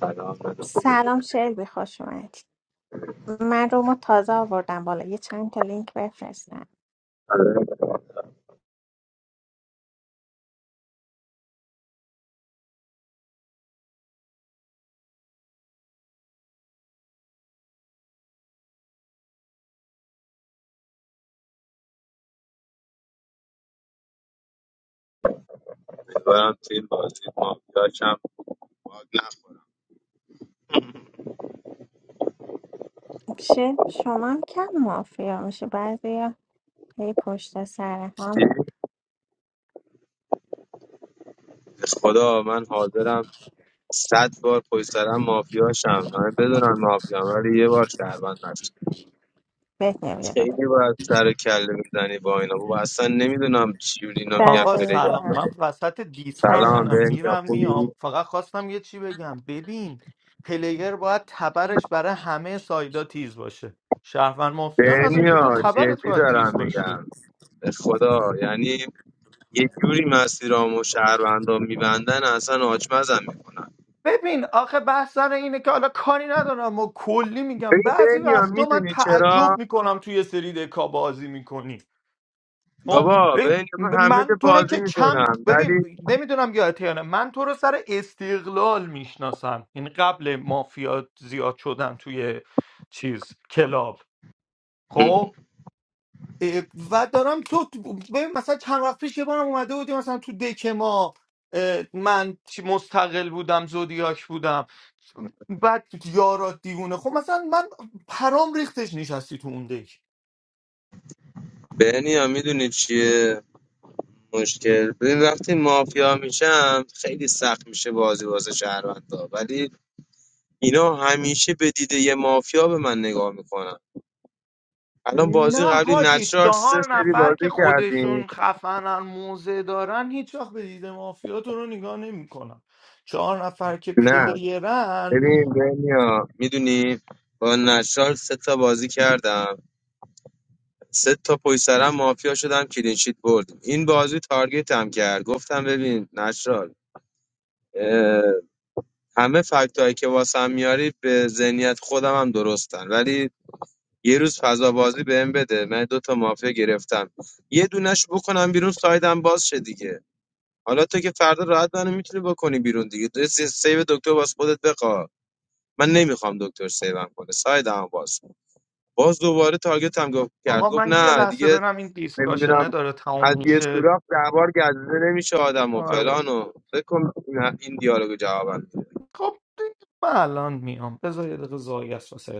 سلام بده خوبی سلام شلبی خوش اومدید من رومو تازه آوردم بالا یه چند تا لینک بفرستم آره. امیدوارم تو این بازی مافیا کم باگ نخورم شلبی شما هم کم مافیا میشه بعضی هی پشت سر هم به خدا من حاضرم صد بار پشت سرم مافیا شم همه بدونن مافیا ولی یه بار شهروند نشم بهت نمیده بالا خیلی باید سر و کله میزنی با اینا بابا اصلا نمیدونم چجوری اینا میگن آقا پلیر سلام دقیقا من وسط سلام سلام دیسکاشنم بنیا میرم خوبی میام فقط خواستم یه چی بگم ببین پلیر باید تبرش برای همه سایدا تیز باشه شهروند مافیا نداره که بنیا تو تبرت جدی باید تیز دارم باشه میگم به خدا یعنی یه جوری مسیرام و شهروندام میبندن اصلا آچمزم میکنن ببین آخه بحث سر اینه که حالا کاری ندارم و کلی میگم ببین بعضی بنیا وقتا من میدونی تعجب چرا میکنم توی یه سری دکا بازی میکنی خب بابا ببین بنیا من همه که من تو رو بازی که کم میکنم ولی ببین نمیدونم یادته یا نه من تو رو سر استقلال میشناسم این قبل مافیا زیاد شدن توی چیز کلاب خب اه، و دارم تو ببین مثلا چند وقت پیش یه بارم اومده بودی مثلا تو دک ما اه، من چی- مستقل بودم زودیاک بودم بعد یارات دیوونه خب مثلا من پرام ریختش نشستی تو اون دک بنیا میدونی چیه مشکل ببین وقتی مافیا میشم خیلی سخت میشه بازی واسه شهروندا ولی اینا همیشه به دیده یه مافیا به من نگاه میکنن الان بازی نه قبلی حاجی نچرال سه چهار سری نفر که بازی کردیم خودشون خفنن موزه دارن هیچ وقت به دید مافیا تو رو نگاه نمیکنن چهار نفر که نه پلیرن ببین بنیا میدونی با نچرال سه تا بازی کردم سه تا پشت سرم مافیا شدم کلینشیت بردیم این بازی تارگت هم کرد گفتم ببین نشرال اه، همه فکت هایی که واسم میاری به ذهنیت خودم هم درستن ولی یه روز فضا بازی بهم بده من دو تا مافیا گرفتم یه دونش بکنم بیرون سایدم باز شه دیگه حالا تو که فردا راحت منو میتونی بکنی بیرون دیگه تو سی- سیو دکتر واسه خودت بخوا من نمیخوام دکتر سیوم کنه سایدم باز باز دوباره تارگت هم گفت کرد آقا گفت من یه نه لحظه دیگه برم این نمیدونم دیسکاشنه داره از تموم یه میشه سوراخ ده بار گزیده نمیشه آدم و آره فلان و فکر کن این این دیالوگ جوابم میده خب دیگه من الان میام بذار یه دقیقه زایی است واسه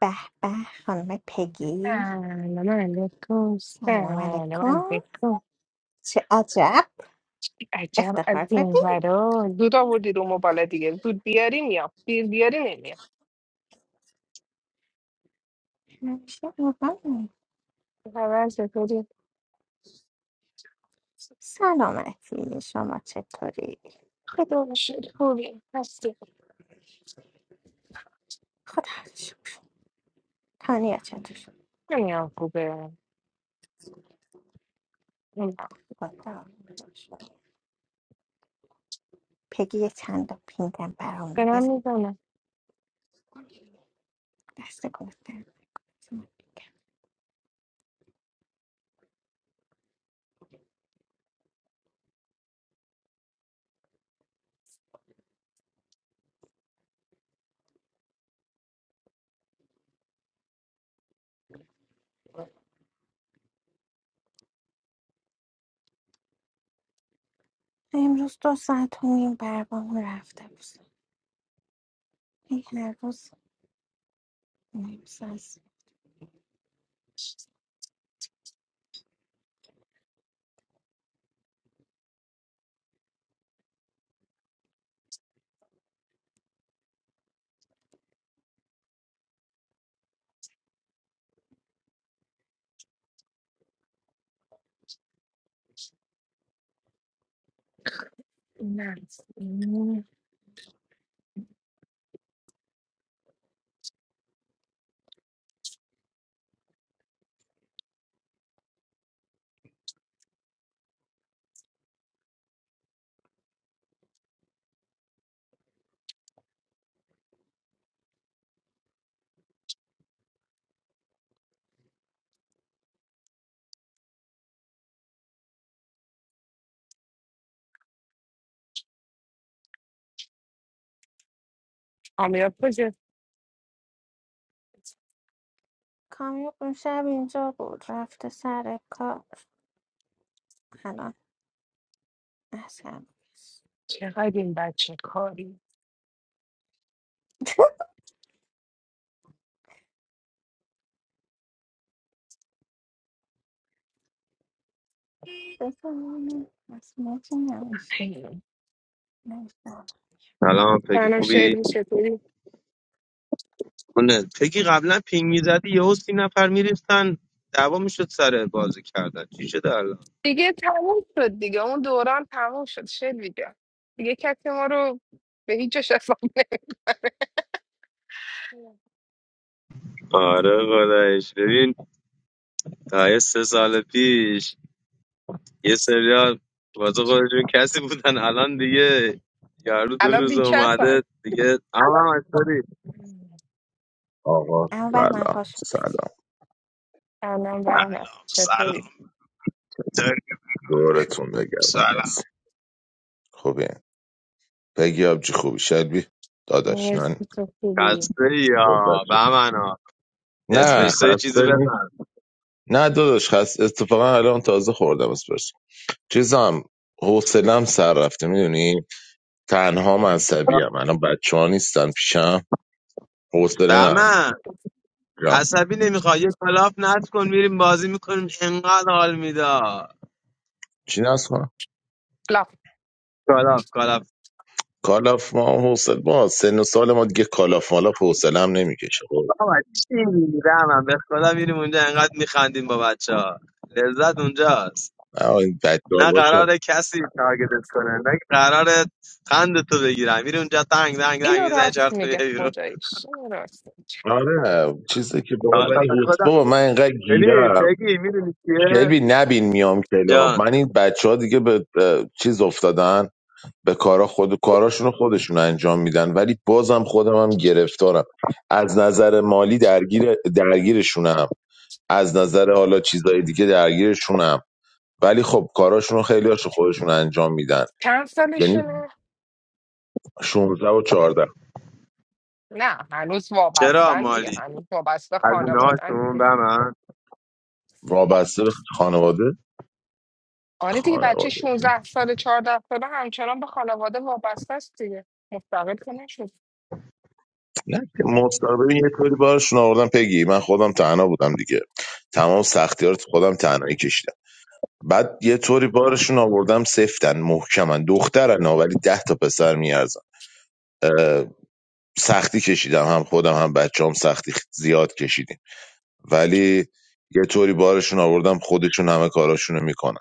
به به خانم پگی سلام علیکم سلام سلام علیکم علیکم چه عجب عجب افتخار از این بدین ورا زود آوردی رو موبایل دیگه زود بیاری میام دیر بیاری نمیام همیشه مهمه. خبر چطوری سلامتی شما چطوری خدا رو شکر خوبی هستی خدا شکر. تانیا چطور شد؟ نمیام خوبه نمیام. خدا پگی یه چند تا پینگم برام دارم بزن میزنم دست گفتم امروز دو ساعت و نیم برام رفته بود این هر روز نیم ساعت نه آمیاب کجاست کامیو اون شب اینجا بود رفته سر کار الان اصلا چقدر این بچه کاری بفهمم اسماتی نوشت حیوان. نوشتم سلام پگی سلام خوبی شیلی چطوری اونه پگی قبلا پینگ میزدی یهو سی نفر میریفتن دعوا میشد سر بازی کردن چی شده الان دیگه تموم شد دیگه اون دوران تموم شد شیلی جان دیگه کسی ما رو به هیچ جاش اصلا آره خدایش ببین تا یه سه سال پیش یه سریال واسه خودشون کسی بودن الان دیگه یارو دو الان روز بیکس اومده دیگه اما هم از هم آقا اما بهمن سلام خوش سلام اومدی الان برمه چطوری سلام دورتون بگردم سلام مرسی خوبه پگی آبجی خوبی شلبی داداش نه نیستی تو خوبی خسته خودت یا رو- بمنا نه اسپرسو یه خسته چیزی نیست بزن نه داداش خست اتفاقا الان تازه خوردم اسپرس چیزم حوصلم سر رفته میدونی تنها مذهبی هم الان بچه ها نیستن پیشم حوصله ندارم دمن جان عصبی نمیخواد یه کلاف نصب کن میریم بازی میکنیم انقدر حال میده چی نست کنم لاف کلاف کلاف کالاف ما حوصله ما سن و سال ما دیگه کالاف مالاف حوصله هم نمیکشه خب بابا چی میگی به خدا میریم اونجا انقدر میخندیم با بچه ها لذت اونجاست نه، این بچه نه داداشم قراره کسی تارگتت کنه نه قراره خند تو بگیرم میری اونجا تنگ تنگ تنگ اینو میزنی چهار راست تا میگه میای بیرون خداییش اینو راست میگه آره چیزی که بابا حالا ولی به حس خدا بابا من اینقدر ببین گیرم بگی میدونی چیه کلبی نبین میام کلاب جان من این بچه ها دیگه به به چیز افتادن به کارا خود کاراشون خودشون انجام میدن ولی بازم خودم هم گرفتارم از نظر مالی درگیر درگیرشونم از نظر حالا چیزای دیگه درگیرشونم ولی خب کاراشون خیلی خیلی خودشون انجام میدن چند یعنی سالشونه 16 و 14 نه هنوز چرا وابستن دیگه مالی هنوز وابسته از خانوادن اینهاشون دیگه به من وابسته به خانواده آره دیگه بچه خانواده 16 سال 14 ساله همچنان به خانواده وابسته است دیگه مستقل که نشد نه که مصاحبه یه طوری بارشون آوردم پگی من خودم تنها بودم دیگه تمام سختی ها رو خودم تنهایی کشیدم بعد یه طوری بارشون آوردم سفتن محکمن دخترن ها، ولی ده تا پسر میارزن سختی کشیدم هم خودم هم بچه هم سختی زیاد کشیدیم ولی یه طوری بارشون آوردم خودشون همه کاراشونو میکنن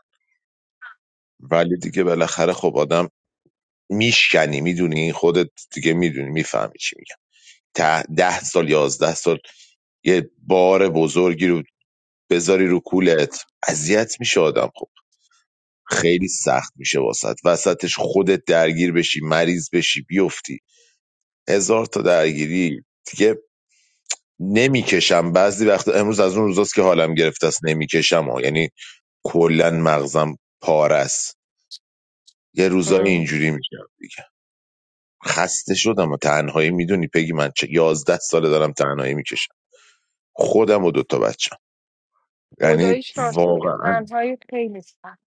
ولی دیگه بالاخره خب آدم میشکنی میدونی خودت دیگه میدونی میفهمی چی میگم ده, ده سال یازده سال یه بار بزرگی رو بذاری رو کولت اذیت میشه آدم خب خیلی سخت میشه واسط وسطش خودت درگیر بشی مریض بشی بیفتی هزار تا درگیری دیگه نمیکشم بعضی وقتا امروز از اون روزاست که حالم گرفته است نمیکشم ها یعنی کلا مغزم پاره است یه روزای ام. اینجوری میشم دیگه خسته شدم و تنهایی میدونی پگی من چه یازده ساله دارم تنهایی میکشم خودم و دوتا بچم یعنی خداییش راست میگه واقعا تنهایی خیلی سخت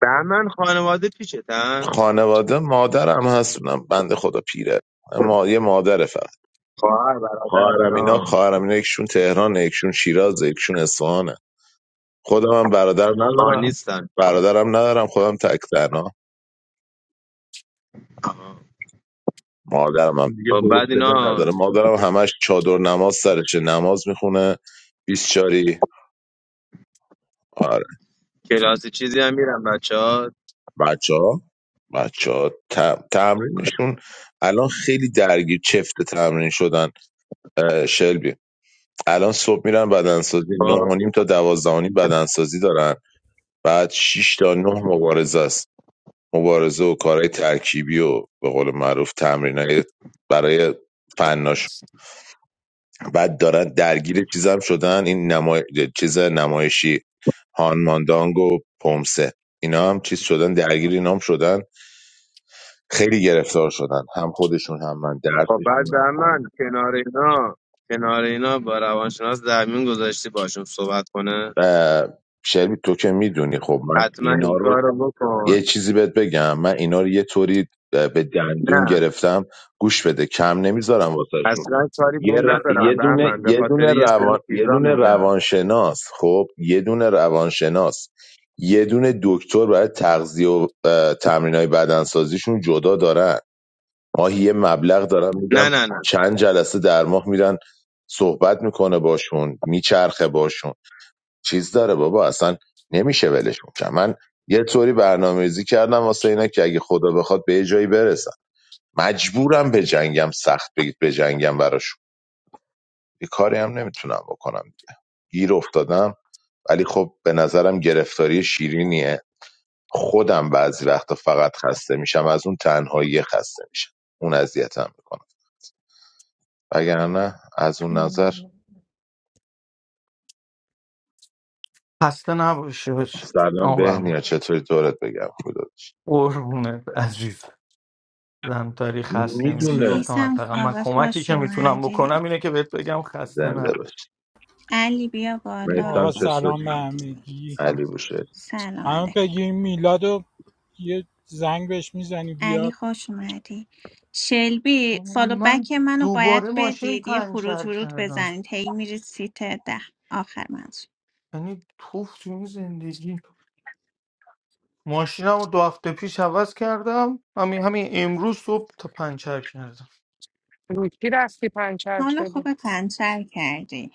بهمن خانواده پیشتن خانواده مادرم هستونم بنده خدا پیره اما یه مادره فقط خواهر برادر خواهرم اینا اینا خواهرم اینا یکشون تهران یکشون شیراز یکشون اصفهانه خودم هم برادر آه ندارم نیستن برادرم ندارم خودم تک تنها آه. مادرم هم دیگه خب بعد حوصله اینا نداره مادرم همش چادر نماز سرشه نماز میخونه بیسچاری آره کلاس چیزی هم میرن بچه ها بچه ها بچه ها تمرینشون الان خیلی درگیر چفت تمرین شدن الان صبح میرن بدنسازی نه خب و نیم تا دوازده و نیم بدنسازی دارن بعد شش تا نه مبارزه است مبارزه و کارهای ترکیبی و به قول معروف تمرینای برای فناش بعد دارن درگیر چیزام شدن این نمای... چیز نمایشی هانماندانگ و پومسه اینا هم چیز شدن درگیر اینا هم شدن خیلی گرفتار شدن هم خودشون هم من خب درسشون بعد هم من. بهمن کنار اینا کنار اینا با روانشناس درمیون گذاشتی باشون صحبت کنه و شلبی تو که میدونی خب من حتما اینا این رو کار رو یه بکن چیزی بهت بگم من اینا رو یه طوری به دندون نه گرفتم گوش بده کم نمیذارم واسهشون اصلا کاری به یه, اون ر- یه ندارم دونه بهمن به یه خاطر دونه یه سری روان یه چیزا دونه میگم روانشناس خب یه دونه روانشناس یه دونه دکتر برای تغذیه و تمرین های بدنسازیشون جدا دارن ماهی یه مبلغ دارم نه میدم نه نه چند جلسه در ماه میرن صحبت میکنه باشون میچرخه باشون چیز داره بابا اصلا نمیشه ولشون کرد من یه طوری برنامه‌ریزی کردم واسه اینا که اگه خدا بخواد به یه جایی برسن مجبورم به جنگم سخت بگید به جنگم براشون یه کاری هم نمیتونم بکنم گیر افتادم ولی خب به نظرم گرفتاری شیرینیه خودم بعضی وقتا فقط خسته میشم از اون تنهایی خسته میشم اون اذیتم میکنم وگرنه از اون نظر ام. خسته نباشی باش سلام آبم بهنیا چطوری دورت بگم خدا قربونت عزیز زن تاریخ خسته میشه میدونه گفتم میسم حداقل من کاوه کمکی خوش که میتونم بکنم اومدی اینه که بهت بگم خسته زنده نباش باشی علی بیا بالا میتم آقا چطوری؟ خوش سلام به اومدی همگی علی بوشهری همه سلام پگی میلاد رو یه زنگ بهش میزنی علی بیاد خوش اومدی شلبی آقا فالو بک من منو باید دوباره ماشین بدید یه خروج پنچر ورود کردم بزنید هی میرید سیت ده آخر منظور یعنی توف تو این زندگی ماشینم رو دو هفته پیش عوض کردم همین همین امروز صبح تا پنچر کردم رو کی رفتی پنچر حالا شده خوب پنچر کردی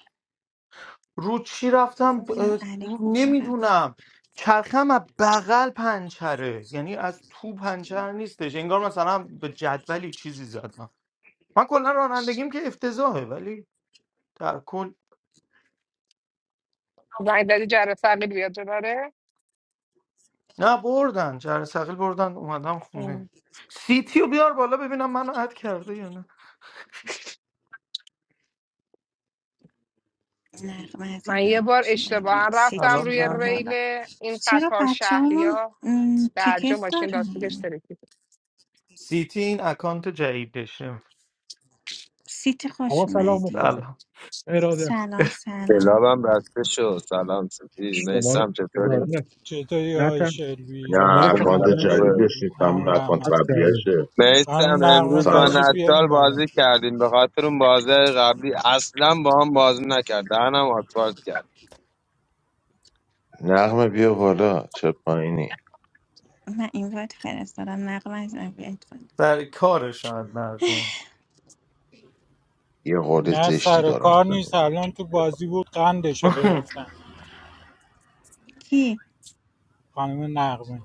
رو چی بذار رفتم ببینم علی کجا رفت نمیدونم چرخم از بغل پنچره یعنی از تو پنچر نیستش انگار مثلا به جدولی چیزی زدم من کلا رانندگیم که افتضاحه ولی در کل زنگ دادی جره فقیل بیاد داره نه بردن جره ثقیل بردن اومدم خونه سیتی رو بیار بالا ببینم منو اد کرده یا نه نقمه من یه عزیزم بار خوش اشتباها اومدید رفتم سیتی سلام روی بیا من ریل بالا این چرا قطار بچه شهری همون ها درجا تیکت ماشین لاستیکش دارن ترکید سیتی این اکانت جدیدشه سیتی آقا خوش سلام اومدی مخلصم سلام ارادت سلام سلام کلابم رفته شد سلام سفید شما رو نیستم چطوری ارادت چطوری نه های تن شلبی شما نه رو که اکانت سیتی قبلا خوش جدیدش اومدید نیست همه و همون اکانت همه حد کرده قبلیشه میسم الان نقمه امروز با سلام تشریف تو نچال بیاریم بالا بازی کردیم به خاطر اون بازی قبلی اصلا با هم بازی نکرد دهنم آسفالت کرد نقمه بیا بالا چه پایینی من این وقت فرستادم نقمه عزیزم بیاید بالا. سر کارش شاید مردمه یه قول نه زشتی سر دارم کار ازت نیست الان می‌گیرم. تو بازی بود قندش رو گرفتن کی خانم نقمه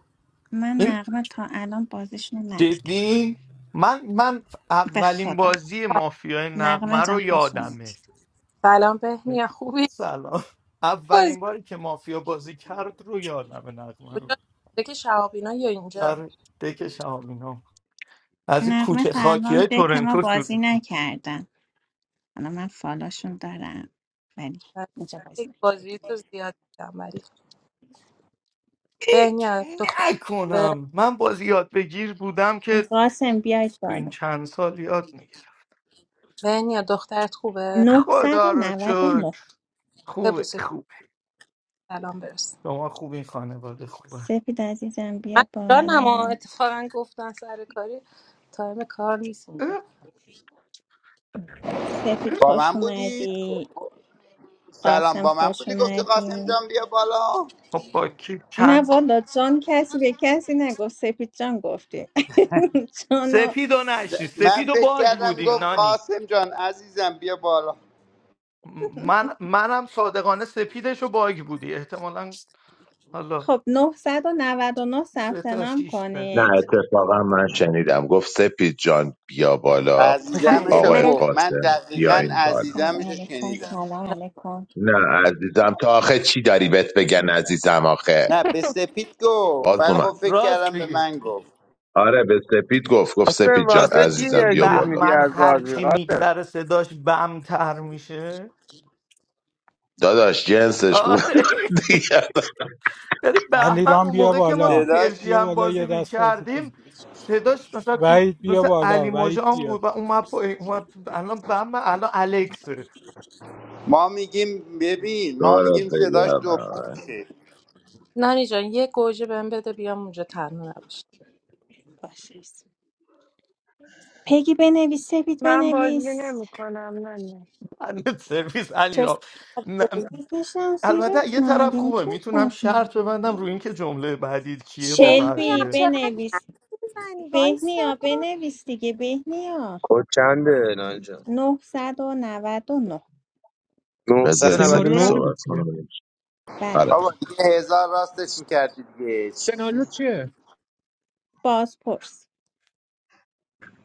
من این نقمه تا الان بازیشون رو ندیدم جدی من من به اولین خدا بازی مافیای نقمه نقمه جان رو خوش اومدی. یادمه سلام بهنیا خوبی سلام بازی اولین باری که مافیا بازی کرد رو یادمه نقمه رو کجا بوده که شهابینا یا اینجا در دکش هم اینا. از این نقمه کوچه تا خاکی های الان که ما تورنتو شروع بازی نکردن حالا من فالاشون دارم ولی من اینجا بازی یک نکردن بازی تو زیاد دیدم ولی فکر بهنیا دختر خوبه نکنم من باز یاد بگیر بودم که قاسم بیاید تو این بالا چند سال یاد میگیرم بهنیا دخترت خوبه خدا رو 999 شکر خوبه ببوسش خوبه سلام برس شما خوب این خانواده خوبه سپید عزیزم من بیا ایرانم ها، بالا اتفاقا گفتن سر کاری تایم کار نیست اینجا اه، سپید با خوش من بودید اومدی سلام قاسم با من خوش بودی گفتی قاسم اومدی جان بیا بالا خب با کی نه چند والا جان کسی به کسی نگفت سپید جان گفتی جانو سپیدو نشنی من سپیدو فکر باگ کردم بودیم گفت نانی قاسم جان عزیزم بیا بالا م- من منم صادقانه سپیدشو باگ بودی احتمالا حالا خب 999 سه ثبت تا نام شیش نه داریم کنید اتفاقا من شنیدم گفت سپید جان بیا بالا بله عزیزمش رو آقای مرچس گفت من قاسم بیا دقیقا این بالا عزیزمش سلام رو علیکم شنیدم سلام علیکم نه عزیزم تا آخه چی داری بهت بگن عزیزم آخه نه به سپید گفت باز ولی اومد خب فکر راست کردم به میگه من گفت آره به سپید گفت گفت قاسم سپید جان راست واسه چی دیدی عزیزم بیا اگزیت بالا میدی بهمن از بازی هرچی قاسم میگذره صداش بمتر میشه داداش جنسش خوب آره دیگه ولی بهمن علیرام اون بیا موقع که ما تو بالا پرژی صداش بیا هم بالا بازی یه می دست بازی کردیم کن صداش مثلا تو وحید بیا مثل علی بالا وحید مژان بیا بود و اومد پایین اومد الان بهمن الان الکس ما میگیم ببین ما دارت میگیم صداش دو بگم پوشه نانی جان یه گوجه بهم بده بیام اونجا تنها نباشه باشه پگی بنویس سپید من بازی بنویس نمیکنم نه نه بنده سرویس علی را نه، بکشم البته زیرت یه نه طرف اگه خوبه میتونی میتونم باز نه. شرط ببندم روی اینکه جمله بعدی کیه با بهنیا شلبی بقیه چقدر بنویس حرف میزنی وایسا بهنیا بنویس دیگه بهنیا کد چنده نانجا 999 بذارید سپید سناریو رو هم 999 بگو صحبت چیه کنم بعد آره بابا دیگه هزار راستش میکردی دیگه سناریو چیه باز پرس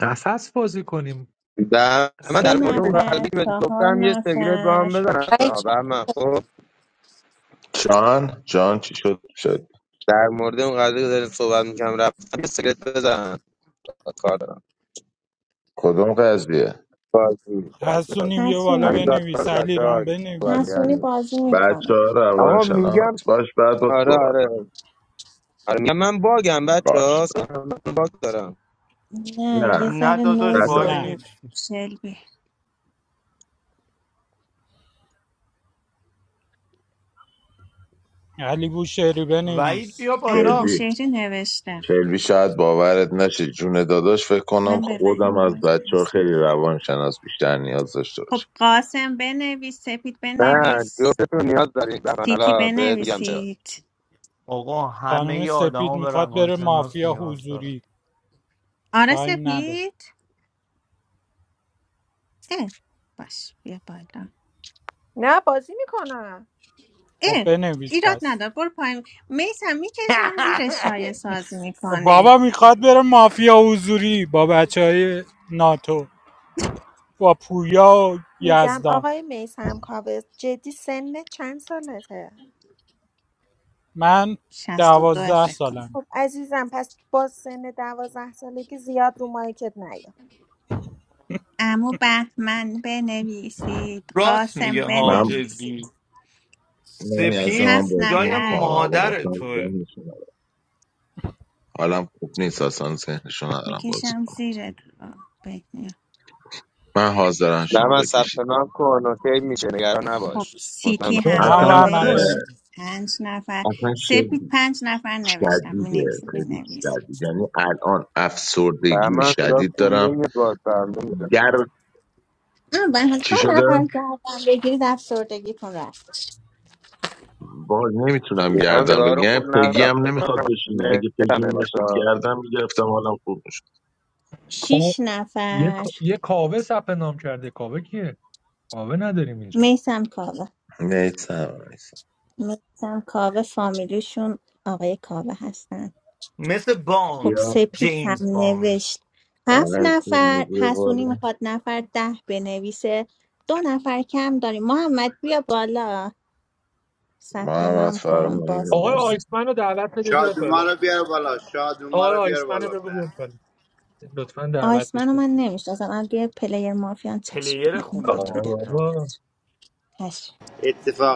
قفس بازی کنیم و نود و نه. و من قفس در سه خیلی مورد اون قضیه بهتره نفر که بهت چهار گفتم یه سیگرت با نفر هم بزن ولی اصلا چون به من خب جان جان چی شد شد در مورد اون قضیه که داریم صحبت میکنم رفتم یه سیگرت بزن کار دارم کدوم قضیه بازی بازی بازی حسونی بیا بالا حسونی همین بیا داستان بنویس بچه ها علیرام صحبت بنویس حسونی کردیم بازی بچه میکنه ها آقا روانشناس میگم باش بعد با تو آره صحبت کن. آره آره میگم من باگم بچه باش ها من باگ دارم نه یه نه نه ذره داداش نوز بچه باگ ها، نه داره نه نیست شلبی علی بوشهری وعید بنویس بیا علی بالا کلبی بوشهری نوشته کلبی شاید باورت نشه جون داداش فکر کنم من به خودم وحید از وایس بچه ها برسم خیلی روانشناس بیشتر نیاز داشته خب باشم قاسم بنویس سپید نه بنویس جفتتون نیاز دارید به من سیتی حالا بهت میگم چرا بنویسید آقا همه خانم ی آدم سپید ها به میخواد بره روانشناس مافیا نیاز دارن حضوری آره تایم نده سپید اه باش بیا بالا نه بازی میکنم خب اه بنویس ایراد پس ندار برو پایین میسم میکشم زیر شایع سازی خب میکنه بابا میخواد بره مافیا حضوری با بچه های ناتو با پویا و میگم یزدان آقای میسم کاوه جدی سن چند سالته من 62 دوازده فکر کنم سالم خب عزیزم پس با سن دوازده سالگی زیاد رو مایکت نیا امو بهمن بنویسید راست میگه قاسم ها من جدی بنویسید نمی از سپید من هفت بازی جای من نفر کنم الان مادر اصلا توه حالم خوب نیست اصلا ذهنشو ندارم بازی میکشم کنم زیر من حاضرم نه شما من ثبت بکشید نام کن اوکی میشه نگران خب نباش مطمئن سیتی باش هم که هم اصلا و من اه، 999 نوشت بنویس پنج نفر اصلا سپید شد پنج نفر نوشتم می شدیده نویسی خیلی بنویس شدید یعنی الان نه، افسردگی من صدا شدید خوب دارم نمیاد باز فرمون میزنم گر آه، من هم چی دو شده؟ نفر کردم بگیرید افسردگیتون رفت باز نمیتونم هم گردم صدا رو بگم خوب پگی ندارم هم فکر نمیخواد کنم بشینه اگه پگی نتمه میشد باشا گردم میگرفتم حالم خوب میشد کا- شیش یه نفر کا- یه کاوه ثبت نام کرده کاوه کیه کاوه نداریم اینجا میسم کاوه نیتم میسم کاوه فامیلیشون آقای کاوه هستن مثل خب باند یا سپید هم جیمز باند نوشت هفت برش نفر نیزه حسونی بالا میخواد نفر ده بنویسه دو نفر کم داریم محمد بیا بالا ثبت محمد نام کن فرمانی آقای باز آیسمن رو دعوت بده بیاد شادوما بالا رو بیار بالا شادوما آقای رو بیار آیسمن رو بالا بگو به بیاد بالا لطفا دعوت بهش آیسمنو بده من نمیشناسم اگه پلیر مافیان چشم پلیر من این خوبه فایت آره میدم مافیا بابا خدمتش چشم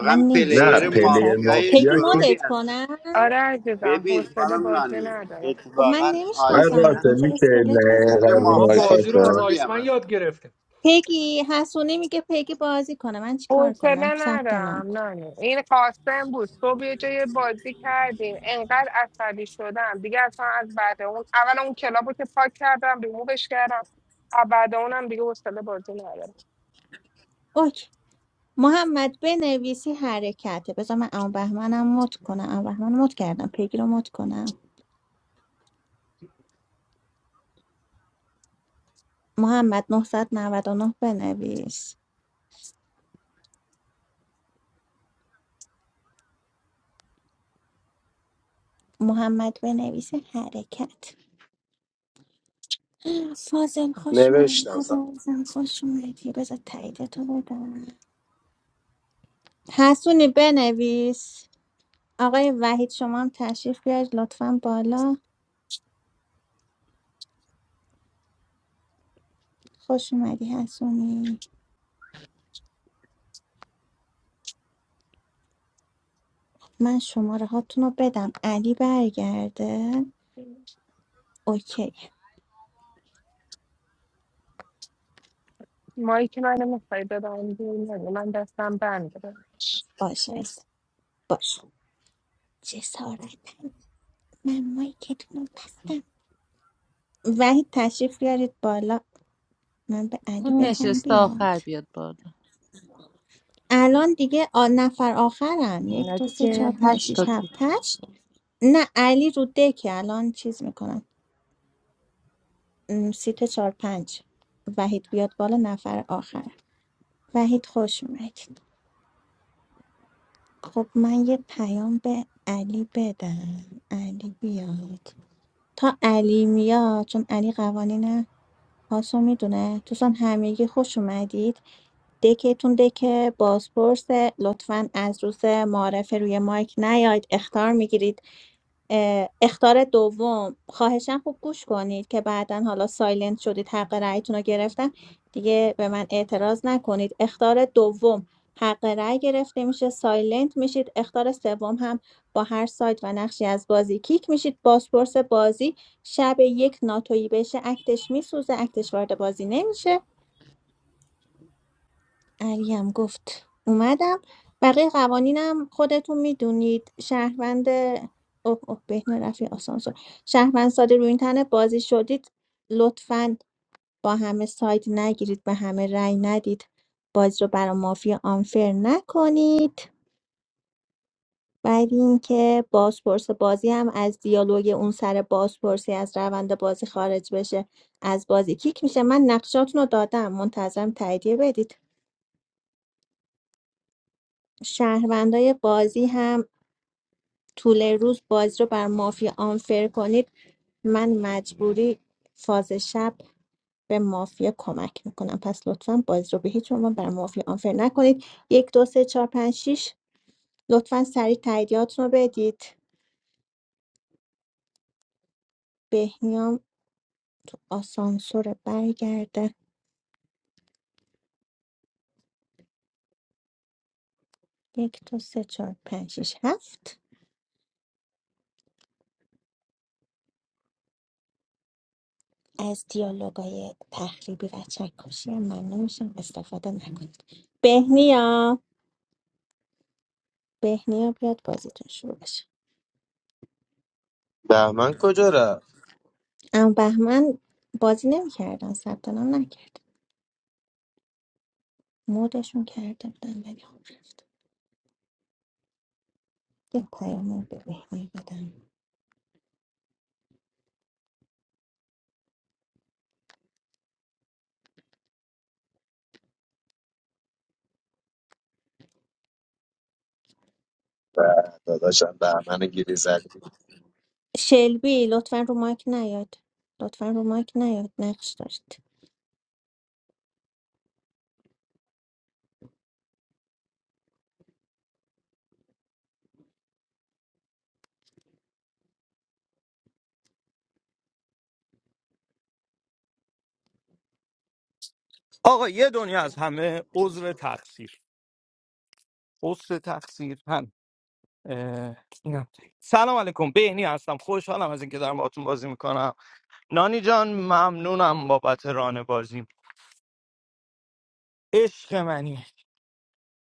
من نه پلیر نمیشناسم پلیر جسد مافیای پیگی مافیا که شروعی مدت هستن کنم آره عزیزم ببین حوصله خانم بازی نانی ندارم خب من اتفاقا آقای نمیشناسم آیسمن اتون قاسم چه میشه اسکلت نه میزد پلیر قرون ما آقای ببخشید مافیای بازی قاسم رو از شروعی هم آیسمن یاد هستن گرفتیم پیگی حسونی میگه پیگی بازی کنه من چیکار کنم حوصله ثبت نام ندارم کن نه نه این قاسم بود صبح یه جای بازی کردیم انقدر عصبی شدم دیگه اصلا از بعد اون اول اون کلاب رو که پاک کردم ریمووش کردم از بعد اونم دیگه حوصله بازی ندارم اوکی محمد بنویسی حرکته بذار من اون بهمنم مد کنم اون بهمن مد کردم پیگی رو مد کنم محمد 999 بنویس محمد بنویس حرکت فاضل خوش نوشتم اومدید سلام. عزیزم خوش اومدی بذار تاییدتو بدم حسونی بنویس آقای وحید شما هم تشریف بیارید لطفا بالا خوش اومدی حسونی من شماره هاتون رو بدم علی برگرده اوکی مایی که منو میخوای ببندی نگو من دستم بند باشه عزیزم. باشه جسارتن من مایکتون رو بستم وحید تشریف بیارید بالا من به علی اون بگم نشسته بیاد آخر بیاد بالا الان دیگه آ... نفر آخرم یک نه دو سه چهار دیگه پنج شیش هشتا تو هفت هشت. نه علی رو دکه الان چیز میکنم سیت چهار پنج وحید بیاد بالا نفر آخر وحید خوش اومدید خب من یه پیام به علی بدم علی بیاد تا علی میاد چون علی قوانین هاسو میدونه دوستان همگی خوش اومدید دکتون دکه بازپرس لطفا از روز معرفه روی مایک نیاید اختار میگیرید اه، اخطار دوم خواهشاً خوب گوش کنید که بعدا حالا سایلنت شدید حق رأیتون رو گرفتن دیگه به من اعتراض نکنید اختار دوم حق رأی گرفته میشه سایلنت میشید اختار سوم هم با هر سایت و نقشی از بازی کیک میشید بازپرس بازی شب یک ناتویی بشه اکتش میسوزه اکتش وارد بازی نمیشه علیم گفت اومدم بقیه قوانینم خودتون میدونید شهروند اوه اوه بهن رفی آسانسور شهروند ساده روی این تنه بازی شدید لطفا با همه ساید نگیرید به همه رأی ندید بازی رو برا مافیا آنفر نکنید بعد اینکه بازپرس بازی هم از دیالوگ اون سر بازپرسی از روند بازی خارج بشه از بازی کیک میشه من نقشاتون رو دادم منتظرم تاییدیه بدید شهروندای بازی هم طول روز بازی رو بر مافیا آنفر کنید من مجبوری فاز شب به مافیا کمک میکنم پس لطفا بازی رو به هیچ عنوان بر مافیا آنفر نکنید یک دو سه چهار پنج شیش لطفا سریع تاییدیاتون رو بدید بهنیام آسانسور برگرده یک دو سه چهار پنج شیش هفت از دیالوگای تخریبی و چکشی هم ممنون میشم استفاده نکنید بهنیا بهنیا بیاد بازیتون شروع بشه بهمن کجا رفت اما بهمن بازی نمیکردن ثبت نام نکرد مودشون کرده بودن ولی خب رفت یه پیام به بهمن بدم به، داداشم بهمن گیری زدی شلبی لطفا رو مایک نیاد لطفا رو مایک نیاد نقش داشت آقا یه دنیا از همه عذر تقصیر عذر تقصیر هم اه، اینم. سلام علیکم بهنی هستم خوشحالم از اینکه دارم باهاتون بازی میکنم نانی جان ممنونم بابت ران بازی عشق منی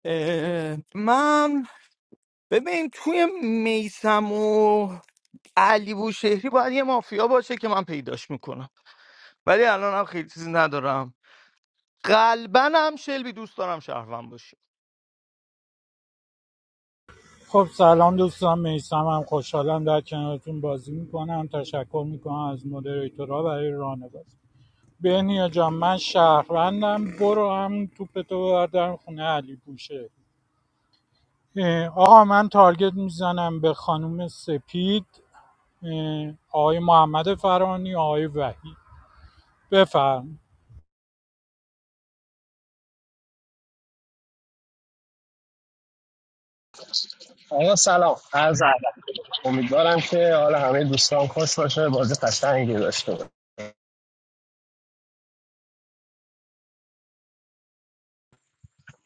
اه، من ببین توی میسم علی بوشهری باید یه مافیا باشه که من پیداش میکنم ولی الان هم خیلی چیزی ندارم قلبا هم شلبی دوست دارم شهروند باشه خب سلام دوستان میسم هم خوشحالم در کنارتون بازی میکنم تشکر میکنم از مدریتورها برای راهنمایی بهنیا جان من شهروندم برو همون توپتو بردارم خونه علی بوشه اه، آقا من تارگت میزنم به خانم سپید اه، آقای محمد فرانی آقای وحید بفرم آقا سلام عرض ادب امیدوارم که حال همه دوستان خوش باشه بازی قشنگی داشته باشه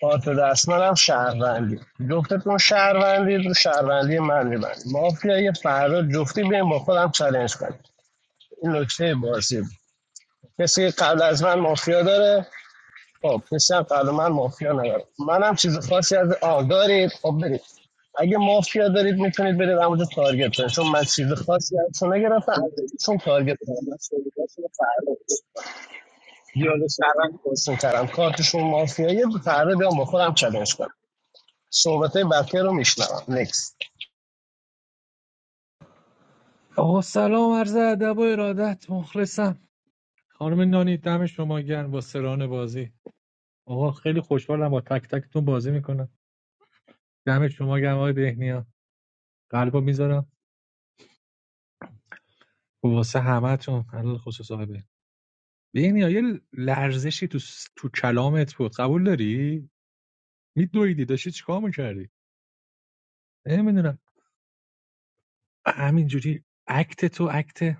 کارت دست منم شهروندی جفتتون شهروندی رو شهروندی من میبندی مافیا یه فردا جفتی بیایم با خودم چلنج کنیم این نکته بازی بود. کسی که قبل از من مافیا داره خب کسی هم قبل من مافیا نداره منم چیز خاصی از آه دارید خب برید اگه مافیا دارید میتونید برید همونجا تارگت کنید چون من چیز خاصی ازشون نگرفتم چون تارگت کنم دیالوگ شهروند درست کردم کارتشون مافیایی فردا بیام با خودم چالش کنم صحبت بقیه رو میشنوم نیکس. آقا سلام عرض ادب و ارادت مخلصم خانم نانی دم شما گرم با سران بازی آقا خیلی خوشحالم با تک تکتون بازی میکنم دم شما گرم آقای بهنیا قلبو میذارم واسه همتون علل خصوص آقای بهنیا بهنیا یه لرزشی تو س- تو کلامت بود قبول داری میدویدی داشتی چیکار میکردی نمیدونم همینجوری اکت تو اکت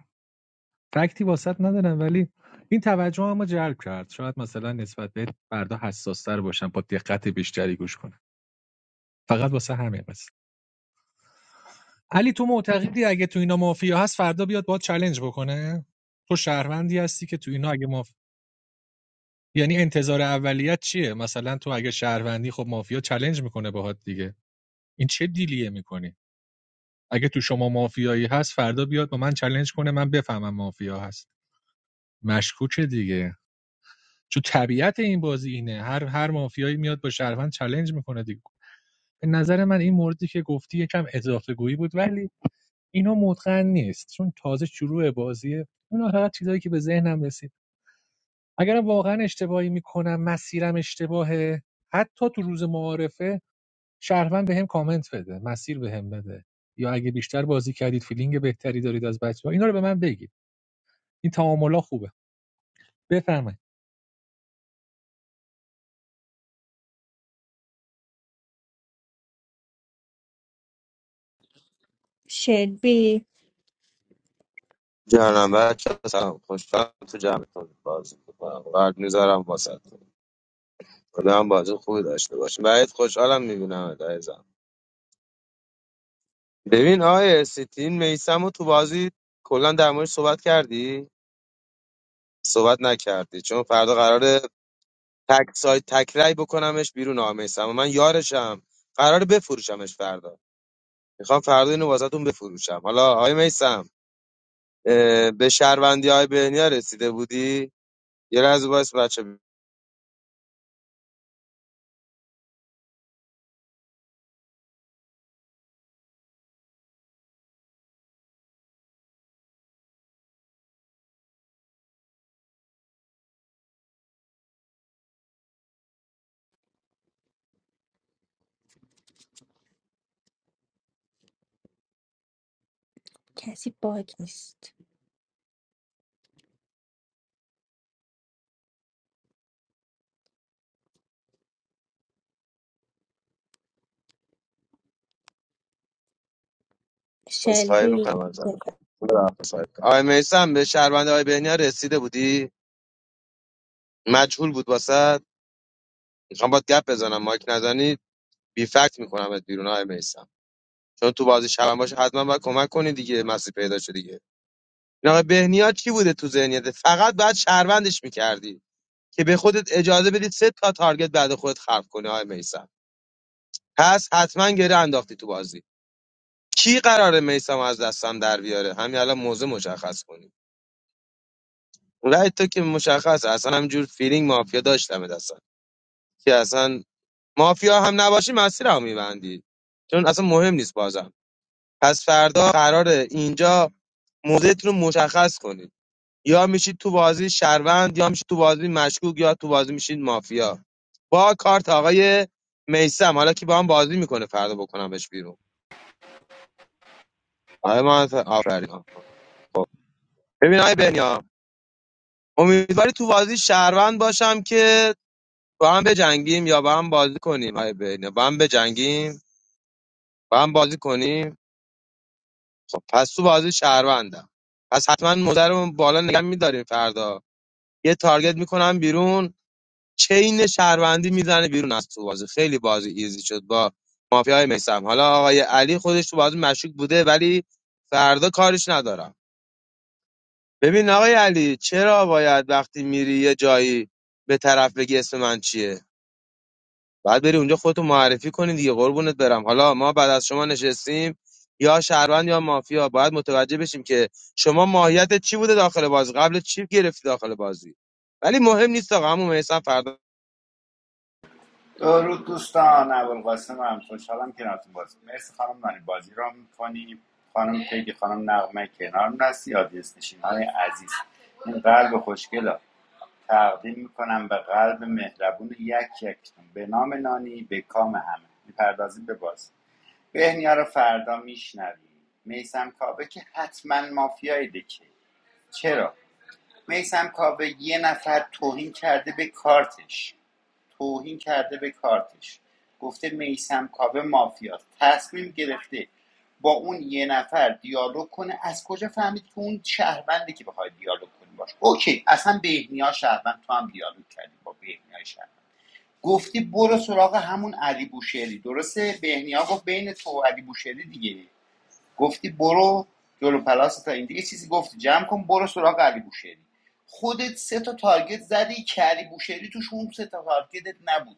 فکتی واسط ندارم ولی این توجه هم جلب کرد شاید مثلا نسبت به فردا حساستر باشن با دقت بیشتری گوش کنن فقط واسه همین بس علی تو معتقدی اگه تو اینا مافیا هست فردا بیاد با چلنج بکنه تو شهروندی هستی که تو اینا اگه ماف... یعنی انتظار اولیت چیه مثلا تو اگه شهروندی خب مافیا چلنج میکنه باهات دیگه این چه دیلیه میکنی اگه تو شما مافیایی هست فردا بیاد با من چلنج کنه من بفهمم مافیا هست مشکوکه دیگه چون طبیعت این بازی اینه هر هر مافیایی میاد با شهروند چلنج میکنه دیگه به نظر من این موردی که گفتی یکم اضافه گویی بود ولی اینا متقن نیست چون تازه شروع بازیه اون فقط چیزایی که به ذهنم رسید اگر واقعا اشتباهی میکنم مسیرم اشتباهه حتی تو روز معارفه شهروند بهم کامنت بده مسیر بهم بده یا اگه بیشتر بازی کردید فیلینگ بهتری دارید از بچه‌ها اینا رو به من بگید این تعاملا خوبه بفرمایید شلبی جانم بچه ها، سلام خوشحالم تو جمعتون بازی میکنم قرد میذارم واسه تو، خدا هم بازی خوبی داشته باشیم بعید خوشحالم میبینم ببین آقای استین میسم رو تو بازی کلا در مورد صحبت کردی صحبت نکردی چون فردا قراره تک سایت تک رای بکنمش بیرون آقا میسم من یارشم قراره بفروشمش فردا میخوام فردا اینو واسهتون بفروشم حالا آقای میسم به شهروندی های بهنیا رسیده بودی یه لحظه باش بچه کسی باگ نیست بسخواهی شلبی میکنم ازت آقای میسم به شهروندی های بهنیا رسیده بودی مجهول بود واسه میخوام باید گپ بزنم مایک نزنی بی فکت میکنمت بیرون های میسم چون تو بازی شبم باشه حتما باید کمک کنی دیگه مسیر پیدا شد دیگه این آقای بهنیا چی بوده تو ذهنیت فقط باید شهروندش میکردی که به خودت اجازه بدی سه تا تارگت بعد خودت خلق کنی های میسم پس حتما گره انداختی تو بازی کی قراره میسم از دستم در بیاره همین الان موضوع مشخص کنی رای تو که مشخصه اصلا همجور فیلینگ مافیا داشتم دستم که اصلا مافیا هم نباشی مسیر هم میبندی چون اصلا مهم نیست بازم پس فردا قراره اینجا موضعتون رو مشخص کنید یا میشید تو بازی شهروند یا میشید تو بازی مشکوک یا تو بازی میشید مافیا با کارت آقای میسم حالا که با هم بازی میکنه فردا بکنمش بیرون آقای ما آفرین ببین آقای بنیا امیدواری تو بازی شهروند باشم که با هم بجنگیم یا با هم بازی کنیم آقای بنیا با هم بجنگیم با هم بازی کنیم خب پس تو بازی شهروندم پس حتما مدرمون بالا نگه میداریم فردا یه تارگت میکنن بیرون چین شهروندی میزنه بیرون از تو بازی خیلی بازی ایزی شد با مافیای میسم حالا آقای علی خودش تو بازی مشکوک بوده ولی فردا کارش ندارم ببین آقای علی چرا باید وقتی میری یه جایی به طرف بگی اسم من چیه بعد بری اونجا خودتو معرفی کنی دیگه قربونت برم حالا ما بعد از شما نشستیم یا شهروند یا مافیا باید متوجه بشیم که شما ماهیت چی بوده داخل بازی قبل چی گرفتی داخل بازی ولی مهم نیست آقا همون میسم فردا درود دوستان ابوالقاسم هم خوشحالم که ناتون بازی مرسی خانم نانی بازی را میکنی خانم پیگی خانم نغمه کنارم نستی آدیس نشین های عزیز این قلب خوشگل ها تقدیم میکنم به قلب مهربون یک یکتون به نام نانی به کام همه میپردازیم به بازی بهنیا رو فردا میشنویم میسم کاوه که حتما مافیای دکه چرا میسم کاوه یه نفر توهین کرده به کارتش توهین کرده به کارتش گفته میسم کاوه مافیاست تصمیم گرفته با اون یه نفر دیالوگ کنه از کجا فهمید که اون شهرونده که بخواد دیالوگ کنی باش اوکی اصلا بهنیا شهروند تو هم دیالوگ کردی با بهنیا شهروند گفتی برو سراغ همون علی بوشهری درسته بهنیا گفت بین تو و علی بوشهری دیگه گفتی برو جلو پلاس تا این دیگه چیزی گفتی جمع کن برو سراغ علی بوشهری خودت سه تا تارگت زدی که علی بوشهری توش اون سه تا تارگتت نبود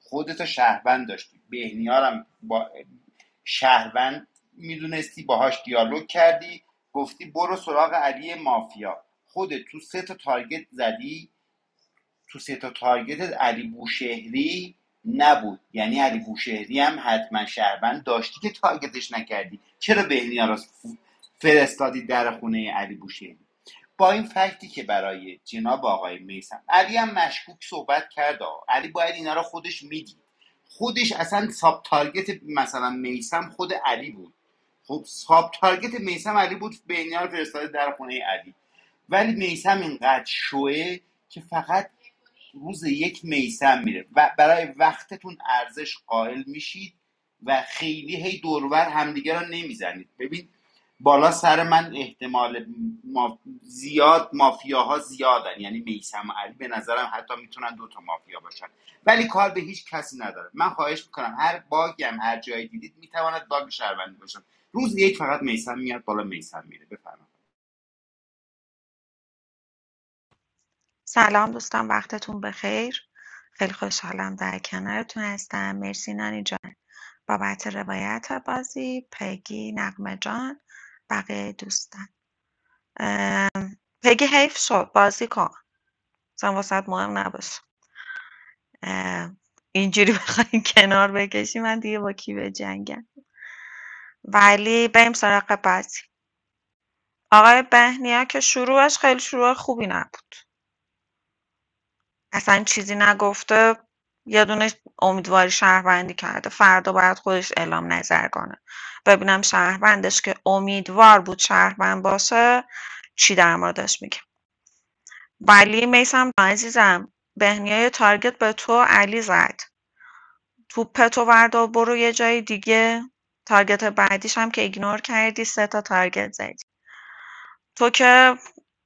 خودت شهروند داشتی بهنیارم با شهروند میدونستی باهاش دیالوگ کردی گفتی برو سراغ علی مافیا خودت تو سه تا تارگت زدی تو سه تا تارگتت علی بوشهری نبود یعنی علی بوشهری هم حتما شهروند داشتی که تارگتش نکردی چرا بهنیا را فرستادی در خونه علی بوشهری با این فکتی که برای جناب آقای میسم علی هم مشکوک صحبت کرد علی باید اینا را خودش میدید خودش اصلا ساب تارگت مثلا میسم خود علی بود خب ساب تارگت میسم علی بود بهنیا رو فرستاده در خونه علی ولی میسم اینقدر شوه که فقط روز یک میسم میره و برای وقتتون ارزش قائل میشید و خیلی هی دورور همدیگه رو نمیزنید ببین بالا سر من احتمال ما... زیاد مافیاها زیادن یعنی میسم و علی به نظرم حتی میتونن دوتا مافیا باشن ولی کار به هیچ کسی نداره من خواهش میکنم هر باگی هم هر جایی دیدید میتواند باگ شهروندی باشن روز یک فقط میسم میاد بالا میسم میره بفرمایید سلام دوستان وقتتون بخیر خیلی خوشحالم در کنارتون هستم مرسی نانی جان بابت روایت بازی پگی نقمه جان بقیه دوستان پگی حیف شد بازی کن مثلا واسه‌ت مهم نباشه اه، اینجوری بخوایم کنار بکشی من دیگه با کی بجنگم ولی بریم سراغ بعضی آقای بهنیا که شروعش خیلی شروع خوبی نبود اصلا چیزی نگفته یه دونه امیدواری شهروندی کرده فردا باید خودش اعلام نظر کنه ببینم شهروندش که امیدوار بود شهروند باشه چی در موردش میگه ولی میسم عزیزم بهنیا یه تارگت به تو و علی زد توپتو وردار برو یه جای دیگه تارگت بعدیش هم که ایگنور کردی سه تا تارگت زدی تو که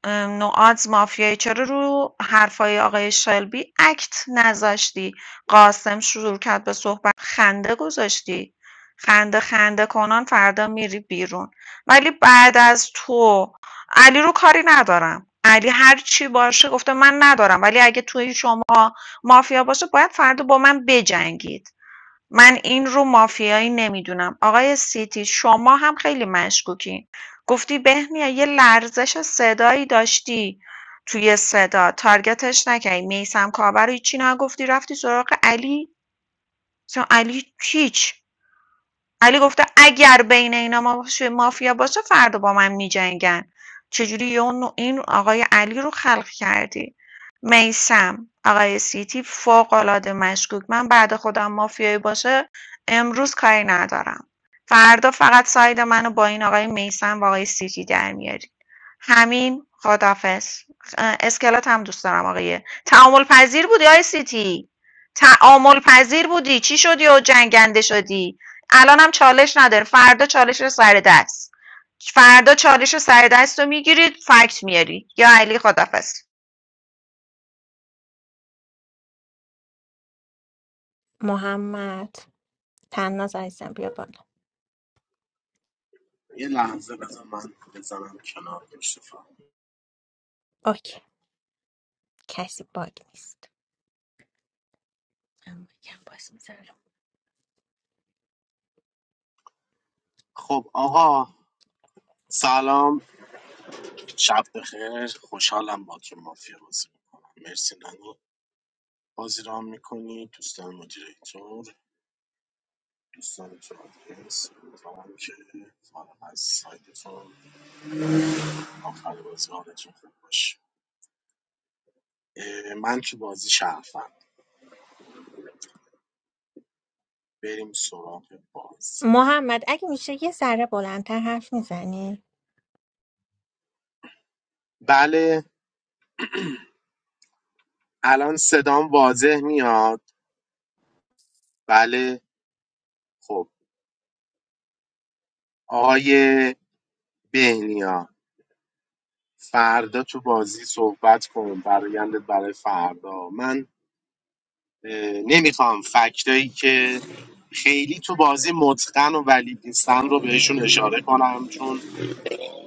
نوآدز مافیایی چرا رو حرفای آقای شلبی اکت نذاشتی قاسم شروع کرد به صحبت خنده گذاشتی خنده خنده کنان فردا میری بیرون ولی بعد از تو علی رو کاری ندارم علی هر چی باشه گفته من ندارم ولی اگه توی شما مافیا باشه باید فردا با من بجنگید من این رو مافیایی نمیدونم آقای سیتی شما هم خیلی مشکوکین گفتی بهنیا یه لرزش صدایی داشتی توی صدا تارگتش نکردی میسم کاور رو هیچی نگفتی رفتی سراغ علی اصلا علی هیچ علی گفته اگر بین اینا ما- مافیا باشه فردا با من میجنگن چجوری یه نوع- این آقای علی رو خلق کردی میسم آقای سیتی فوق مشکوک من بعد خودم مافیایی باشه امروز کاری ندارم فردا فقط ساید منو با این آقای میسم و آقای سیتی در میاری همین خدافز اسکلات هم دوست دارم آقای تعامل پذیر بودی آقای سیتی تعامل پذیر بودی چی شدی و جنگنده شدی الانم چالش نداره فردا چالش سر دست فردا چالش سر دست رو میگیرید فکت میاری یا علی خدافز محمد تناز عزیزم بیا بالا یه لحظه بذار من بزنم کنار مصطفی. اوکی کسی باگ نیست من یکم باز میذارم. خب آقا سلام شب بخیر خوشحالم با تو مافیا بازی میکنم مرسی نگو بازی رام میکنی دوستان مدیریتور دوستان تو آدرس امیدوارم که فارغ از سایتتون آخر بازی حالتون خوب باشه اه، من تو بازی شرفم بریم سراغ باز محمد اگه میشه یه ذره بلندتر حرف میزنی بله الان صدام واضح میاد بله خب آقای بهنیا فردا تو بازی صحبت کن برایندت برای فردا من نمیخوام فکتایی که خیلی تو بازی متقن و ولید نیستن رو بهشون اشاره کنم چون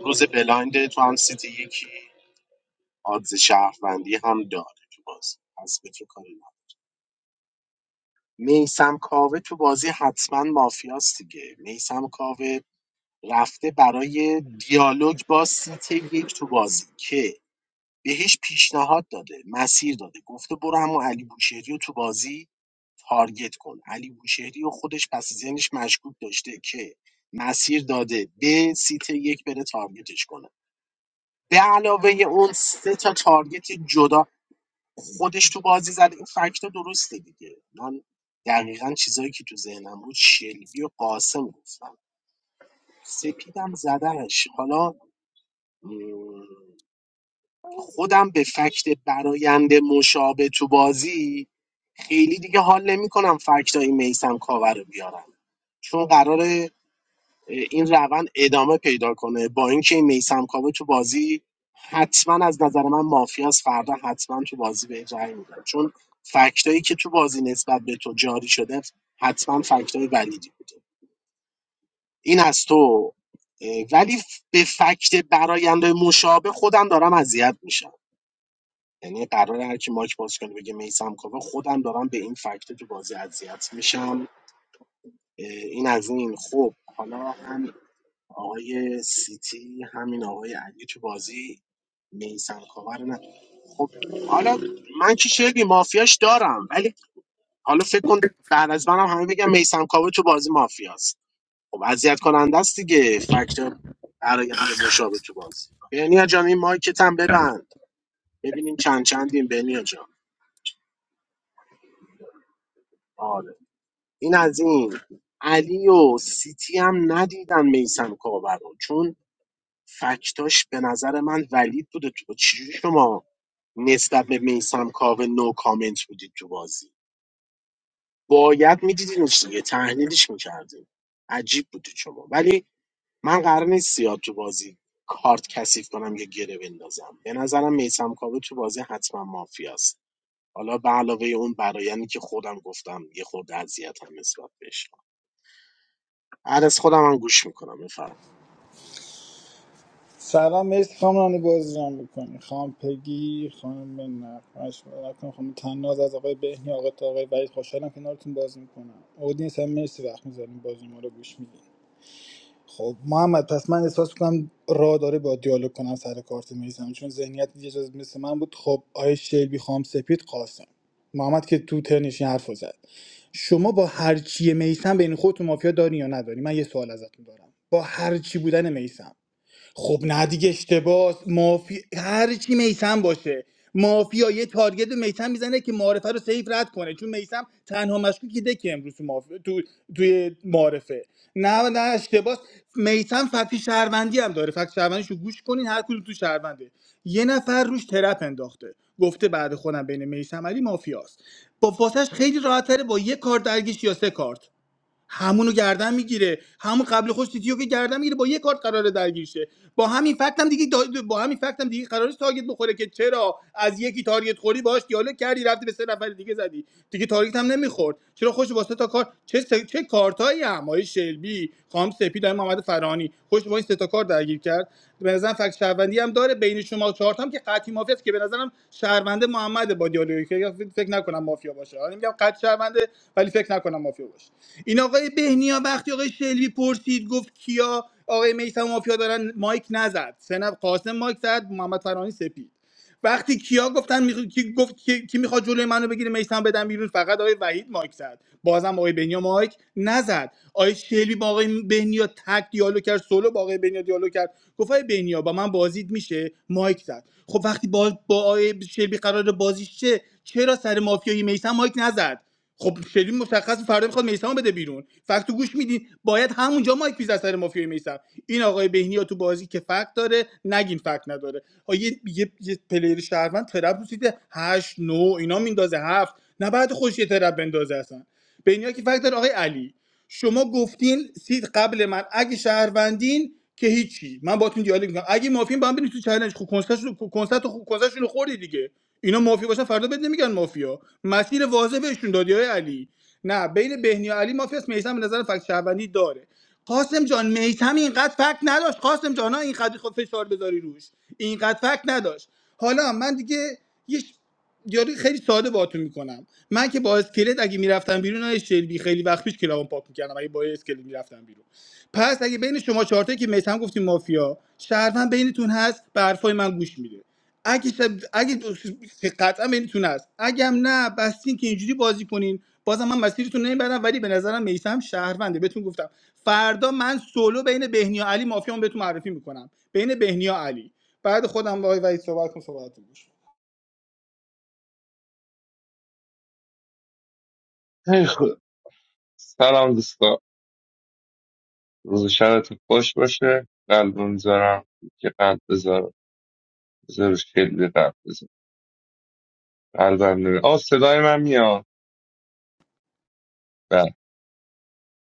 روز بلایند تو هم سیتی یکی آدز شهروندی هم داره تو بازی پس به تو کاری ندارم. میسم کاوه تو بازی حتما مافیاست دیگه میسم کاوه رفته برای دیالوگ با سیتی یک تو بازی که بهش پیشنهاد داده مسیر داده گفته برو همون علی بوشهری رو تو بازی تارگت کن علی بوشهری و خودش پس ذهنش مشکوک داشته که مسیر داده به سیت یک بره تارگتش کنه به علاوه اون سه تا تارگت جدا خودش تو بازی زده این فکت درسته دیگه من دقیقا چیزایی که تو ذهنم بود شلبی و قاسم گفتم سپیدم زدنش حالا م، خودم به فکت براینده مشابه تو بازی خیلی دیگه حال نمیکنم فکتای میسم کاور رو بیارم چون قراره این روند ادامه پیدا کنه با اینکه میسم کاوه تو بازی حتما از نظر من مافیاس فردا حتما تو بازی به رأی میدم چون فکتایی که تو بازی نسبت به تو جاری شده حتما فکتای ولیدی بوده این از تو اه، ولی ف- به فکت براینده مشابه خودم دارم اذیت میشم یعنی قرار هر کی ماک باز کنه بگه میسم کاوه خودم دارم به این فکت تو بازی اذیت میشم این از این خب حالا هم آقای سیتی همین آقای علی تو بازی میسم کاور نه خب حالا من که شگی مافیاش دارم ولی حالا فکر کن بعد از منم همه بگم میسم کاوه تو بازی مافیاست خب اذیت کننده است دیگه فاکتور برآینده مشابه تو بازی بنیا جان این مایکت هم ببند ببینیم چند چندیم بنیا جان آره این از این علی و سیتی هم ندیدن میسم کاوه رو چون فکتاش به نظر من ولید بوده تو چجوری شما نسبت به میسم کاوه نو کامنت بودید تو بازی باید میدیدینش دیگه تحلیلش میکردیم عجیب بودید شما ولی من قرار نیست زیاد تو بازی کارت کثیف کنم یا گره بندازم به نظرم میسم کاوه تو بازی حتما مافیاست حالا به علاوه اون برایندی که خودم گفتم یه خورده اذیتم نسبت بهش هر از خودم هم گوش میکنم بفرمایید سلام مرسی خانم رانی بازی رو میکنی خانم پگی خانم نقمش کن خانم تناز از آقای بهنی آقای تا آقای وحید خوشحالم کنارتون بازی میکنم اودینس هم مرسی وقت میذاریم بازی ما رو گوش میدیم خب محمد پس من احساس میکنم راه داره با دیالوگ کنم سر کارت میزم چون ذهنیت یه جز مثل من بود خب آیه شیبی خام سپید قاسم محمد که تو ترنش این حرفو زد شما با هر چی میسم بین خودتون مافیا داری یا نداری من یه سوال ازتون دارم با هر چی بودن میسم خب نه دیگه اشتباس مافی هر چی میسم باشه مافیا یه تارگت به میسم میزنه که معارفه رو سیف رد کنه چون میسم تنها مشکوکی ده که امروز تو, مافیا- تو توی معارفه نه نه اشتباس میسم فتی شهروندی هم داره فکت شهروندیش رو گوش کنین هر کدوم تو شهرونده یه نفر روش ترپ انداخته گفته بعد خودم بین میسم علی مافیاست با فاسش خیلی راحت با یه کارت درگیش یا سه کارت همونو گردن میگیره همون قبل خوش تیتیو که گردن میگیره با یه کارت قراره درگیر شه با همین فکت هم دیگه دا- با همین فکت هم دیگه قراره تارگت بخوره که چرا از یکی تارگت خوری باش دیالوگ کردی رفتی به سه نفر دیگه زدی دیگه تارگت هم نمیخورد چرا خوش واسه تا کار چه س... چه کارتایی هم آقای شلبی خام سپید آقای محمد فرانی خوش با این سه سه تا کار درگیر کرد به نظرم فکت شهروندی هم داره بین شما چهار تا هم که قطعی مافیا است که به نظرم شهرونده محمد با دیالوگی که فکر نکنم مافیا باشه حالا میگم قطع شهرونده ولی فکر نکنم مافیا باشه این آقای بهنیا وقتی آقای شلبی پرسید گفت کیا آقای میثم مافیا دارن مایک نزد سنف قاسم مایک زد محمد فرانی سپید وقتی کیا گفتن میخ... کی گفت کی, کی میخواد جلوی منو بگیره میسم بدم بیرون فقط آقای وحید مایک زد بازم آقای بنیا مایک نزد آقای شلبی با آقای بنیا تک دیالوگ کرد سولو با آقای بنیا دیالوگ کرد گفت آقای بنیا با من بازید میشه مایک زد خب وقتی با با آقای شلبی قرار بازیش چه چرا سر مافیای میسم مایک نزد خب شلبی مشخص فردا میخواد میثم بده بیرون فقط تو گوش میدین باید همونجا مایک بیز اثر مافیای میثم این آقای بهنیا تو بازی که فکت داره نگین فکت نداره ها یه, یه،, یه پلیر شهروند ترپ رو سیت 8 9 اینا میندازه هفت نه بعد خوش یه ترپ بندازه اصلا بهنیا که فکت داره آقای علی شما گفتین سید قبل من اگه شهروندین که هیچی من باتون دیالوگ میکنم اگه مافین با هم برین تو چالش خب کنسرتشون کنسرت خب کنسرتشون خوردی دیگه اینا مافیا باشن فردا بد نمیگن مافیا مسیر واضح بهشون دادی های علی نه بین بهنی علی مافیاست میثم به نظر فکت شهروندی داره قاسم جان میثم اینقدر فکت نداشت قاسم جان ها اینقدر خب فشار بذاری روش اینقدر فکت نداشت حالا من دیگه یه یاری خیلی ساده باهاتون میکنم من که با اسکلت اگه میرفتم بیرون های شلبی خیلی وقت پیش کلابم پاک میکردم اگه با اسکلت میرفتم بیرون پس اگه بین شما چهارتایی که میتم گفتیم مافیا شهروند بینتون هست به حرفای من گوش میده اگه شب... اگه که قطعا بینتون هست اگه هم نه بستین که اینجوری بازی کنین بازم من مسیرتون نمیبرم ولی به نظرم میسم شهرونده بهتون گفتم فردا من سولو بین بهنیا علی مافیامو بهتون معرفی میکنم بین بهنیا علی بعد خودم با آقای وحید صحبت کنم صحبتتون گوش خیلی خوب. سلام دوستا روز و شبتون خوش باشه قلب میذارم که قلب بذارم بذارش خیلی قلب بذارم قلبم نمیره آه صدای من میاد بله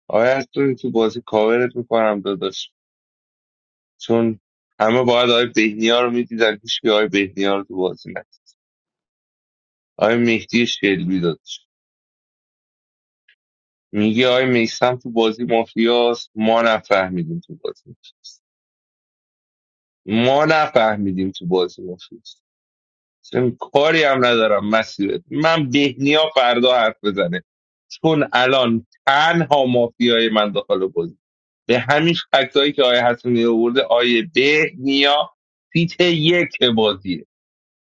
آیا تو تو بازی کاورت میکنم داداش چون همه باید آقای بهنیا رو میدیدن هیچکی آقای بهنیا رو تو بازی ندید آقای مهدی شلبی داداش میگه آقای میسم تو بازی مافیاست ما نفهمیدیم تو بازی مافیاست. ما نفهمیدیم تو بازی مافیاست چون کاری هم ندارم مسیرت من بهنیا فردا حرف بزنه چون الان تنها مافیای من داخل بازی به همین فکتایی که آیه حسنی آورده آیه بهنیا فیت یک بازیه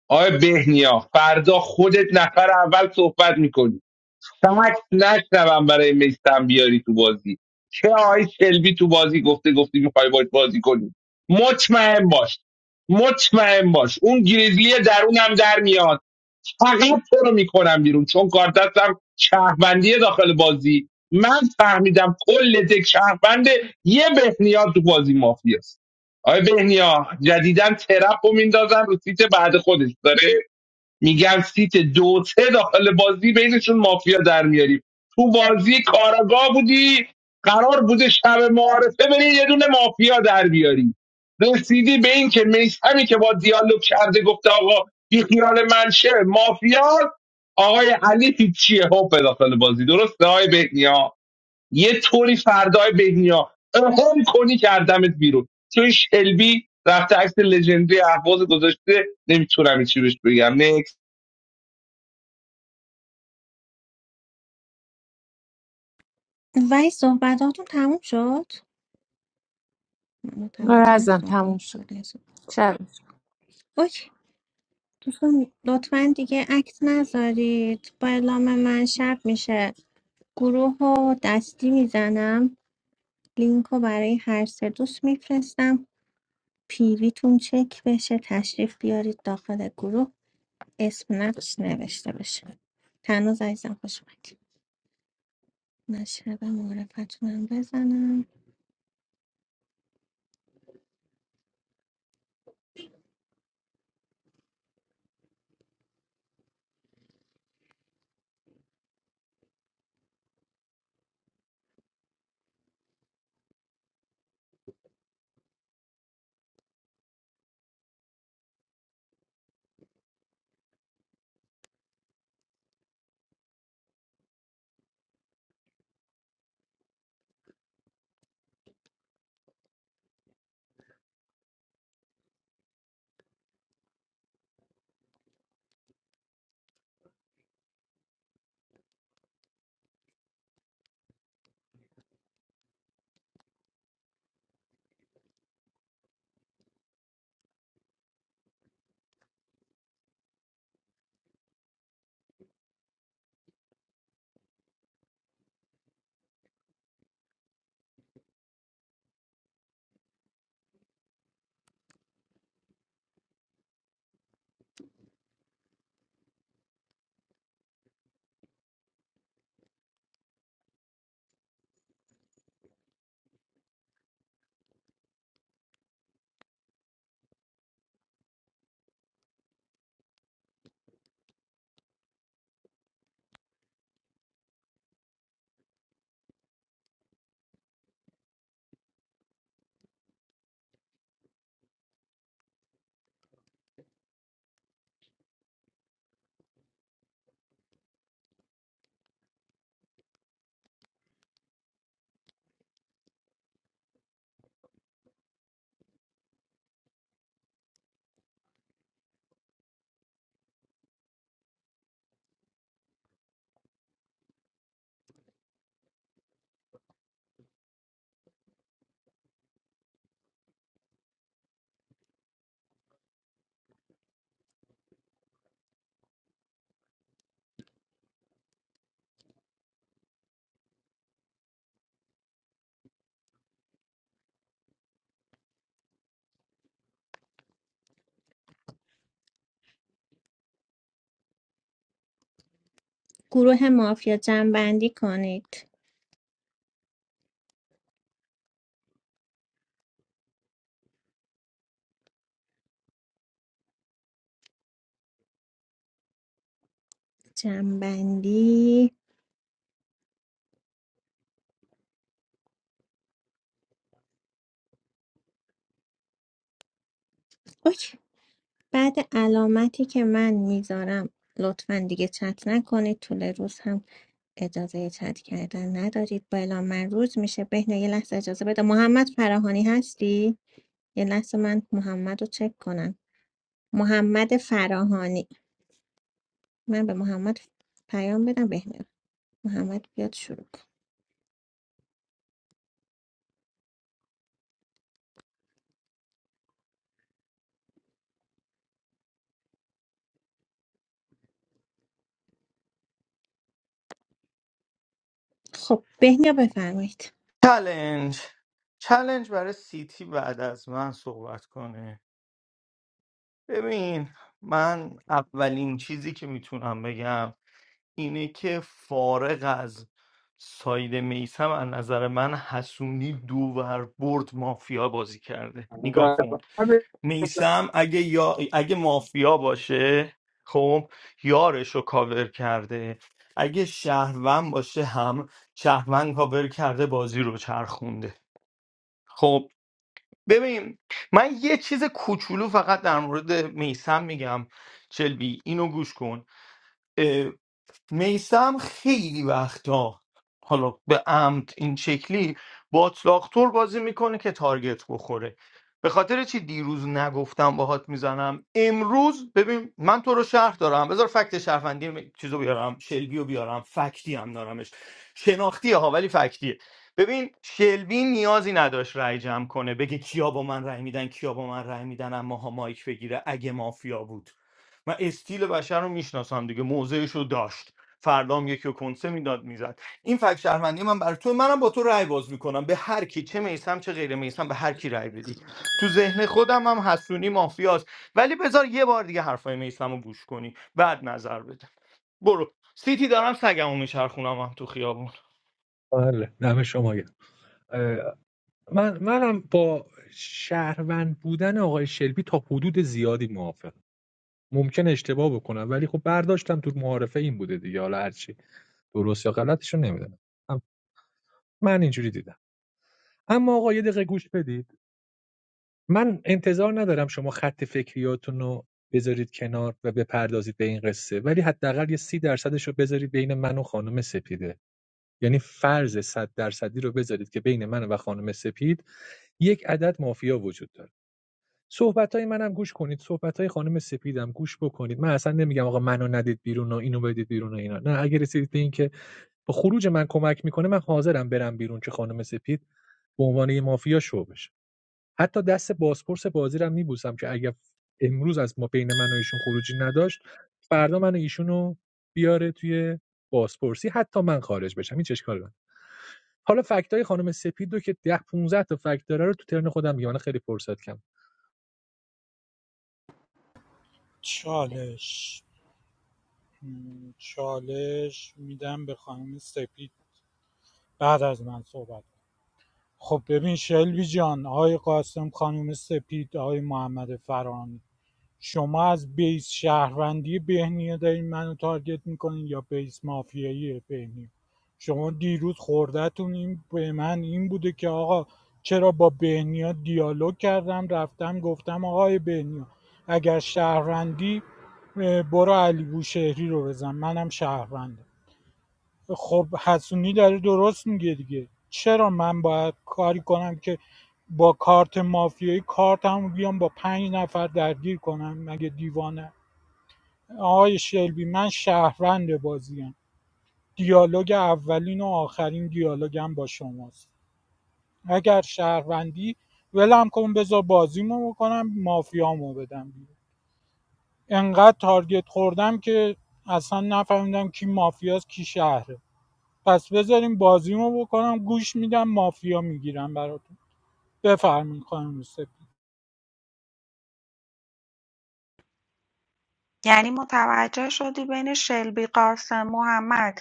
آیه بهنیا فردا خودت نفر اول صحبت میکنی فقط نشنوم برای میستم بیاری تو بازی چه آیه سلوی تو بازی گفته گفتی میخوای باید بازی کنی مطمئن باش مطمئن باش اون گریزلی درونم در میاد فقط تو رو میکنم بیرون چون کار دستم شهروندی داخل بازی من فهمیدم کل دک شهروند یه بهنیا تو بازی مافیاست آقای بهنیا جدیدن ترپ رو میندازن رو سیت بعد خودش داره میگم سیت دو سه داخل بازی بینشون مافیا در میاریم تو بازی کاراگاه بودی قرار بوده شب معارفه بری یه دونه مافیا در بیاری رسیدی به این که میسمی که با دیالوگ کرده گفته آقا بی خیال منشه مافیا آقای علی پیچیه هپ داخل بازی درسته آقای بهنیا یه طوری فردای بهنیا هم کنی کردمت بیرون چون شلبی رفته عکس لژندری اهواز گذاشته نمیتونم چی بهش بگم نه ولی صحبتاتون تموم شد متوجه رزم نشدم باگ تموم شد خورده یا سود. شب اوکی دوستان لطفا دیگه عکس نذارید با اعلام من شب میشه گروه رو دستی میزنم لینک رو برای هر سه دوست میفرستم پیویتون چک بشه تشریف بیارید داخل گروه اسم نقش نوشته بشه تنوز عزیزم خوش اومدید من شب معرفتونم بزنم گروه مافیا جنبندی کنید جنبندی اوکی بعد علامتی که من میذارم لطفا دیگه چت نکنید طول روز هم اجازه چت کردن ندارید با اعلام من روز میشه بهنیا یه لحظه اجازه بده محمد فراهانی هستی یه لحظه من محمد رو چک کنم محمد فراهانی من به محمد پیام بدم بهنیا محمد بیاد شروع کن. خب بهنیا بفرمایید چلنج چلنج برای سیتی بعد از من صحبت کنه ببین من اولین چیزی که میتونم بگم اینه که فارغ از ساید میسم از نظر من حسونی دوور برد مافیا بازی کرده نگاه کن میسم اگه, یا... اگه مافیا باشه خب یارش رو کاور کرده اگه شهروند باشه هم شهروند کاور کرده بازی رو چرخونده خب ببین من یه چیز کوچولو فقط در مورد میسم میگم چلبی اینو گوش کن میسم خیلی وقتا حالا به عمد این شکلی باتلاختور بازی میکنه که تارگت بخوره به خاطر چی دیروز نگفتم باهات میزنم امروز ببین من تو رو شهر دارم بذار فکت شهروندی م- چیزو بیارم شلبیو بیارم فکتی هم دارمش شناختیه ها ولی فکتیه ببین شلبی نیازی نداشت رأی جمع کنه بگه کیا با من رأی میدن کیا با من رأی میدن اما ها مایک بگیره اگه مافیا بود من استیل بشر رو میشناسم دیگه موضعش رو داشت فردا هم یکی رو کنسه میداد میزد این فکت شهروندی من برای تو منم با تو رأی باز میکنم به هر کی چه میسم چه غیر میسم به هر کی رأی بدی تو ذهن خودم هم حسونی مافیاست ولی بذار یه بار دیگه حرفای میسم رو گوش کنی بعد نظر بده برو سیتی دارم سگمو میچرخونم هم تو خیابون بله دم شما گرم من منم با شهروند بودن آقای شلبی تا حدود زیادی موافقم ممکن اشتباه بکنم ولی خب برداشتم تو معارفه این بوده دیگه حالا هرچی درست یا غلطشو نمیدونم من اینجوری دیدم اما آقا یه دقیقه گوش بدید من انتظار ندارم شما خط فکریاتون رو بذارید کنار و بپردازید به این قصه ولی حداقل یه سی درصدش رو بذارید بین من و خانم سپیده یعنی فرض صد درصدی رو بذارید که بین من و خانم سپید یک عدد مافیا وجود داره صحبت‌های منم گوش کنید صحبت‌های خانم سپیدم گوش بکنید من اصلا نمیگم آقا منو ندید بیرون و اینو بدید بیرون و اینا نه اگه رسیدید به این که با خروج من کمک میکنه من حاضرم برم بیرون که خانم سپید به عنوان یه مافیا شو بشه حتی دست بازپرس بازی رو میبوسم که اگه امروز از ما بین من و ایشون خروجی نداشت فردا من و ایشونو بیاره توی بازپرسی حتی من خارج بشم این اشکال نداره. حالا فکتای خانم سپید رو که 10 15 تا فکت داره رو تو ترن خودم میگم من خیلی فرصت کم چالش م، چالش میدم به خانم سپید بعد از من صحبت کن. خب ببین شلوی جان آقای قاسم خانم سپید آقای محمد فرانی شما از بیس شهروندی بهنیه دارین منو تارگت میکنین یا بیس مافیایی بهنیه شما دیروز خوردتون این به من این بوده که آقا چرا با بهنیا دیالوگ کردم رفتم گفتم آقای بهنیا اگر شهروندی اه، برو علی بوشهری رو بزن منم شهروندم خب حسونی داره درست میگه دیگه چرا من باید کاری کنم که با کارت مافیایی کارتمو بیام با پنج نفر درگیر کنم مگه دیوانه آقای شلبی من شهروند بازیم دیالوگ اولین و آخرین دیالوگم با شماست اگر شهروندی ولم کن بذار بازیمو بکنم مافیامو بدم بیرون انقدر تارگت خوردم که اصلا نفهمیدم کی مافیاست کی شهره پس بذاریم بازیمو بکنم گوش میدم مافیا میگیرم براتون بفرمین خانم سپید یعنی متوجه شدی بین شلبی قاسم محمد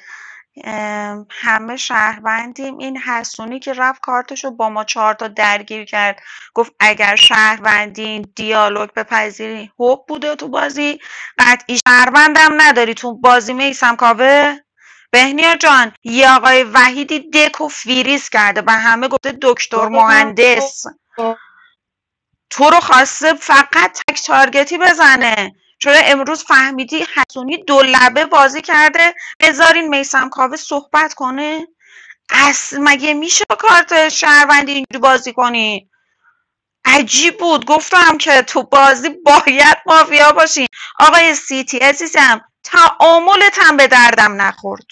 ام، همه شهروندیم این حسونی که رفت کارتشو با ما چهار تا درگیر کرد گفت اگر شهروندین دیالوگ بپذیرین هوب بوده تو بازی قطعی شهروندم نداری تو بازی میسم کاوه بهنیا جان یه آقای وحیدی دک و فیریس کرده و همه گفته دکتر مهندس تو رو خواسته فقط تک تارگتی بزنه چون امروز فهمیدی حسونی دو لبه بازی کرده بذارین میسم کاوه صحبت کنه اصل مگه میشه با کارت شهروندی اینجوری بازی کنین عجیب بود گفتم که تو بازی باید مافیا باشین آقای سیتی عزیزم تعاملت هم به دردم نخورد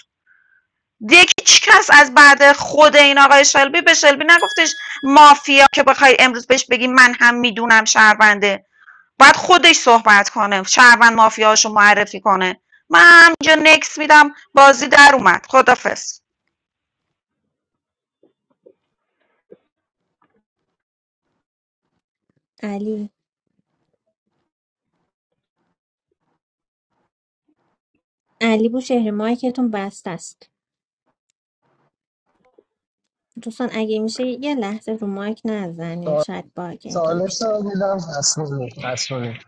دیگه هیچ کس از بعد خود این آقای شلبی به شلبی نگفتش مافیا که بخوای امروز بهش بگی من هم میدونم شهرونده باید خودش صحبت کنه شهروند مافیاشو معرفی کنه من اینجا نکس میدم بازی در اومد خدافز علی علی بو شهر مایکتون بسته است دوستان اگه میشه یه لحظه رو مایک نزنید شاید باگ اینطوری سالس بیشتر باگ. رو میدم حسنونی حسنونی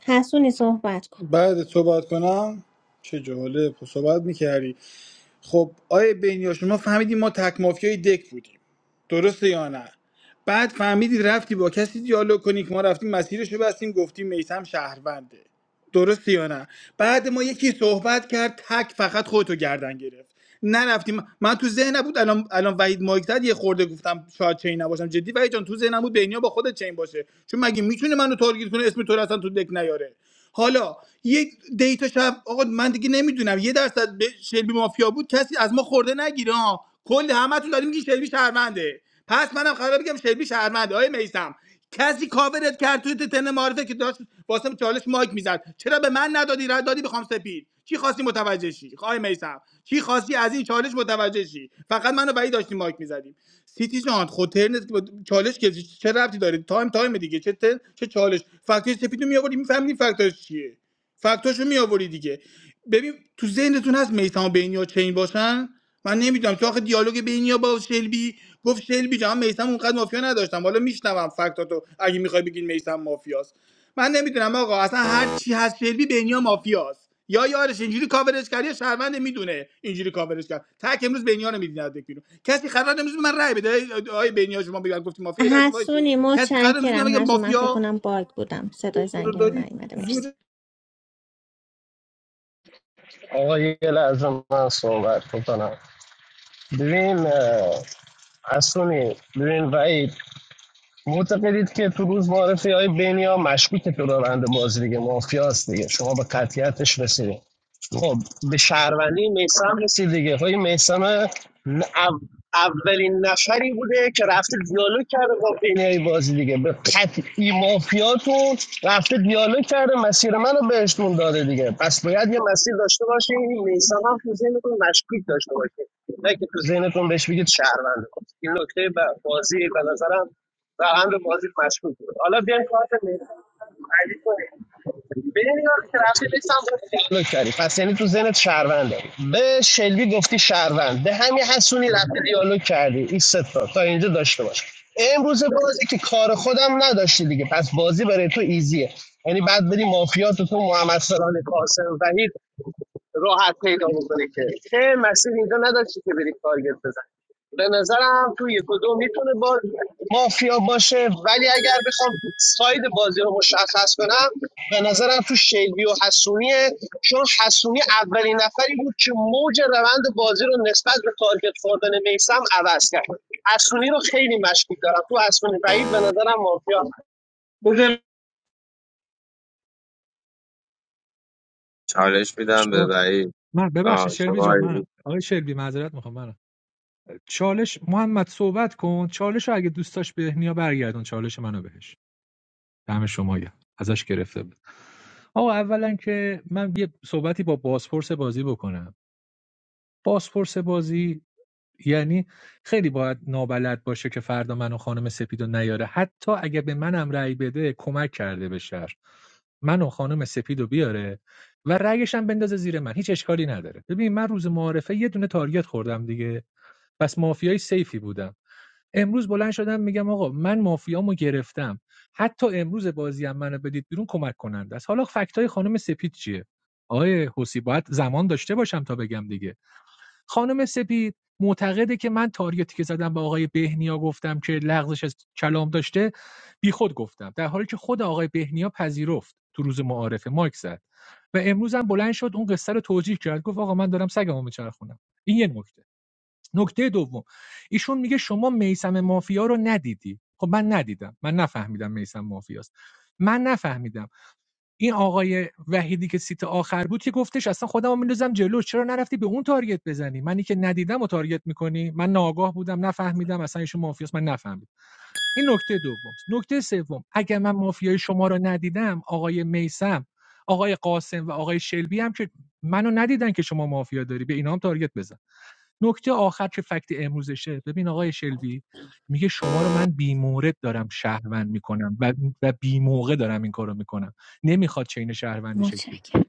حسونی صحبت کن بعد صحبت کنم چه جالب خب صحبت میکردی خب آیا بینیا شما فهمیدی ما تک مافیای دک بودیم درسته یا نه بعد فهمیدی رفتی با کسی دیالوگ کنی که ما رفتیم مسیرش رو بستیم گفتیم میسم شهرونده درست یا نه بعد ما یکی صحبت کرد تک فقط خودتو گردن گرفت نرفتیم من تو ذهن بود الان الان وحید مایک زد یه خورده گفتم شاید چین نباشم جدی وحید جان تو ذهنم بود بینیا با خودت چین باشه چون مگه میتونه منو تارگت کنه اسم تو رو اصلا تو دک نیاره حالا یک دیتا شب آقا من دیگه نمیدونم یه درصد به شلبی مافیا بود کسی از ما خورده نگیره ها کل همتون داریم میگین شلبی شرمنده پس منم قرار بگم شلبی شرمنده آیه میسم کسی کاورت کرد توی تن معرفه که داشت واسه چالش مایک میزد چرا به من ندادی رد دادی بخوام سپید چی خواستی متوجه شی خای میسم چی خواستی از این چالش متوجه شی فقط منو بعید داشتی مایک میزدیم سیتی جان خود ترنت که با چالش که چه ربطی داره تایم تایم دیگه چه ترن چه چالش فکتور سپیدو میآوردی میفهمیدی فکتورش چیه فکتاشو میآوری دیگه ببین تو ذهنتون هست میثم و بینیا چین باشن من نمیدونم تو آخه دیالوگ بینیا با شلبی گفت شلبی جان میثم اونقدر مافیا نداشتم حالا میشنوم فکتاتو اگه میخوای بگین میثم مافیاست من نمیدونم آقا اصلا هر چی هست شلبی بینیا مافیاست یا یارش اینجوری کاورش کرد یا شهروند میدونه اینجوری کاورش کرد تک امروز بینیا رو میدین از بیرون کسی قرار امروز به من رای بده آی بینیا شما بگن گفتی مافیا یه لحظه وایسین حسونی کسی قرار امروز به من متشکرم بگه حسون من فکر مافیا کنم باگ بودم صدای رو زنگم داری نیومده مرسی آقا یه لحظه من صحبت کنم ببین اه، حسنونی ببین وعید معتقدید که تو روز معرفی های بینیا مشکوک تو روند بازی دیگه مافیاست دیگه شما به قطعیتش رسیدید خب به شهروندی میسم رسید دیگه های میسم اولین نفری بوده که رفته دیالوگ کرده با بینیای بازی دیگه به قطعی مافیاتون رفته دیالوگ کرده مسیر منو بهشون داده دیگه پس باید یه مسیر داشته باشین این میسم هم تو ذهنتون مشکوک داشته باشین نه که تو ذهنتون بهش بگید شهرونده این نکته بازی به نظرم واقعا به بازی مشکوک بود حالا بیایم کارت ملی تعریف کنیم ببین اینا رو که رفتی پس یعنی تو ذهنت شهرونده به شلبی گفتی شهروند به همین حسونی رفتی دیالوگ کردی این سه تا تا اینجا داشته باش امروز بازی که کار خودم نداشتی دیگه پس بازی برای تو ایزیه یعنی بعد بری مافیات تو محمد سران قاسم وحید راحت پیدا بکنی که چه مسیر اینجا نداشتی که بری تارگت بزنی به نظرم تو یک و دو میتونه با مافیا باشه ولی اگر بخوام ساید بازی رو مشخص کنم به نظرم تو شیلبی و حسونیه چون حسونی اولین نفری بود که موج روند بازی رو نسبت به تارگت خوردن میسم عوض کرد حسونی رو خیلی مشکوک دارم تو حسونی بعید به نظرم مافیا بزن چالش میدم به شما- وحید من ببخشید آه شما شلبی جان منم وحید آقای شلبی معذرت میخوام منم چالش محمد صحبت کن چالش رو اگه دوست داشت بهنیا برگردون چالش منو بهش دم شما گرم. ازش گرفته بود آقا اولا که من یه صحبتی با بازپرس بازی بکنم بازپرس بازی یعنی خیلی باید نابلد باشه که فردا منو خانم سپیدو نیاره حتی اگه به منم رأی بده کمک کرده به شهر منو خانم سپیدو بیاره و رأیش هم بندازه زیر من هیچ اشکالی نداره ببین من روز معارفه یه دونه تارگت خوردم دیگه پس مافیای سیفی بودم امروز بلند شدم میگم آقا من مافیامو گرفتم حتی امروز بازی هم منو بدید بیرون کمک کننده است حالا فکتای خانم سپید چیه آقای حسی باید زمان داشته باشم تا بگم دیگه خانم سپید معتقده که من تاریتی که زدم به آقای بهنیا گفتم که لغزش از کلام داشته بیخود گفتم در حالی که خود آقای بهنیا پذیرفت تو روز معارفه مایک زد و امروز هم بلند شد اون قصه رو توجیه کرد گفت آقا من دارم سگمو میچرخونم این یه نکته نکته دوم ایشون میگه شما میسم مافیا رو ندیدی خب من ندیدم من نفهمیدم میسم مافیاست من نفهمیدم این آقای وحیدی که سیت آخر بود که گفتش اصلا خودمو میندازم جلو چرا نرفتی به اون تارگت بزنی منی که ندیدم و تارگت میکنی من ناآگاه بودم نفهمیدم اصلا ایشون مافیاست من نفهمیدم این نکته دوم نکته سوم اگر من مافیای شما رو ندیدم آقای میسم آقای قاسم و آقای شلبی هم که منو ندیدن که شما مافیا داری به اینا هم تارگت بزن نکته آخر که فکت امروزشه ببین آقای شلبی میگه شما رو من بیمورد دارم شهروند میکنم و, و بیموقع دارم این کارو میکنم نمیخواد چین شهروندی شکل بگیره. متشکرم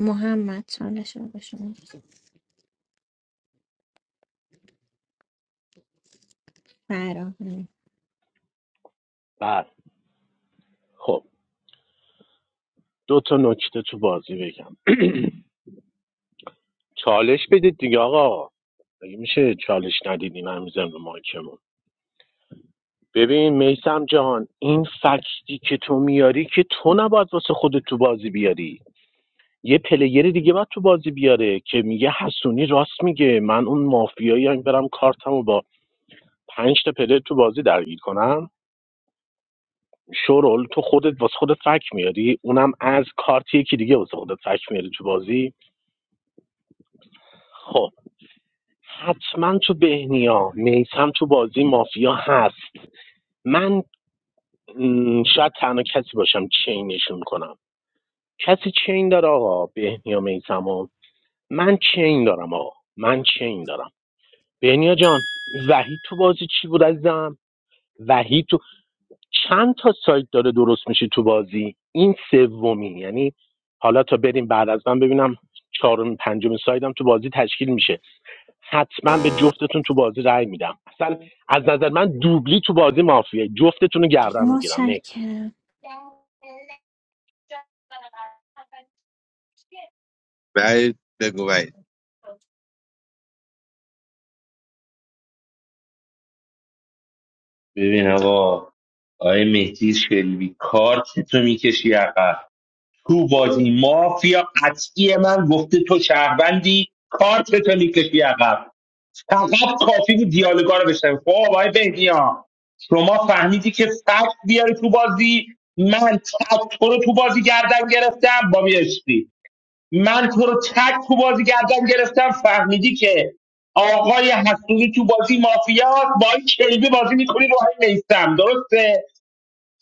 محمد چالش رو به شما فراهم بله خب دو تا نکته تو بازی بگم چالش بدید دیگه آقا مگه میشه چالش ندیدین هنوزم به مایکمون ببین میسم جهان این فکتی که تو میاری که تو نباید واسه خودت تو بازی بیاری یه پلیر دیگه باید تو بازی بیاره که میگه حسونی راست میگه من اون مافیایی هم برم کارتمو با پنج تا پلیر تو بازی درگیر کنم شورول تو خودت واسه خودت فک میاری اونم از کارت که دیگه واسه خودت فک میاری تو بازی خب حتما تو بهنیا میسم تو بازی مافیا هست من م، شاید تنها کسی باشم چینشون کنم کسی چین داره آقا بهنیا میسمو من چین دارم آقا من چین دارم بهنیا جان وحید تو بازی چی بود عزیزم وحید تو چند تا سایت داره درست میشه تو بازی این سومی یعنی حالا تا بریم بعد از من ببینم چهارم پنجم سایدم تو بازی تشکیل میشه حتما به جفتتون تو بازی رأی میدم اصلا از نظر من دوبلی تو بازی مافیه جفتتون رو گردن میگیرم نکس متشکرم وحید، بگو وحید ببین آقا آقای مهدی شلبی کارت تو میکشی عقب تو بازی مافیا قطعی من گفته تو شهروندی کارت تو میکشی عقب فقط کافی بود دیالوگا رو بشنوی خب آقای بهنیا شما فهمیدی که فکت بیاری تو بازی من تک تو رو تو بازی گردن گرفتم با میشتی من تو رو تک تو بازی گردن گرفتم فهمیدی که آقای حسونی تو بازی مافیات با این کلبی بازی میکنی رو هم نیستم درسته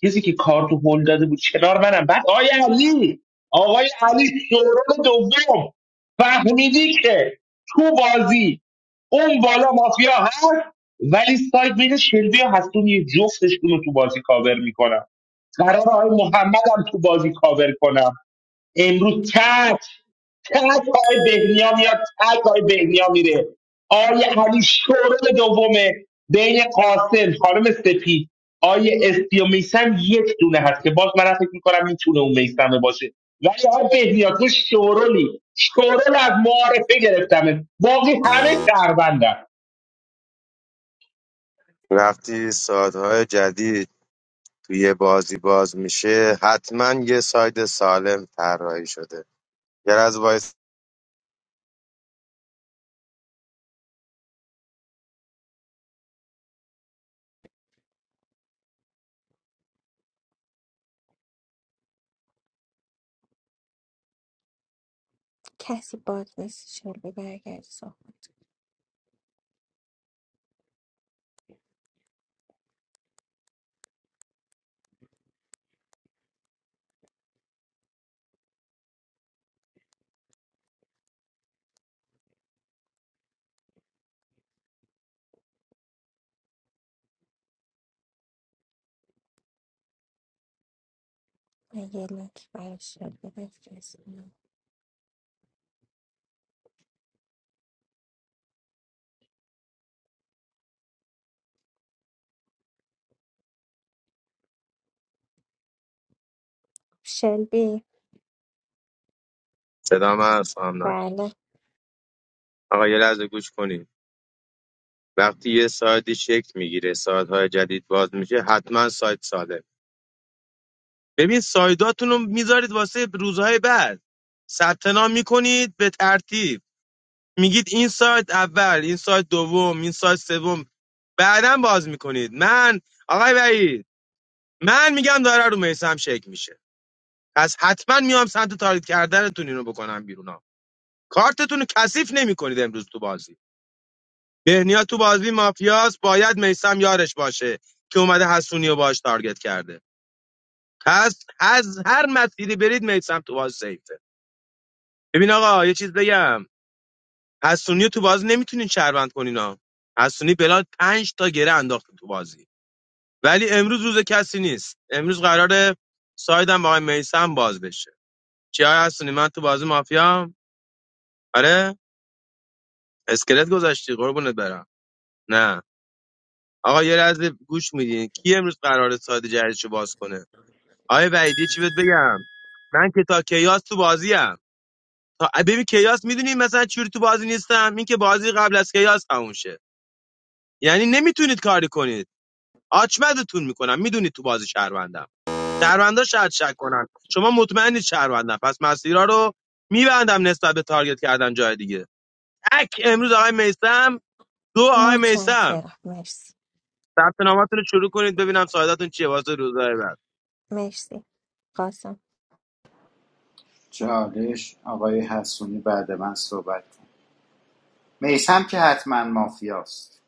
کسی که کار تو هل داده بود کنار منم بعد آقای علی آقای علی شورون دوم فهمیدی که تو بازی اون بالا مافیا هست ولی سایت بین شلبی و حسونی جفتشون رو تو بازی کاور میکنم قرار آقای محمد هم تو بازی کاور کنم امروز تک تک آقای بهنیا میاد تک آقای بهنیا میره آقای علی شورل دومه بین قاسم خانم سپید آقای اسپی و میسم یک دونه هست که باز من فکر میکنم میتونه اون میسمه باشه ولی آقای بهنیا تو شورلی شورل از معارفه گرفتمه باقی همه شهروندن وقتی سایدهای جدید توی بازی باز میشه حتما یه ساید سالم طراحی شده یه لحظه وایس کسی باگ نیست شلبی برگرد صحبت من یه لک برای شلبی بفرستم شلبی صدا من سامنانی بله آقا یه لحظه گوش کنید وقتی یه سایدی شکل میگیره سایدهای جدید باز میشه حتما سایت ساله ببین سایداتون رو میذارید واسه روزهای بعد ثبت نام میکنید به ترتیب میگید این سایت اول این سایت دوم این سایت سوم بعدا باز میکنید من آقای وحید من میگم داره رو میسم شک میشه پس حتما میام سمت تارید کردنتون اینو بکنم بیرون ها کارتتون رو کثیف نمیکنید امروز تو بازی بهنیا تو بازی مافیاس باید میسم یارش باشه که اومده حسونی رو باش تارگت کرده پس از هر مسیری برید میسم تو بازی سیفه ببین آقا یه چیز بگم حسونی رو تو بازی نمیتونین شهروند کنین ها حسونی بلال پنج تا گره انداخته تو بازی ولی امروز روز کسی نیست امروز قراره سایدم با آقای میسم باز بشه چی های حسونی من تو بازی مافیا آره اسکلت گذاشتی قربونت برم نه آقا یه لحظه گوش میدین کی امروز قراره ساید جدیدشو باز کنه آقای وحیدی چی بهت بگم من که تا کیاس تو بازیم تا ببین کیاس میدونی مثلا چوری تو بازی نیستم این که بازی قبل از کیاس تموم شه یعنی نمیتونید کاری کنید آچمدتون میکنم میدونید تو بازی شهروندم شهروندا شاید شک کنن شما مطمئنید شهروندم پس مسیرها رو میبندم نسبت به تارگت کردن جای دیگه تک امروز آقای میسم دو آقای میسم متشکرم مرسی ثبت نامتون رو شروع کنید ببینم سعادتتون چیه واسه روزهای بعد مرسی قاسم چالش آقای حسونی بعد من صحبت میثم که حتما مافیاست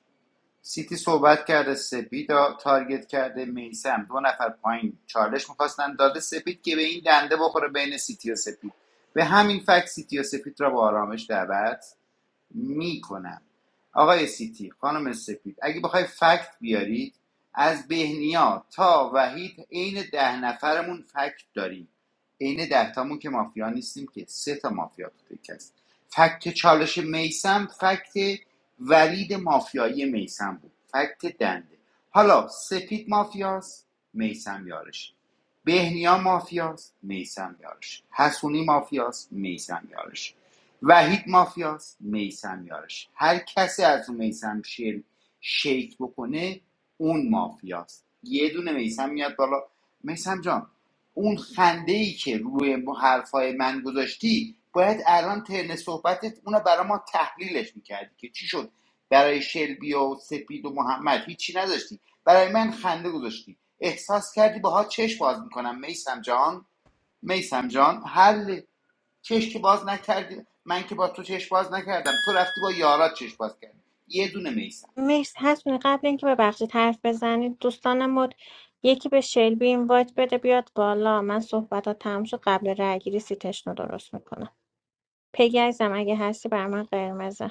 سیتی صحبت کرده سپید را تارگت کرده میسم دو نفر پایین چالش میخواستن داده سپید که به این دنده بخوره بین سیتی و سپید به همین فکت سیتی و سپید را با آرامش دعوت میکنم آقای سیتی خانم سپید اگه بخوای فکت بیارید از بهنیا تا وحید عین ده نفرمون فکت داریم عین ده تامون که مافیا نیستیم که سه تا مافیا تو تک فکت چالش میسم فکت ولید مافیایی میسم بود فکت دنده حالا سپید مافیاست میسم یارش بهنیا مافیاست میسم یارش حسونی مافیاست میسم یارش وحید مافیاست میسم یارش هر کسی از اون میسم شیل شیک بکنه اون مافیاست یه دونه میسم میاد بالا میسم جان اون خنده ای که روی م- حرفای من گذاشتی باید الان ترن صحبتت اونو برای ما تحلیلش میکردی که چی شد برای شلبی و سپید و محمد هیچی نداشتی برای من خنده گذاشتی احساس کردی باها چشم باز میکنم میسم جان میسم جان حل چشم که باز نکردی من که با تو چشم باز نکردم تو رفتی با یارات چشم باز کردی یه دونه میسم مرسی هستونی قبل اینکه ببخشید حرف بزنید دوستان مد یکی به شلبی اینوایت بده بیاد بالا من صحبت ها تموم شد قبل رای گیری سیتشن رو درست میکنم پگی عزیزم اگه هستی بر من قرمزه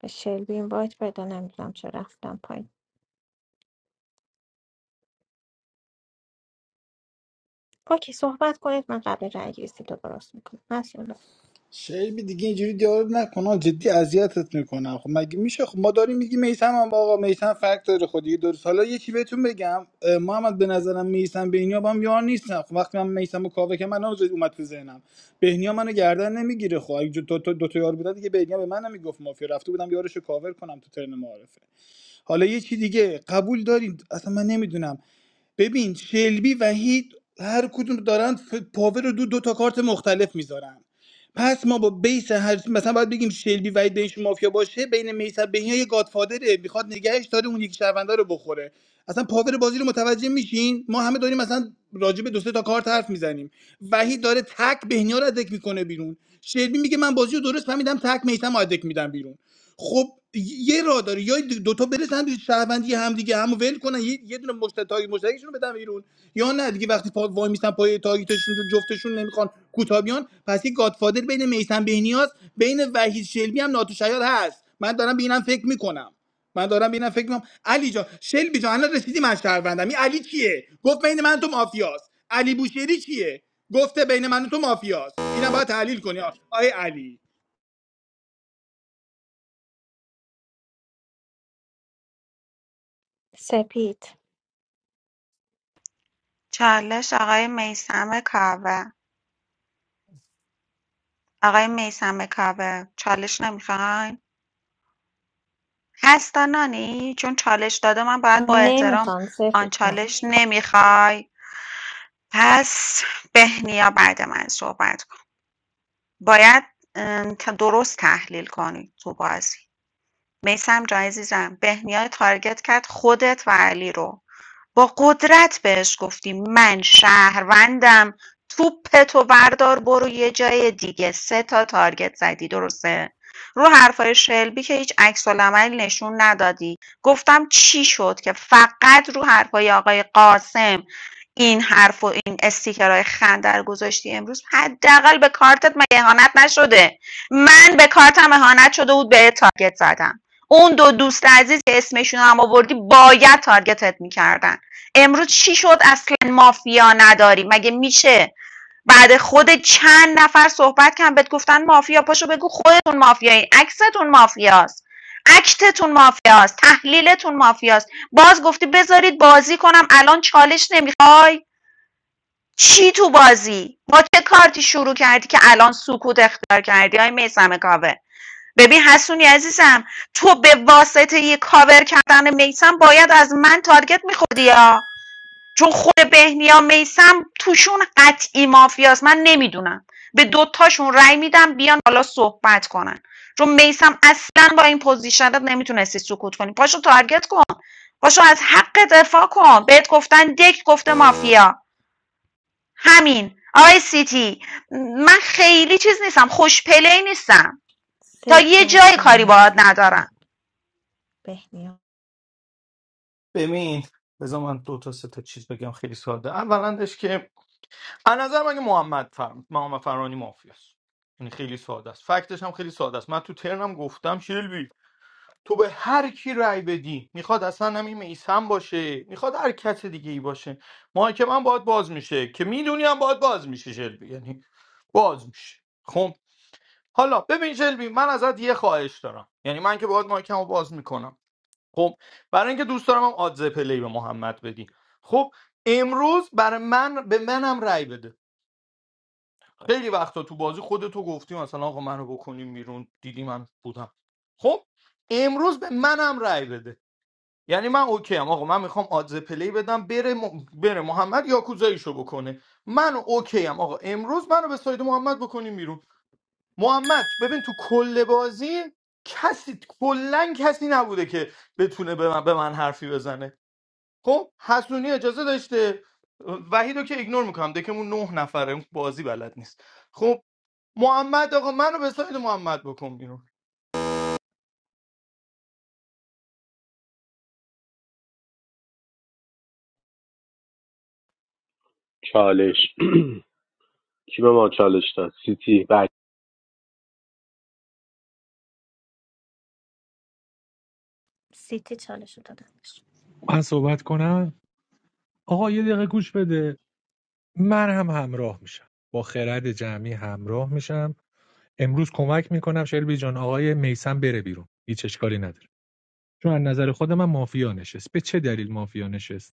به شلبی اینوایت بده نمیدونم چه رفتم پایین اوکی صحبت کنید من قبل رای گیری سیت رو درست میکنم مسئول شیبی دیگه اینجوری دیالوگ نکن آقا، جدی اذیتت میکنم خب مگه میشه خب ما داریم میگیم میسم هم آقا میسم فرق داره خب دیگه درست حالا یکی بهتون بگم اه، محمد به نظرم میسم بهنیا با هم یار نیستن خب وقتی من میسم و کاوه که من آزاد اومد تو ذهنم بهنیا منو گردن نمیگیره خب اگه دو تا دو تا یار بودن دیگه بهنیا به من نمیگفت مافیا رفته بودم یارشو کاور کنم تو ترن معارفه حالا یه چی دیگه قبول داریم اصلا من نمیدونم ببین شلبی و هیت هر کدوم دارن ف- پاور رو دو دو تا کارت مختلف میذارن پس ما با بیس هر مثلا باید بگیم شلبی و هید بینش مافیا باشه بین میسر بهنیا یه گادفادره میخواد نگهش داره اون یکی شهرونده رو بخوره اصلا پاور بازی رو متوجه میشین ما همه داریم مثلا راجع به دو سه تا کارت حرف میزنیم وحید داره تک بهنیا رو ادک میکنه بیرون شلبی میگه من بازی رو درست فهمیدم تک میثم رو ادک میدم بیرون خب یه راه داره یا دوتا برسن به شهروندی هم دیگه همو ول کنن یه, یه دونه مشت تاگ مشترکشون رو بدن بیرون یا نه دیگه وقتی پا وای میستن پای تاگتشون رو جفتشون نمیخوان کوتابیان پس یه گادفادر بین میسن بهنیاز بین وحید شلبی هم ناتوشیاد هست من دارم به اینم فکر میکنم من دارم به اینم فکر میکنم علی جان شلبی جان الان رسیدی من شهروندم این علی کیه گفت بین من و تو مافیاست علی بوشهری کیه گفته بین من و تو مافیاست اینم باید تحلیل کنی آ- آیه علی سپید چالش آقای میسم کاوه آقای میثم کاوه چالش نمیخواین؟ هستا نانی چون چالش داده من باید با احترام نمیخوام آن سپید نه چالش نمیخوای پس بهنیا بعد من صحبت کن باید ام، تا درست تحلیل کنی تو بازی میسم جان عزیزم بهنیا تارگت کرد خودت و علی رو با قدرت بهش گفتیم من شهروندم توپتو بردار برو یه جای دیگه سه تا تارگت زدی درسته رو حرفای شلبی که هیچ عکس نشون ندادی گفتم چی شد که فقط رو حرفای آقای قاسم این حرف و این استیکرهای خنجر گذاشتی امروز حداقل به کارتت مگه اهانت نشده من به کارتم اهانت شده بود به تارگت زدم اون دو دوست عزیز که اسمشون هم آوردی باید تارگتت میکردن امروز چی شد اصلا مافیا نداری مگه میشه بعد خود چند نفر صحبت کردن بهت گفتن مافیا پاشو بگو خودتون مافیایی عکستون مافیاست اکتتون مافیاست تحلیلتون مافیاست باز گفتی بذارید بازی کنم الان چالش نمیخوای چی تو بازی با چه کارتی شروع کردی که الان سکوت اختیار کردی های میسم کاوه ببین حسونی عزیزم تو به واسطه یه کاور کردن میسم باید از من تارگت میخوردی یا چون خود بهنیا میسم توشون قطعی مافیاست من نمیدونم به دوتاشون رأی میدم بیان حالا صحبت کنن چون میسم اصلا با این پوزیشنت نمیتونستی سکوت کنی پاشو تارگت کن پاشو از حق دفاع کن بهت گفتن دک گفته مافیا همین آقای سیتی من خیلی چیز نیستم خوش پلی نیستم تا سپید یه جای عزیزم کاری باهات مرسی من ندارم بهنیا ببین بذار من دو تا سه تا چیز بگم خیلی ساده اولندش که از نظر من که محمد فر... محمد فرانی مافیاست یعنی خیلی ساده است فکتش هم خیلی ساده است من تو ترنم گفتم شیلبی تو به هر کی رأی بدی میخواد اصلا همین میسم باشه میخواد هر کس دیگه ای باشه ما که من باید باز میشه که میدونی هم باید باز میشه شلبی یعنی باز میشه خب حالا ببین شلبی من ازت یه خواهش دارم یعنی من که باید مایکمو باز میکنم خب برای اینکه دوست دارم هم آدزه پلی به محمد بدی خب امروز برای من به منم رأی بده خیلی وقتا تو بازی خودتو گفتی مثلا آقا منو بکنیم بیرون دیدی من بودم خب امروز به منم رأی بده یعنی من اوکی ام آقا من میخوام آدز پلی بدم بره, م... بره محمد یاکوزاییشو بکنه من اوکی ام آقا امروز منو به ساید محمد بکنیم بیرون محمد ببین تو کل بازی کسی کلا کسی نبوده که بتونه به من, به من حرفی بزنه خب حسونی اجازه داشته وحیدو که ایگنور میکنم دکمون نه نفره بازی بلد نیست خب محمد آقا منو به ساید محمد بکن بیرون چالش کی به ما چالش داد سیتی بک سیتی چالش رو دادم بهش. من صحبت کنم آقا یه دقیقه گوش بده من هم همراه میشم با خرد جمعی همراه میشم امروز کمک میکنم شلبی جان آقای میسم بره بیرون هیچ اشکالی نداره چون از نظر خود من مافیا نشست به چه دلیل مافیا نشست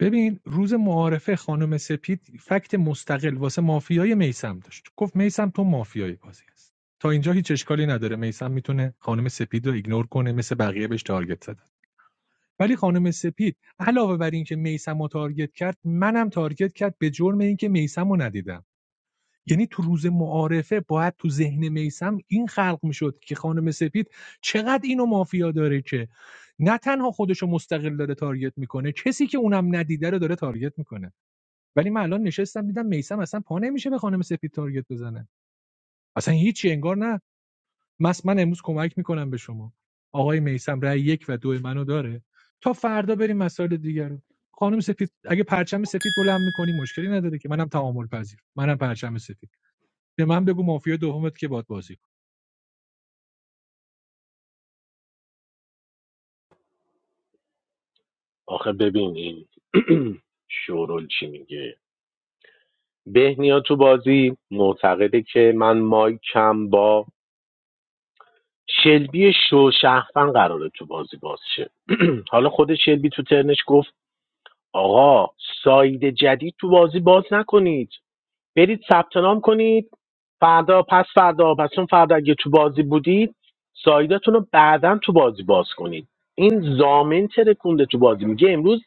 ببین روز معارفه خانم سپید فکت مستقل واسه مافیای میسم داشت گفت میسم تو مافیای بازی است تا اینجا هیچ اشکالی نداره میسم میتونه خانم سپید رو ایگنور کنه مثل بقیه بهش تارگت زدن ولی خانم سپید علاوه بر اینکه میسم رو تارگت کرد منم تارگت کرد به جرم اینکه میسم رو ندیدم یعنی تو روز معارفه باید تو ذهن میسم این خلق میشد که خانم سپید چقدر اینو مافیا داره که نه تنها خودشو مستقل داره تارگت میکنه کسی که اونم ندیده رو داره تارگت میکنه ولی من الان نشستم دیدم میسم اصلا پا نمیشه به خانم سپید تارگت بزنه اصلا هیچی انگار نه مس من امروز کمک میکنم به شما آقای میسم رأی یک و دو منو داره تا فردا بریم مسائل دیگر رو خانم سفید اگه پرچم سفید بلند میکنی مشکلی نداره که منم تعامل پذیر منم پرچم سفید به من بگو مافیا دومت که باد بازی کن آخه ببین این شورول چی میگه بهنیا تو بازی معتقده که من مایکم با شلبی شو شهفن قراره تو بازی باز شه حالا خود شلبی تو ترنش گفت آقا ساید جدید تو بازی باز نکنید برید ثبت نام کنید فردا پس فردا پس چون فردا اگه تو بازی بودید سایداتون رو بعدا تو بازی باز کنید این زامن ترکونده تو بازی میگه امروز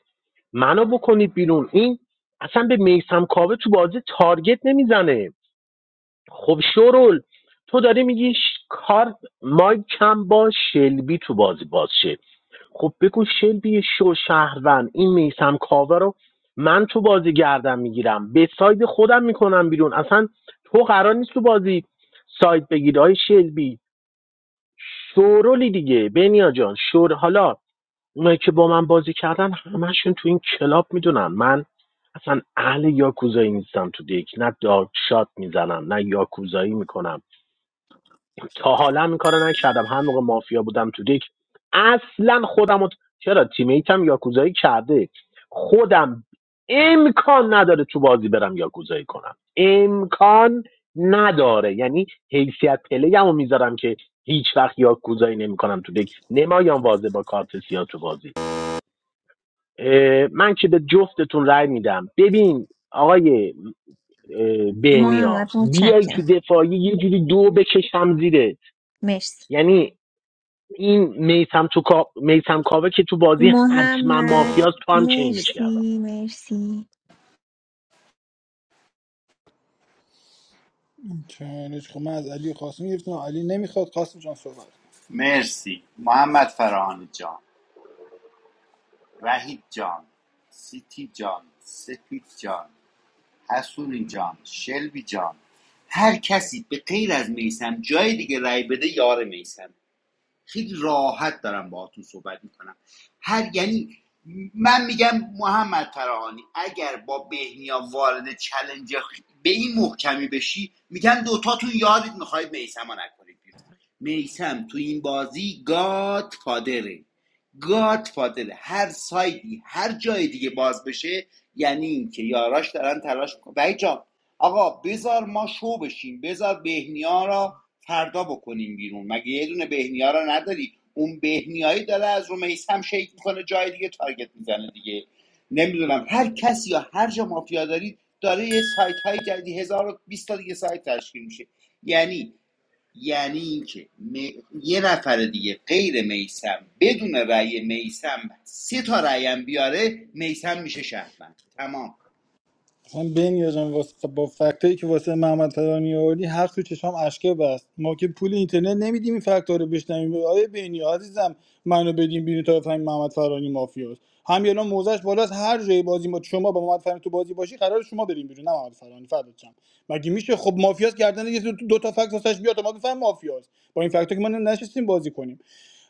منو بکنید بیرون این اصلا به میسم کاوه تو بازی تارگت نمیزنه خب شورول تو داری میگی ش- کارت مای کم با شلبی تو بازی باز شه. خب بگو شلبی شو شهروند این میسم کاوه رو من تو بازی گردم میگیرم به ساید خودم میکنم بیرون اصلا تو قرار نیست تو بازی ساید بگیری های شلبی شورولی دیگه بنیا جان شور حالا اونایی که با من بازی کردن همشون تو این کلاب میدونن من اصلا اهل یاکوزایی نیستم تو دیک نه دارک شات میزنم نه یاکوزایی میکنم تا حالا هم این کارو نکردم هر موقع مافیا بودم تو دک اصلا خودم رو- چرا تیمیتم یاکوزایی کرده خودم امکان نداره تو بازی برم یاکوزایی کنم امکان نداره یعنی حیثیت پلیم رو میذارم که هیچ وقت یاکوزایی نمیکنم تو دک نمایان واضح با کارت سیاه تو بازی من که به جفتتون رأی میدم ببین آقای اه، بهنیا محمد بیای تو متشکرم دفاعی یه جوری دو بکشم زیره مرسی یعنی این میسم تو کا... میسم کاوه که تو بازی حتما محمد مافیاست تو هم چینش کردم مرسی مرسی چالش خب من از علی و قاسم گرفتم علی نمیخواد قاسم جان صحبت کن مرسی محمد فرهان جان وحید جان سیتی جان سپید جان حسونی جان شلبی جان هر کسی به غیر از میسم جای دیگه رای بده یار میسم خیلی راحت دارم باهاتون صحبت میکنم هر یعنی من میگم محمد فراهانی اگر با بهنیا وارد چلنج به این محکمی بشی میگم دوتاتون یادید میخواید میسم رو نکنید بیرون میسم تو این بازی گاد فادره گاد فادره هر سایدی هر جای دیگه باز بشه یعنی اینکه یاراش دارن تلاش میکنن بایی جان آقا بذار ما شو بشیم بذار بهنیا را فردا بکنیم بیرون مگه یه دونه بهنیا رو نداری اون بهنیایی داره از رو میسم شیک میکنه جای دیگه تارگت میزنه دیگه نمیدونم هر کسی یا هر جا مافیا دارید داره یه سایت های جدید هزار و بیست تا دیگه سایت تشکیل میشه یعنی یعنی اینکه می- یه نفر دیگه غیر میسم بدون رأی میسم سه تا رأی هم بیاره میسم میشه شهروند تمام مثلا بنیا جان واسه خب با فکتایی که واسه محمد فرانی آوردی حق تو چشام اشکه بست ما که پول اینترنت نمیدیم این فکتا رو بشنویم آیه بنیا عزیزم منو بدیم بیرون تا بفهمیم محمد فرانی مافیاست هم یعنی موزش بالاست هر جای بازی ما شما با محمد فرانی تو بازی باشی قرار شما بریم بیرون نه محمد فرانی فردت شم. مگه میشه خب مافیاست گردن یه دو دو تا فکت واسش بیاد تا ما بفهمیم مافیاست با این فکتا که ما نشستیم بازی کنیم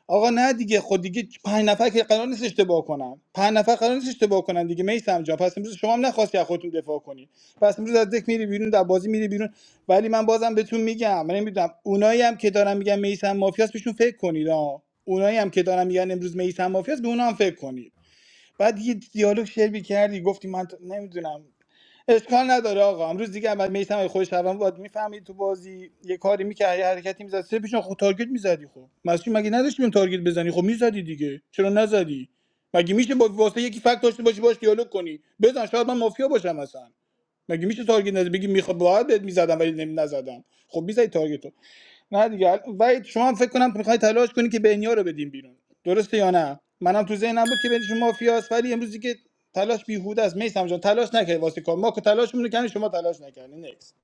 آقا نه دیگه خود دیگه پنج نفر که قرار نیست اشتباه کنن پنج نفر قرار نیست اشتباه کنن دیگه میسم جان پس امروز شما هم نخواستی از خودتون دفاع کنی پس امروز از دک میری بیرون در بازی میری بیرون ولی من بازم بهتون میگم من نمیدونم اونایی هم که دارن میگن میسم مافیاس بهشون فکر کنید ها اونایی هم که دارن میگن امروز میسم مافیاس به اونا هم فکر کنید بعد یه دیالوگ شعر کردی گفتی من نمیدونم اشکال نداره آقا امروز دیگه عمل میثم اگه خودش شهروند بود میفهمید تو بازی یه کاری میکرد یه حرکتی میزد سه پیشون خود تارگت میزدی خب مسعود مگه نداشتی بهم تارگت بزنی خب میزدی دیگه چرا نزدی مگه میشه با واسه یکی فکت داشته باشی باش دیالوگ کنی بزن شاید من مافیا باشم اصلا مگه میشه تارگت نزد بگی میخواد باید بهت میزدم ولی نمی نزدم خب میزدی تارگت رو نه دیگه و شما هم فکر کنم میخوای تلاش کنی که بنیا رو بدیم بیرون درسته یا نه منم تو ذهنم بود که بین شما مافیاست ولی امروزی که تلاش بیهوده است میسم جان تلاش نکرد واسه کار ما که تلاش رو کردیم شما تلاش نکردین نکس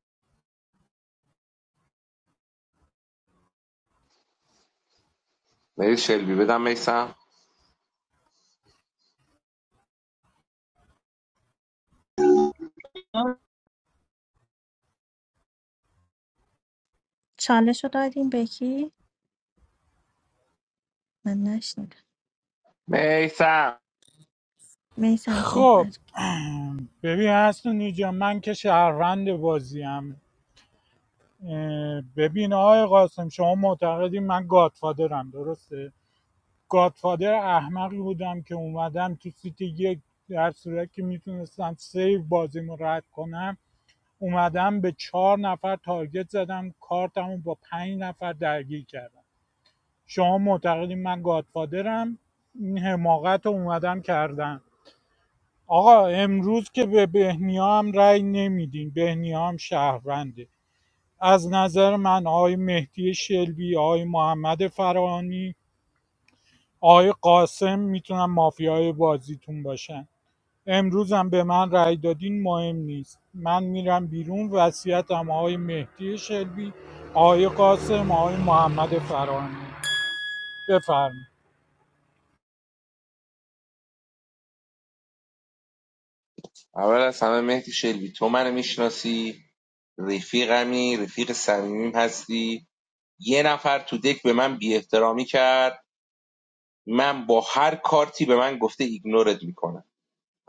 مهدی شلبی بدم میسم چالش رو دادیم به کی؟ من نشنیدم میسم میسم خب صحبت کن. ببین هستون اینجا من که شهروند بازیم ببین آقای قاسم شما معتقدی من گادفادرم درسته گادفادر احمقی بودم که اومدم تو سیت یک در صورت که میتونستم سیو بازیمو رد کنم اومدم به چهار نفر تارگت زدم کارتمو با پنج نفر درگیر کردم شما معتقدین من گادفادرم این حماقت رو اومدم کردم آقا امروز که به بهنیا هم رأی نمیدین بهنیا هم شهرونده از نظر من آقای مهدی شلبی آقای محمد فرانی آقای قاسم میتونن مافیای بازیتون باشن امروز هم به من رأی دادین مهم نیست من میرم بیرون وصیتم آقای مهدی شلبی آقای قاسم آقای محمد فرانی بفرمایید اول از همه مهدی شلبی تو منو میشناسی رفیقمی رفیق صمیمیم هستی یه نفر تو دک به من بی احترامی کرد من با هر کارتی به من گفته ایگنورت میکنم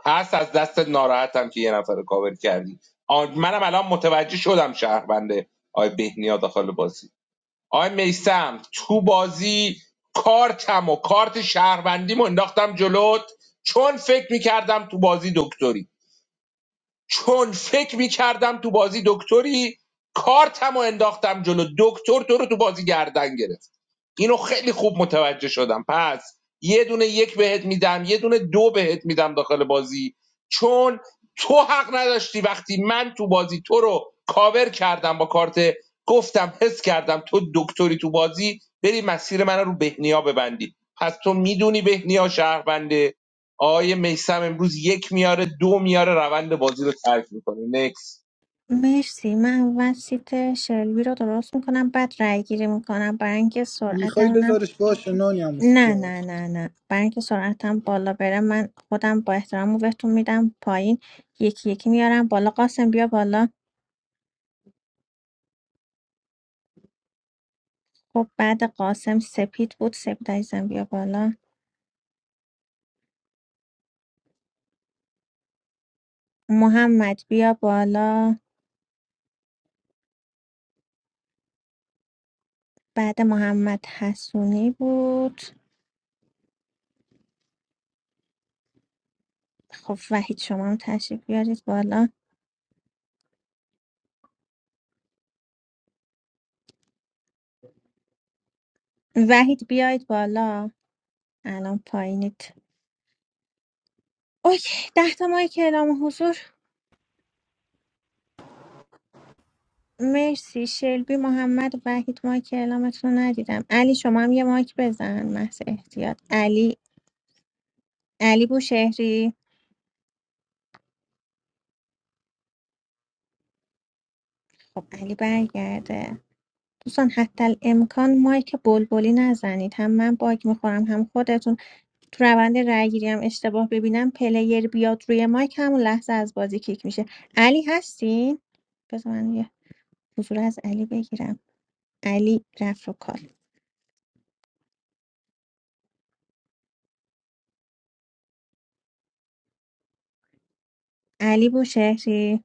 پس از دست ناراحتم که یه نفر رو کاور کردی آن- منم الان متوجه شدم شهربنده آی بهنیا داخل بازی آی میسم تو بازی کارتم و کارت شهروندیم و انداختم جلوت چون فکر میکردم تو بازی دکتری چون فکر میکردم تو بازی دکتری کارتم و انداختم جلو دکتر تو رو تو بازی گردن گرفت اینو خیلی خوب متوجه شدم پس یه دونه یک بهت میدم یه دونه دو بهت میدم داخل بازی چون تو حق نداشتی وقتی من تو بازی تو رو کاور کردم با کارت گفتم حس کردم تو دکتری تو بازی بری مسیر من رو بهنیا ببندی پس تو میدونی بهنیا شهرونده آقای میسم امروز یک میاره دو میاره روند بازی رو ترک میکنه نکس مرسی من اول سیت شلبی رو درست میکنم بعد رای گیری میکنم برای اینکه میخوای سرعتمونم بذارش باشه نانی هم نه موسیتا نه نه نه برای اینکه سرعتم بالا بره من خودم با احترام رو بهتون میدم پایین یکی یکی میارم بالا قاسم بیا بالا خب بعد قاسم سپید بود سپید عزیزم بیا بالا محمد بیا بالا بعد محمد حسونی بود خب وحید شما هم تشریف بیارید بالا وحید بیاید بالا الان پایینید اوکی ده تا مایک اعلام حضور مرسی شلبی محمد وحید مایک اعلامتون رو ندیدم علی شما هم یه مایک بزن محض احتیاط علی علی بوشهری خب علی برگرده دوستان حتی الامکان مایک بلبلی نزنید هم من باگ میخورم هم خودتون تو روند رأی‌گیری هم اشتباه ببینم پلیر بیاد روی مایک همون لحظه از بازی کیک میشه علی هستین بذار من یه حضور از علی بگیرم علی رفت رو کال علی بوشهری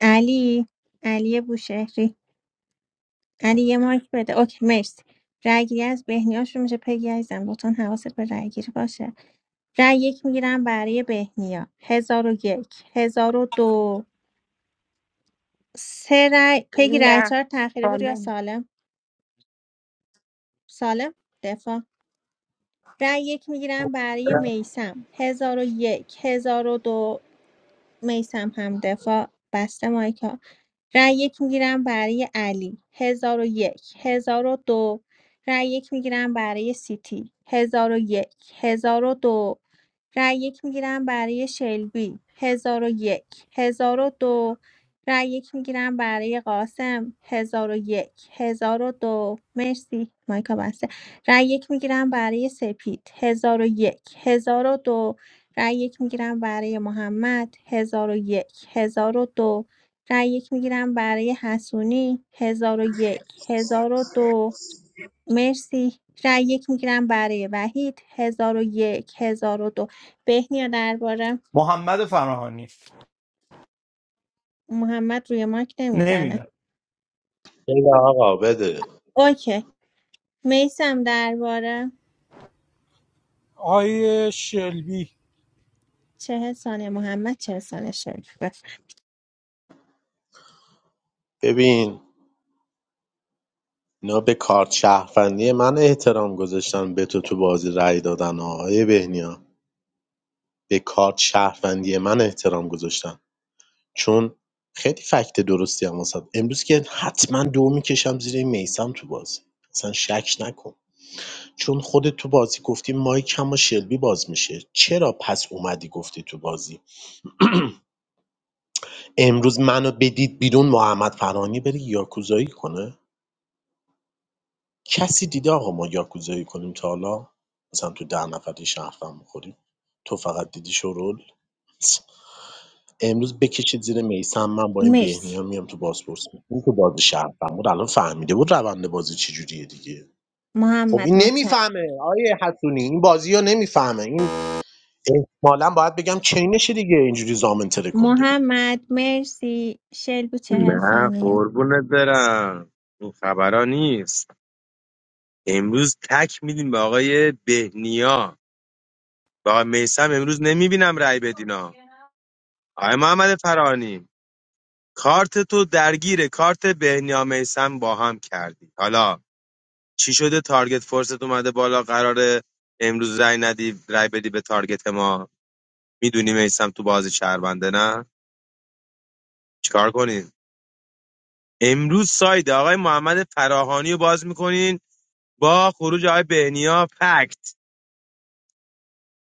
علی علی بوشهری علی یه مایک بده اوکی مرسی رأیگیری از بهنیا شروع میشه پگی عزیزم لطفا حواست به رأیگیری باشه رأی یک میگیرم برای بهنیا هزار و یک هزار و دو سه رأی پگی رأی نه چهار تأخیری بود یا بالا سالم سالم دفاع رأی یک میگیرم برای میسم هزار و یک هزار و دو میسم هم دفاع بسته مایکا رای یک میگیرم برای علی هزار و یک هزار و دو رای یک میگیرم برای سیتی هزار و یک هزار و دو رای یک میگیرم برای شلبی هزار و یک هزار و دو رای یک میگیرم برای قاسم هزار و یک هزار و دو مرسی مایکا بسته رای یک میگیرم برای سپید هزار و یک هزار و دو رای یک میگیرم برای محمد هزار هزار و یک هزار و دو رای یک میگیرم برای حسونی هزار هزار و یک هزار و دو مرسی رای یک میگیرم برای وحید 1001 1002 بهنیا درباره محمد فراهانی محمد روی ماک نمیدونم نمیزنه بده آقا بده اوکی میسم درباره آقای شلبی چهل ثانیه محمد چهل ثانیه شریف بفرم. ببین اینا به کارت شهروندی من احترام گذاشتن به تو تو بازی رأی دادن آقای بهنیا به کارت شهروندی من احترام گذاشتن چون خیلی فکت درستی هم واسه امروز که حتما دو میکشم زیر این میسم تو بازی اصلا شک نکن چون خودت تو بازی گفتی مایک هم با شلبی باز میشه چرا پس اومدی گفتی تو بازی امروز منو بدید بیرون محمد فرانی بره یاکوزایی کنه کسی دیده آقا ما یاکوزایی کنیم تا حالا مثلا تو ده نفری شهرفم بخوریم تو فقط دیدی شرول امروز بکشید زیر میسم من با این مرسی بهنیا میام تو بازپرسی این تو بازی شهرفم بود الان فهمیده بود روند بازی چجوریه دیگه خب این محمد متشکرم نمیفهمه آیه حسونی این بازی رو نمیفهمه این احتمالا باید بگم چینشه دیگه اینجوری زامن ترکونده محمد مرسی شلبی چهل نه ثانیه قربونت برم اون خبرا نیست امروز تک میدیم به آقای بهنیا به آقای میسم امروز نمیبینم رأی بدینا آقای محمد فرانی کارت تو درگیر کارت بهنیا میسم با هم کردی حالا چی شده تارگت فورست اومده بالا قراره امروز رای ندی رای بدی به تارگت ما میدونی میسم تو بازی شهرونده نه چیکار کنین امروز ساید آقای محمد فراهانی رو باز میکنین با خروج آقای بهنیا فکت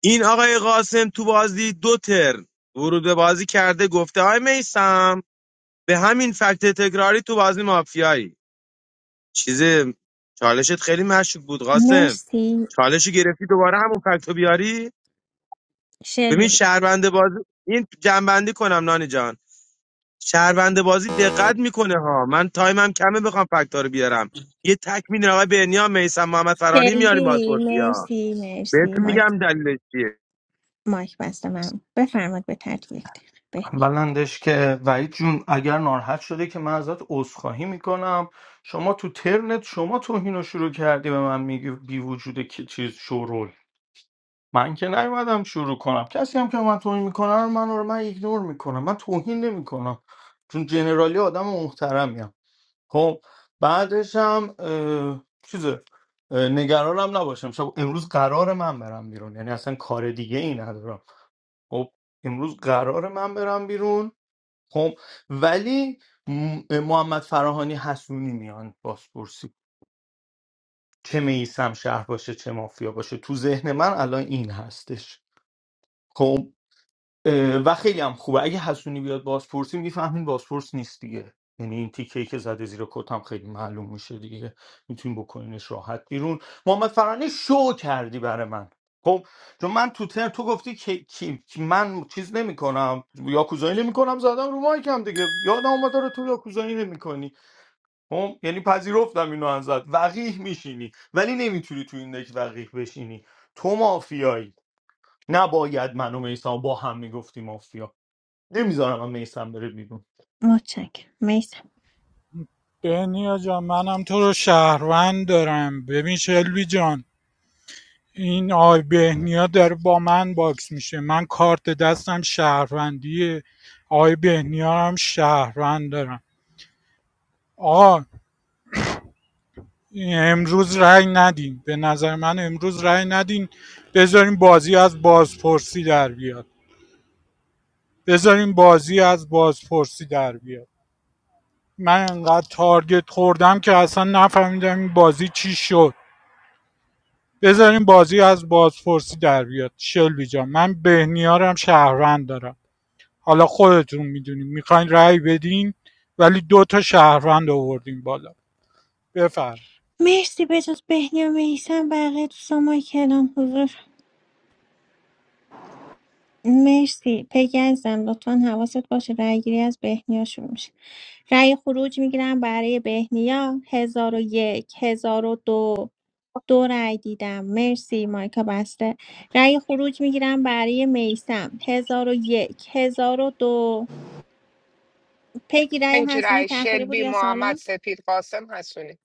این آقای قاسم تو بازی دو تر ورود به بازی کرده گفته آقای میسم به همین فکت تکراری تو بازی مافیایی چیزه چالشت خیلی مشکوک بود قاسم مرسی چالشی گرفتی دوباره همون فکتو بیاری ببین شلبی شهربنده بازی این جنبندی کنم نانی جان شهربنده بازی دقت میکنه ها من تایمم کمه بخوام فکتا رو بیارم یه تک میدین آقای بنیام میسم محمد فرانی میاریم شلبی بازپرسیا مرسی مرسی بهتون مایک میگم دلیلش چیه مایک بسته من بفرماد به ترتیب یک دقیقه بهنی بلندش که وحید جون اگر ناراحت شده که من ازت عذرخواهی میکنم شما تو ترنت شما توهین رو شروع کردی به من میگی بی وجود کی چیز شورول من که نیومدم شروع کنم کسی هم که به من توهین میکنه رو من رو من ایگنور میکنم من توهین نمیکنم چون جنرالی آدم محترمیم خب بعدش هم اه، چیزه اه، نگرانم نباشم شب امروز قرار من برم بیرون یعنی اصلا کار دیگه ای ندارم خب امروز قرار من برم بیرون خب ولی م- محمد فراهانی حسونی میان بازپرسی چه میسم شهر باشه چه مافیا باشه تو ذهن من الان این هستش خب اه، و خیلی هم خوبه اگه حسونی بیاد بازپرسی میفهمین بازپرس نیست دیگه یعنی این تیکه ای که زده زیر کت هم خیلی معلوم میشه دیگه میتونیم بکنینش راحت بیرون محمد فرانی شو کردی برای من خب چون من تو تر تو گفتی که کی کی- من چیز نمیکنم یاکوزایی نمیکنم زدم رو مایکم دیگه یادم اومد رو تو یاکوزایی نمیکنی خب یعنی پذیرفتم اینو ازت وقیح میشینی ولی نمیتونی تو این دک وقیح بشینی تو مافیایی نباید من و میثم با هم میگفتیم مافیا نمیذارم هم میسم بره بیرون متشکرم میسم بهنیا جان منم تو رو شهروند دارم ببین شلوی جان این آی بهنیا داره با من باکس میشه من کارت دستم شهروندیه آی بهنیا رو هم شهروند دارم آه امروز رأی ندین به نظر من امروز رأی ندین بذاریم بازی از بازپرسی در بیاد بذاریم بازی از بازپرسی در بیاد من انقدر تارگت خوردم که اصلا نفهمیدم این بازی چی شد بذاریم بازی از بازپرسی در بیاد شلبی جان من بهنیارم شهروند دارم حالا خودتون میدونیم میخواین رأی بدین ولی دو تا شهروند آوردیم بالا بفرم مرسی بجز بهنی و میسم بقیه دوستان مایک کلام حضور مرسی پگی عزیزم لطفا حواست باشه رأی گیری از بهنیا شروع میشه رأی خروج میگیرم برای بهنیا هزار و یک هزار و دو دو رأی دیدم مرسی مایکا بسته رأی خروج میگیرم برای میسم هزار و یک هزار و دو پیگی رأی حسونی اینجورای تأخیری بود شلبی یا محمد سالم سپید قاسم هستونی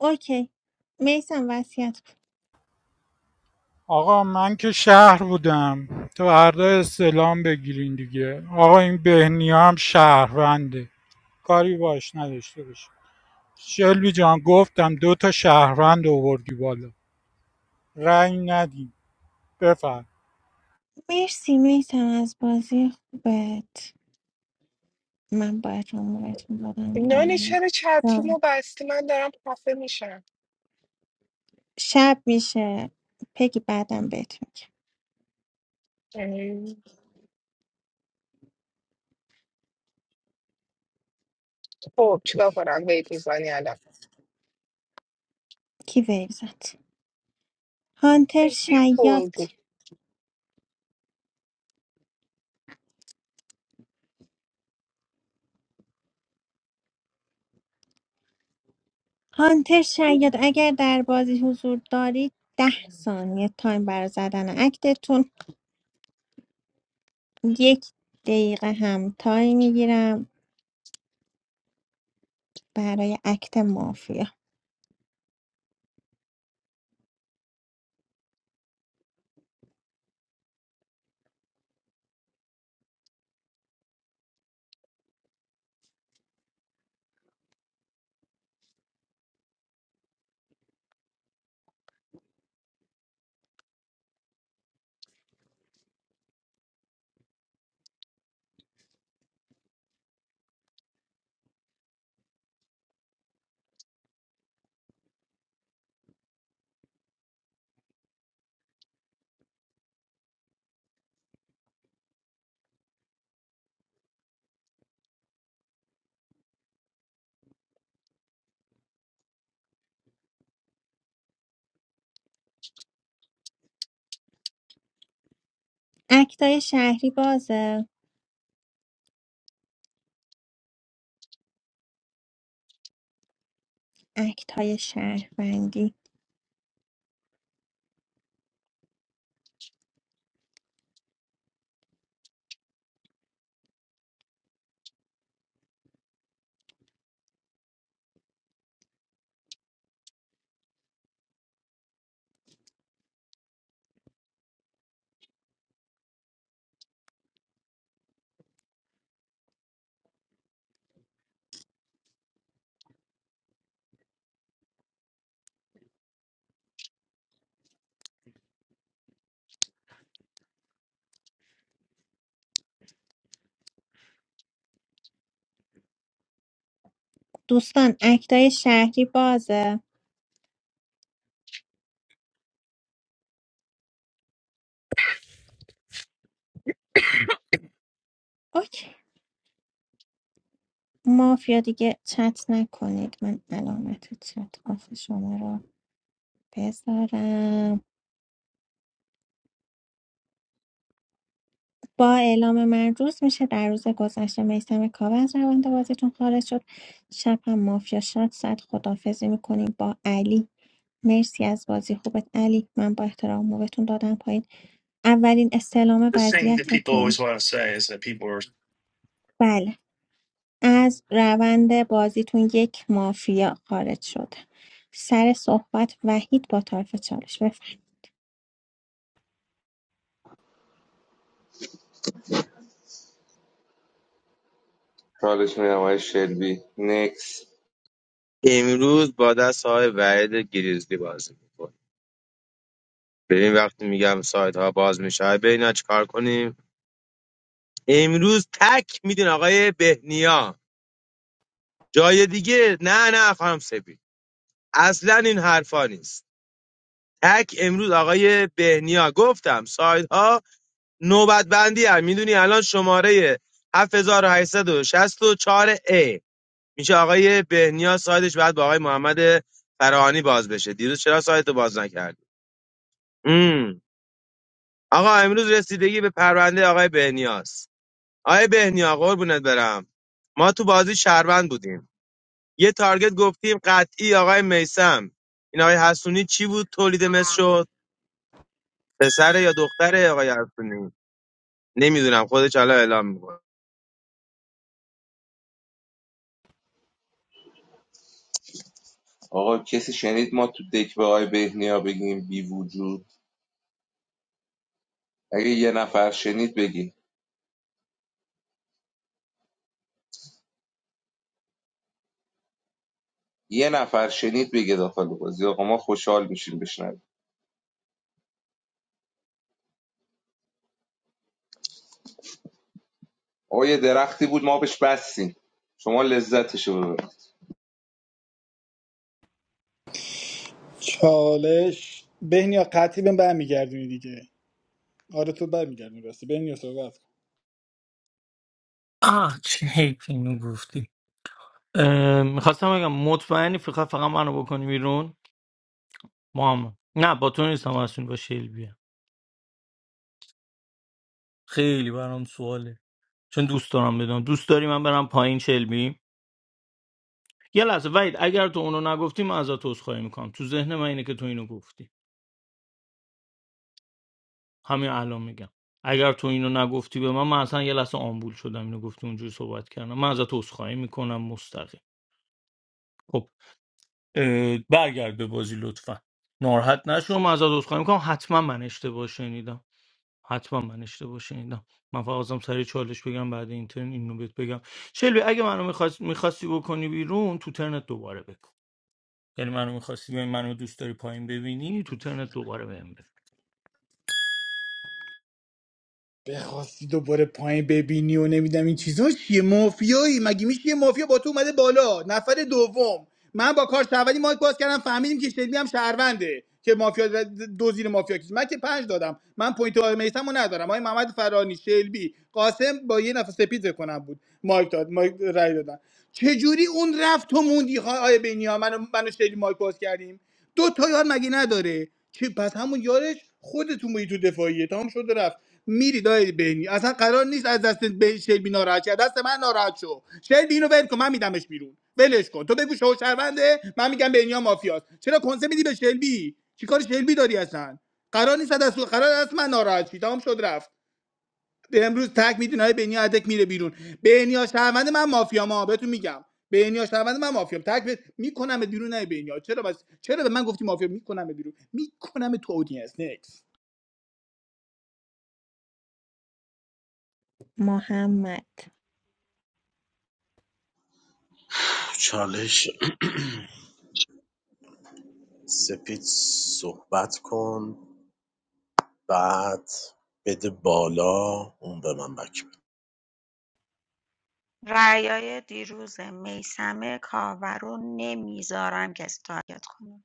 اوکی میسم وصیت کن. آقا من که شهر بودم تو فردا سلام بگیرین دیگه آقا این بهنیا هم شهرونده کاری باش نداشته باشه شلبی جان گفتم دو تا شهروند آوردی بالا رأی ندیم بفرم مرسی میسم از بازی خوبت من باید جمهورتون بدم نانی پایین چرا چترومو جان. رو بستی من دارم خفه میشم شب میشه پگی بعدم بهت میگم خب چیکار کنم بیت میزنی الان کی ویل زد هانتر بیا پر شیاد رو. هانتر شیاد اگر در بازی حضور دارید ده ثانیه تایم برای زدن اکتتون یک دقیقه هم تایم میگیرم برای اکت مافیا اکتای شهری بازه اکتای شهروندی دوستان اکتای شهری بازه اوکی مافیا دیگه چت نکنید من علامت چت آف شما رو بذارم با اعلام من روز میشه در روز گذشته میسم کاوه از روند بازیتون خارج شد شب هم مافیا شاد زد خدافزی میکنیم با علی مرسی از بازی خوبت علی من با احترام موبتون دادم پایین اولین استعلام The thing that people always وضعیتتون want to say is that people are بله از روند بازیتون یک مافیا خارج شده سر صحبت وحید با طرف چالش بفرم چالش میدم آقای شلبی نکس امروز با دست های وعید گریزلی بازی میکنه ببین وقتی میگم سایت ها باز میشه ببین چیکار کنیم امروز تک میدین آقای بهنیا جای دیگه نه نه خانم سپید اصلا این حرفا نیست تک امروز آقای بهنیا گفتم سایدها نوبت بندی هم میدونی الان شماره 7864 ای میشه آقای بهنیا سایدش بعد با آقای محمد فراهانی باز بشه دیروز چرا سایت رو باز نکردی مم. آقا امروز رسیدگی به پرونده آقای بهنیاست آقای بهنیا قربونت برم ما تو بازی شهروند بودیم یه تارگت گفتیم قطعی آقای میسم این آقای حسونی چی بود تولید مثل شد پسر یا دختره آقای حسونی نمیدونم خودش حالا اعلام میکنه آقا کسی شنید ما تو دک به آقای بهنیا بگیم بی وجود اگه یه نفر شنید بگیم یه نفر شنید بگه داخل بازی آقا ما خوشحال میشیم بشنویم آقا یه درختی بود ما بهش بستیم شما لذتشو ببرید چالش بهنیا قطعی بهم برمیگردونی دیگه آره تو برمیگردونی راستی بهنیا صحبت آه چه حیف اینو گفتی میخواستم بگم مطمئنی فقط فقط منو بکنی بیرون محمد نه با تو نیستم اصلا با شلبی خیلی برام سواله چون دوست دارم بدونم دوست داری من برم پایین شلبی یه لحظه وید اگر تو اونو نگفتی من ازت عذرخواهی میکنم تو ذهن من اینه که تو اینو گفتی همین الان میگم اگر تو اینو نگفتی به من من اصلا یه لحظه آمبول شدم اینو گفتی اونجوری صحبت کردم من ازت عذرخواهی میکنم مستقیم خب اه، برگرد به بازی لطفا ناراحت نشو من ازت عذرخواهی میکنم حتما من اشتباه شنیدم حتما من اشتباه شنیدم من فقط ازم سری چالش بگم بعد این ترن اینو بهت بگم شلبی اگه منو میخواست میخواستی بکنی بیرون تو ترنت دوباره بکن یعنی منو میخواستی ببین منو دوست داری پایین ببینی تو ترنت دوباره بهم بگو بخواستی دوباره پایین ببینی و نمیدم این چیزا چیه مافیایی مگه میشه یه مافیا با تو اومده بالا نفر دوم من با کار شهروندی مایک باز کردم فهمیدیم که شلبی هم شهرونده که مافیا دو زیر مافیا کشید من که پنج دادم من پوینت آقای میسمو ندارم آقای محمد فرانی شلبی قاسم با یه نفر سپید کنم بود مایک داد مایک رای دادن چجوری اون رفت تو موندی آقای بینیا منو منو شلبی مایک باز کردیم دو تا یار مگه نداره چه پس همون یارش خودتون بودی تو دفاعیه تمام شده رفت میری دای بینی اصلا قرار نیست از دست به شلبی ناراحت شی. از دست من ناراحت شو شلبی اینو ول کن من میدمش بیرون ولش کن تو بگو شو شرونده من میگم بینیا مافیاست چرا کنسه میدی به شلبی چیکار شلبی داری اصلا قرار نیست از دست قرار است من ناراحت شی تمام شد رفت امروز تک میدین های بنی ادک میره بیرون بنیا شهروند من مافیام ها بهتون میگم بنیا شهروند من مافیام تک به- میکنم بیرون نه بنیا چرا بس چرا به من گفتی مافیا میکنم بیرون میکنم تو اودینس نکس محمد چالش سپید صحبت کن بعد بده بالا اون به من بک بده. رأیای دیروز میسمه کاور رو نمیذارم کسی تارگت کنه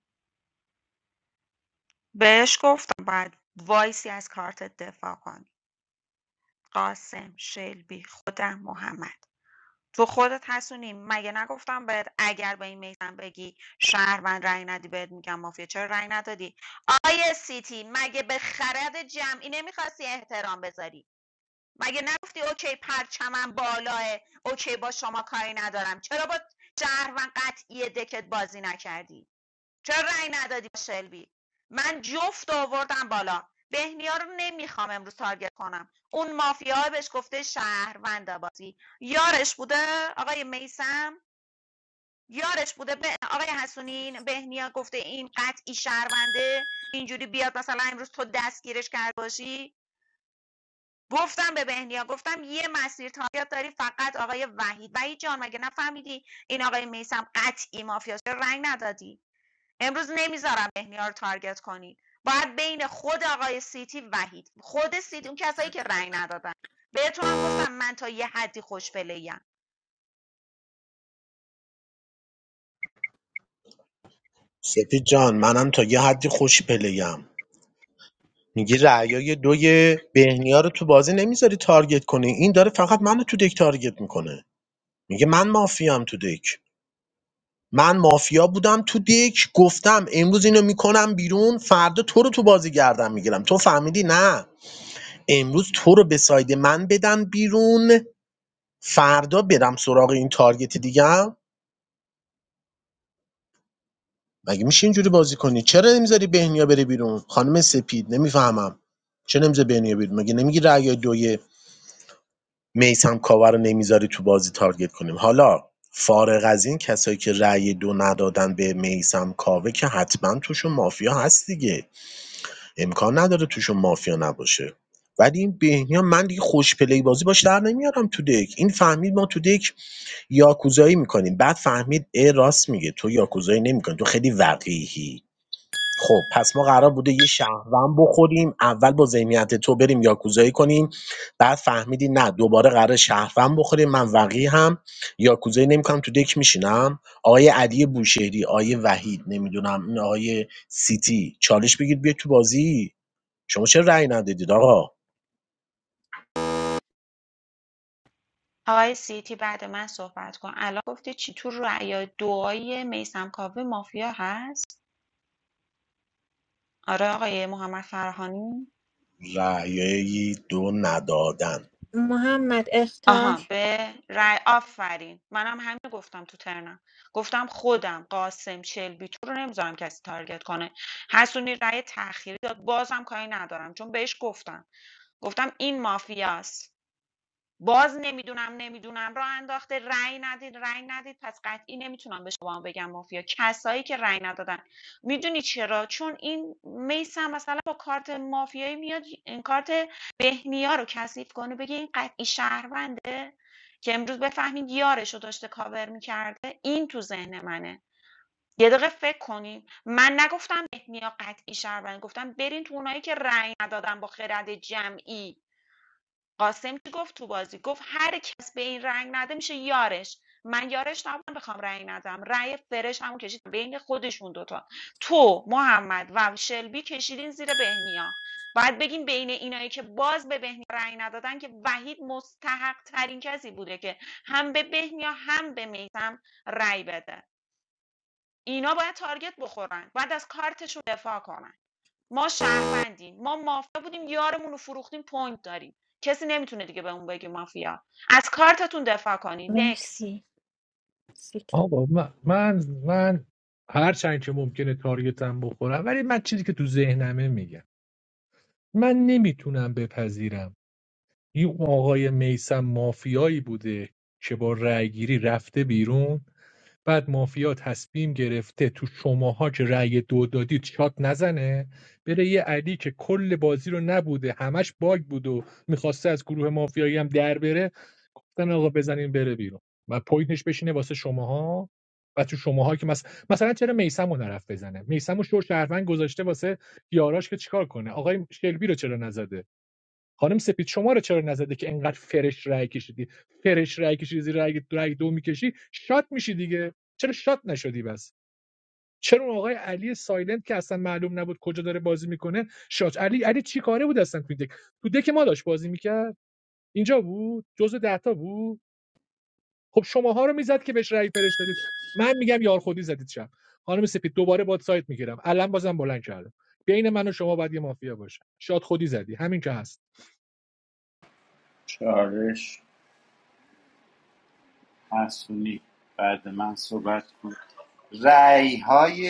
بهش گفتم باید وایسی از کارت دفاع کنی قاسم شلبی خودم محمد تو خودت هستونی مگه نگفتم بهت اگر به این میثم بگی شهروند رأی ندی بهت میگم مافیا چرا رأی ندادی آیه سیتی مگه به خرد جمعی نمیخواستی احترام بذاری مگه نگفتی اوکی پرچمم بالاه اوکی با شما کاری ندارم چرا با شهروند قطعی دکت بازی نکردی چرا رأی ندادی به شلبی من جفت آوردم بالا بهنیا رو نمیخوام امروز تارگت کنم اون مافیا بهش گفته شهروند بازی یارش بوده آقای میسم یارش بوده به آقای حسونین بهنیا گفته این قطعی شهرونده اینجوری بیاد مثلا امروز تو دستگیرش کرد باشی گفتم به بهنیا گفتم یه مسیر تایید داری فقط آقای وحید وحید جان مگه نفهمیدی این آقای میسم قطعی مافیاست چرا رنگ ندادی امروز نمیذارم بهنیا رو تارگت کنید. باید بین خود آقای سیتی وحید خود سیتی اون کسایی که رأی ندادن بهتونم گفتم من تا یه حدی خوش پلیم سپید جان منم تا یه حدی خوش پلیم میگی رعیای دوی بهنیا رو تو بازی نمیذاری تارگت کنی این داره فقط منو تو دک تارگت میکنه میگه من مافیام تو دک من مافیا بودم تو دک گفتم امروز اینو میکنم بیرون فردا تو رو تو بازی گردم میگیرم تو فهمیدی نه امروز تو رو به ساید من بدن بیرون فردا برم سراغ این تارگت دیگه مگه میشه اینجوری بازی کنی چرا نمیذاری بهنیا بره بیرون خانم سپید نمیفهمم چرا نمیذاری بهنیا بیرون مگه نمیگی رأی دوی میسم کاور رو نمیذاری تو بازی تارگت کنیم حالا فارغ از این کسایی که رأی دو ندادن به میسم کاوه که حتما توشون مافیا هست دیگه امکان نداره توشون مافیا نباشه ولی این بهنیا من دیگه خوش پلی بازی باش در نمیارم تو دک این فهمید ما تو دک یاکوزایی میکنیم بعد فهمید ای راست میگه تو یاکوزایی نمیکنی تو خیلی وقیحی خب پس ما قرار بوده یه شهروند بخوریم اول با ذهنیت تو بریم یاکوزایی کنیم بعد فهمیدی نه دوباره قرار شهروند بخوریم من وقی هم یاکوزایی نمیکنم تو دک میشینم آقای علی بوشهری آقای وحید نمیدونم این آقای سیتی چالش بگید بیا تو بازی شما چرا رأی ندادید آقا آقای سیتی بعد من صحبت کن الان گفتی چی تو رأی دعای میسم کاوه مافیا هست آره آقای محمد فرهانی رأی دو ندادن محمد آها اختار به رأی آفرین منم همین رو گفتم تو ترنم گفتم خودم قاسم شلبی تو رو نمیذارم کسی تارگت کنه حسونی رأی تأخیری داد بازم کاری ندارم چون بهش گفتم گفتم این مافیاست باز نمیدونم نمیدونم را انداخته رأی ندید رأی ندید پس قطعی نمیتونم به شما بگم مافیا کسایی که رأی ندادن میدونی چرا چون این میسم مثلا با کارت مافیایی میاد این کارت بهنیا رو کثیف کنه بگه این قطعی شهرونده که امروز بفهمید یارش رو داشته کاور میکرده این تو ذهن منه یه دقیقه فکر کنیم من نگفتم بهنیا قطعی شهروند گفتم برین تو اونایی که رأی ندادن با خرد جمعی قاسم که گفت تو بازی گفت هر کس به این رنگ نده میشه یارش من یارش نبودم بخوام رنگ ندم رأی فرش همون کشیدم بین خودشون دوتا تو محمد و شلبی کشیدین زیر بهنیا باید بگیم بین اینایی که باز به بهنیا رأی ندادن که وحید مستحق ترین کسی بوده که هم به بهنیا هم به میسم رأی بده اینا باید تارگت بخورن باید از کارتشون دفاع کنن ما شهروندیم ما مافیا بودیم یارمون رو فروختیم پوینت داریم کسی نمیتونه دیگه به اون بگه مافیا از کارتتون دفاع کنید نکس مرسی سیت آقا من من, من هر چند که ممکنه تارگتم بخورم ولی من چیزی که تو ذهنمه میگم من نمیتونم بپذیرم این آقای میسم مافیایی بوده که با رأیگیری رفته بیرون بعد مافیا تصمیم گرفته تو شماها که رأی دو دادید شات نزنه بره یه علی که کل بازی رو نبوده همش باگ بود و میخواسته از گروه مافیایی هم در بره گفتن آقا بزنین بره بیرون و پوینتش بشینه واسه شماها و تو شماها که مثلا مثلا چرا میسم نرفت بزنه میسم رو شور شهروند گذاشته واسه یاراش که چیکار کنه آقای شلبی رو چرا نزده خانم سپید شما رو چرا نزده که انقدر فرش رای کشیدی فرش رای کشیدی زیر رای, رای دو میکشی شات میشی دیگه چرا شات نشدی بس چرا اون آقای علی سایلنت که اصلا معلوم نبود کجا داره بازی میکنه شات علی علی چی کاره بود اصلا تو دک تو دک ما داشت بازی میکرد اینجا بود جزء دهتا بود خب شماها رو میزد که بهش رای فرش دادید من میگم یار خودی زدید شب خانم سپید دوباره باد سایت میگیرم الان بازم بلند کردم بین من و شما باید یه مافیا باشه شات خودی زدی همین که هست چالش حسونی بعد من صحبت کن رأی های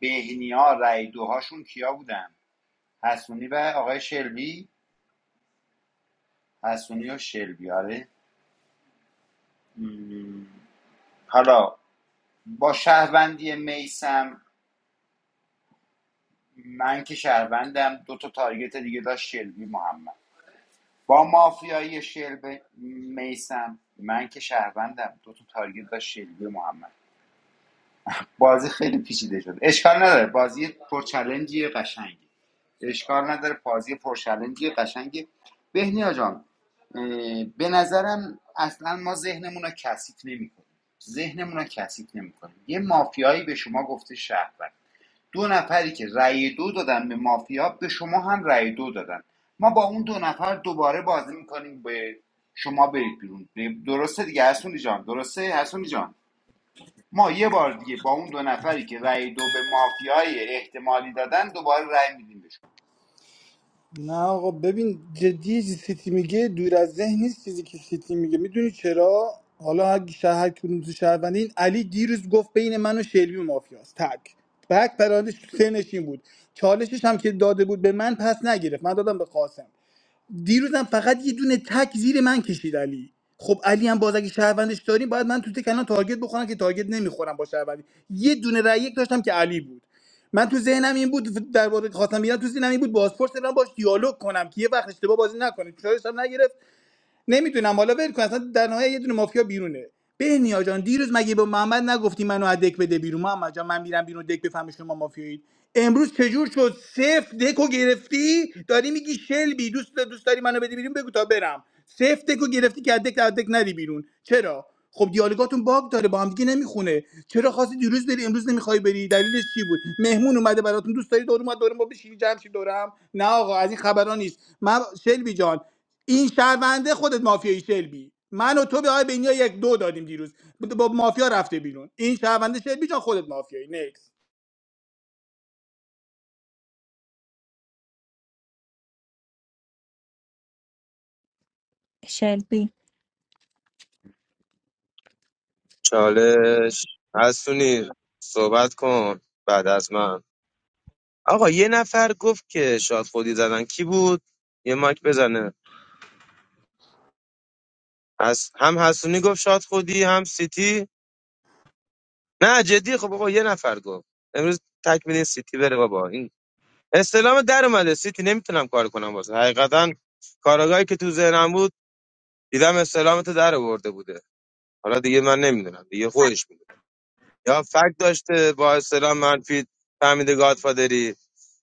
بهنیا رأی دوهاشون کیا بودن حسونی و آقای شلبی حسونی و شلبی آره مم. حالا با شهروندی میسم من که شهروندم دو تا تارگت دیگه داشت شلبی محمد با مافیایی شلبی میسم من که شهروندم دو تا تارگت داشت شلبی محمد بازی خیلی پیچیده شد اشکال نداره بازی پرچلنجی قشنگی اشکال نداره بازی پرچلنجی قشنگی بهنیا جان اه، به نظرم اصلا ما ذهنمون رو کثیف نمیکنیم ذهنمون رو کثیف نمیکنیم یه مافیایی به شما گفته شهروند دو نفری که رأی دو دادن به مافیا به شما هم رأی دو دادن ما با اون دو نفر دوباره بازی میکنیم به شما برید بیرون درسته دیگه حسونی جان درسته حسونی جان ما یه بار دیگه با اون دو نفری که رأی دو به مافیای احتمالی دادن دوباره رأی میدیم بهشون نه آقا ببین جدی یه چیزی سیتی میگه دور از ذهن نیست چیزی که سیتی میگه میدونی چرا حالا هر شهر کدوم تو شهروندی این علی دیروز گفت بین من و شلبی مافیاست تک بک پرانش تو سنش این بود چالشش هم که داده بود به من پس نگرفت من دادم به قاسم دیروزم فقط یه دونه تک زیر من کشید علی خب علی هم باز اگه شهروندش داریم باید من تو تکنان تارگت بخورم که تارگت نمیخورم با شهروندی یه دونه رای یک داشتم که علی بود من تو ذهنم این بود در واقع خواستم بیان تو ذهنم این بود بازپرس برم باش دیالوگ کنم که یه وقت اشتباه بازی نکنه چالشم نگرفت نمیتونم حالا ول کن اصلا در نهایت یه دونه مافیا بیرونه بهنیا جان دیروز مگه به محمد نگفتی منو از دک بده بیرون محمد جان من میرم بیرون دک بفهمی شما مافیایید امروز چجور شد صفر دکو گرفتی داری میگی شلبی دوست دوست داری منو بدی بیرون بگو تا برم صفر دکو گرفتی که از دک از دک نری بیرون چرا خب دیالوگاتون باگ داره با هم دیگه نمیخونه چرا خواستی دیروز بری امروز نمیخوای بری دلیلش چی بود مهمون اومده براتون دوست داری دور اومد دور ما بشینی جمع شی دورم نه آقا از این خبرا نیست من شلبی جان این شهرونده خودت مافیایی شلبی من و تو به آقای بینیا یک دو دادیم دیروز با مافیا رفته بیرون این شهرونده شلبی جان خودت مافیایی شلبی چالش حسونی صحبت کن بعد از من آقا یه نفر گفت که شاد خودی زدن کی بود یه ماک بزنه از هم حسونی گفت شاد خودی هم سیتی نه جدی خب آقا یه نفر گفت امروز تکمیل سیتی بره بابا این استلام در اومده سیتی نمیتونم کار کنم واسه حقیقتا کارگاهی که تو ذهنم بود دیدم استلام در آورده بوده حالا دیگه من نمیدونم دیگه خودش میدونه یا فکت داشته با استلام منفی فهمیده گادفادری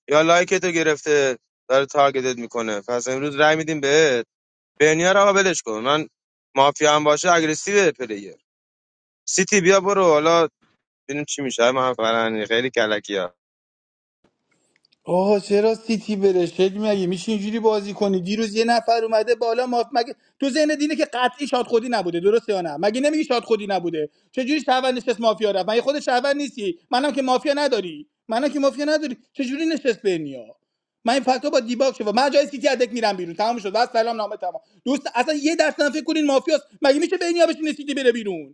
یا لایک تو گرفته داره تارگتت میکنه پس امروز رای میدیم بهت بنیا رو آقا ولش کن من مافیا هم باشه اگریسیو پلیر سیتی بیا برو حالا ببینیم چی میشه من فرانی خیلی کلکی ها آه چرا سیتی بره شکل مگه میشه اینجوری بازی کنی دیروز یه نفر اومده بالا ما مگه تو ذهن دینه که قطعی شاد خودی نبوده درسته یا نه مگه نمیگی شاد خودی نبوده چجوری شهروند نشست مافیا رفت مگه خود شهروند نیستی منم که مافیا نداری منم که مافیا نداری چجوری نشست بینیا من این فکت‌ها با دیباک شد من جای سیتی ادک میرم بیرون تمام شد بس سلام نامه تمام دوست اصلا یه درصد هم فکر کنین مافیاست مگه میشه بینیا بشینه سیتی بره بیرون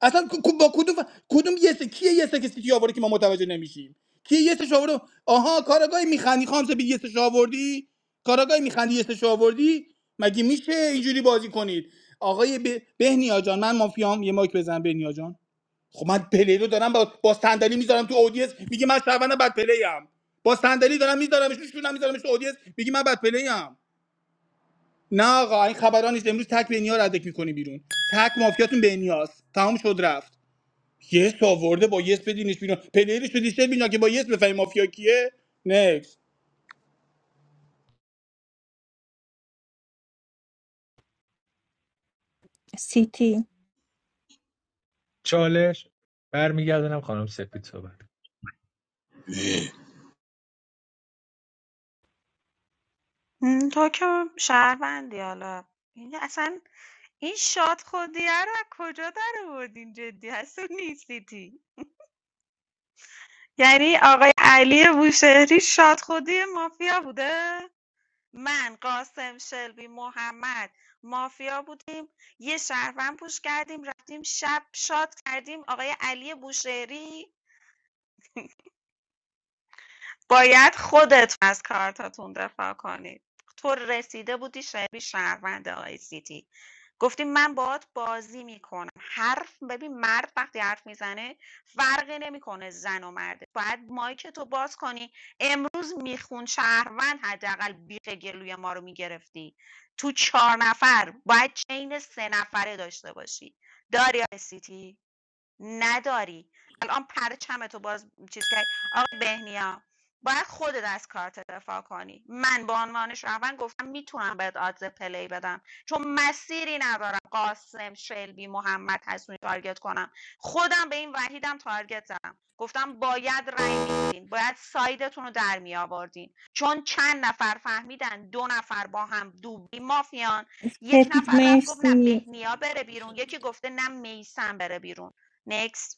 اصلا کو- با کدوم کدوم یسه کیه یسه که سیتی آورده که ما متوجه نمیشیم کیه یسش آورده آها کاراگاهی میخندی خام سپید یسش آوردی کاراگاهی میخندی یسش آوردی مگه میشه اینجوری بازی کنید آقای ب... بهنیا جان من مافیام یه مایک بزن بهنیا جان خب من پلی رو دارم با, با صندلی میذارم تو اودیس میگه من شعبان بد پلیم با صندلی دارم میذارمش میشونم میذارمش تو اودیس میگه من بد پلیم نه آقا این خبران نیست امروز تک بهنیا رو ردک میکنی بیرون تک مافیاتون بهنیاست تمام شد رفت یس آورده با یس بدینش بیرون پلیرش رو دیشتر بینا که با یس بفهمی مافیا کیه نکس سیتی چالش برمیگردونم خانم سپید صحبت اه. م، تو که شهروندی حالا این اصلا این شاد خودیه رو از کجا در آوردین جدی هستون نیستی یعنی آقای علی بوشهری شاد خودی مافیا بوده من، قاسم، شلبی، محمد مافیا بودیم یه شهروند پوش کردیم رفتیم شب شاد کردیم آقای علی بوشهری باید خودتون از کارتاتون دفاع کنید تو رسیده بودی شبی شهروند آی سی تی. گفتی من باهات بازی میکنم حرف ببین مرد وقتی حرف میزنه فرقی نمیکنه زن و مرد باید مایک تو باز کنی امروز میخون شهروند حداقل بیخ گلوی ما رو میگرفتی تو چهار نفر باید چین سه نفره داشته باشی داری آی سی تی. نداری الان پرچمتو باز چیز کردی آقای بهنیا باید خودت از کارت دفاع کنی من به عنوان شهروند گفتم میتونم بهت آدز پلی بدم چون مسیری ندارم قاسم شلبی محمد حسونی تارگت کنم خودم به این وحیدم تارگت زدم گفتم باید رأی میدادین باید سایدتون رو در می آوردین چون چند نفر فهمیدن دو نفر با هم دوبلی مافیان یک سپید نفر رفت گفت نه مرسی بهنیا بره بیرون یکی گفته نه میسم بره بیرون next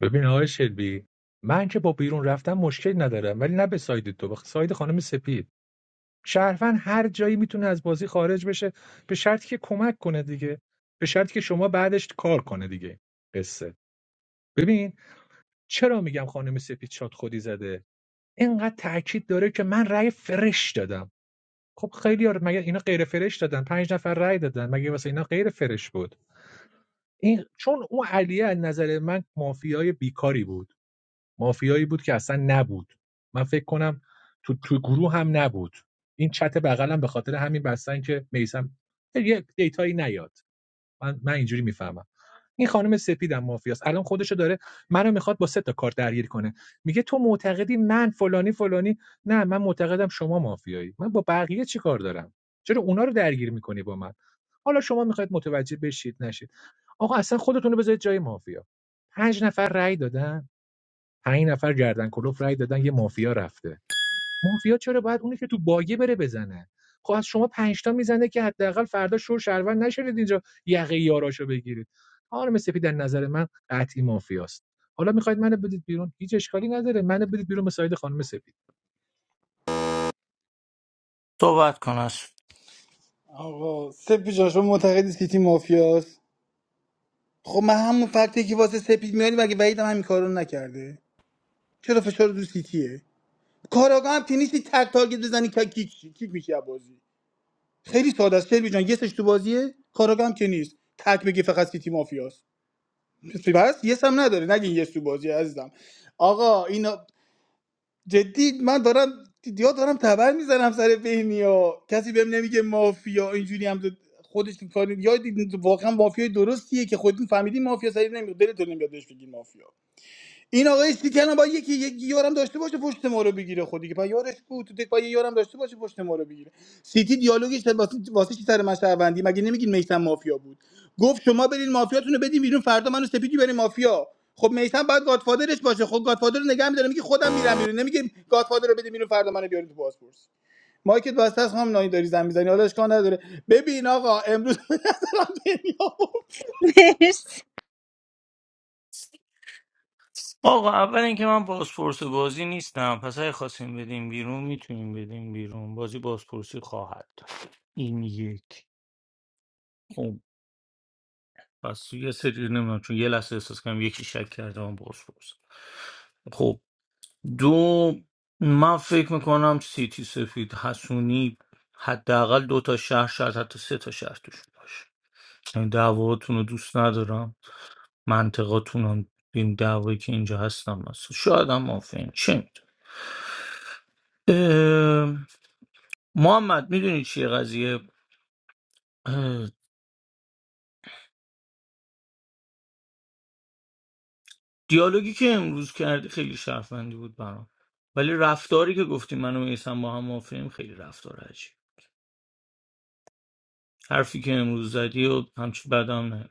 ببین آقای شلبی من که با بیرون رفتن مشکل ندارم ولی نه به ساید تو به ساید خانم سپید شهروند هر جایی میتونه از بازی خارج بشه به شرطی که کمک کنه دیگه به شرطی که شما بعدش کار کنه دیگه قصه ببین چرا میگم خانم سپید شاد خودی زده اینقدر تاکید داره که من رأی فرش دادم خب خیلی ها مگه اینا غیر فرش دادن پنج نفر رأی دادن مگه واسه اینا غیر فرش بود این چون اون علیه از نظر من مافیای بیکاری بود مافیایی بود که اصلا نبود من فکر کنم تو تو گروه هم نبود این چت بغلم به خاطر همین بستن که میسم یه دیتایی نیاد من من اینجوری میفهمم این خانم سپیدم مافیاست الان خودشو داره منو میخواد با سه تا کار درگیر کنه میگه تو معتقدی من فلانی فلانی نه من معتقدم شما مافیایی من با بقیه چی کار دارم چرا اونا رو درگیر میکنی با من حالا شما میخواید متوجه بشید نشید آقا اصلا خودتون رو بذارید جای مافیا پنج نفر رأی دادن پنج نفر گردن کلوف رأی دادن یه مافیا رفته مافیا چرا باید اونی که تو باگه بره بزنه خب از شما پنج تا میزنه که حداقل فردا شور شهروند نشید اینجا یقه یاراشو بگیرید خانم سپید در نظر من قطعی مافیاست حالا میخواید منو بدید بیرون هیچ اشکالی نداره منو بدید بیرون به ساید خانم سپید صحبت کن از آقا سپی جان شما معتقدی سیتی مافیاست خب من همون فکتی که واسه سپید میاری مگه وحید هم همین کارو نکرده چرا فشار رو سیتیه کاراگاه هم که نیستی تک تارگت بزنی که کیک شی. کیک میشی از بازی خیلی ساده است شلبی جان یسش تو بازیه کاراگاه هم که نیست تک بگی فقط سیتی مافیاست پس یس هم نداره نگین یس تو بازی عزیزم آقا این جدی من دارم یا دارم تبر میزنم سر بهنیا کسی بهم نمیگه مافیا اینجوری هم زد- خودش کاری یا دید- واقعا مافیای درستیه که خودتون فهمیدین مافیا سری نمیاد دلتون نمیاد بهش بگین مافیا این آقای سیتیان با یکی یک یارم داشته باشه پشت ما رو بگیره خودی که یارش بود تو تک پای یه یارم داشته باشه پشت ما رو بگیره سیتی دیالوگش واسه واسه چی سر من شهروندی مگه نمیگین میثم مافیا بود گفت شما برین مافیاتون رو بدین بیرون فردا منو سپیدی برین مافیا خب میثم بعد گادفادرش باشه خب گادفادر رو نگه میداره میگه خودم میرم بیرون نمیگه گادفادر رو بده بیرون فردا منو بیارین تو پاسپورت مایکت واسه است هم نانی داری زن میزنی حالا اشکال نداره ببین آقا امروز به نظرم بنیامین مرسی آقا اول اینکه من بازپرس بازی نیستم پس اگه خواستیم بدیم بیرون میتونیم بدیم بیرون بازی بازپرسی خواهد داشت. این یک پس یه سری نمیدونم چون یه لحظه احساس کنم یکی شک کرده من باز پرس خب دو من فکر میکنم سیتی سفید حسونی حداقل دو تا شهر شاید حتی سه تا شهر توش باشه این دعواتون رو دوست ندارم منطقاتون هم این دعوایی که اینجا هستم مثلا شاید هم مافین چه می‌دونم. اه، محمد میدونی چیه قضیه دیالوگی که امروز کردی خیلی شرفندی بود برام ولی رفتاری که گفتی من و میسم با هم موافقیم خیلی رفتار عجیب حرفی که امروز زدی و همچی بدم نه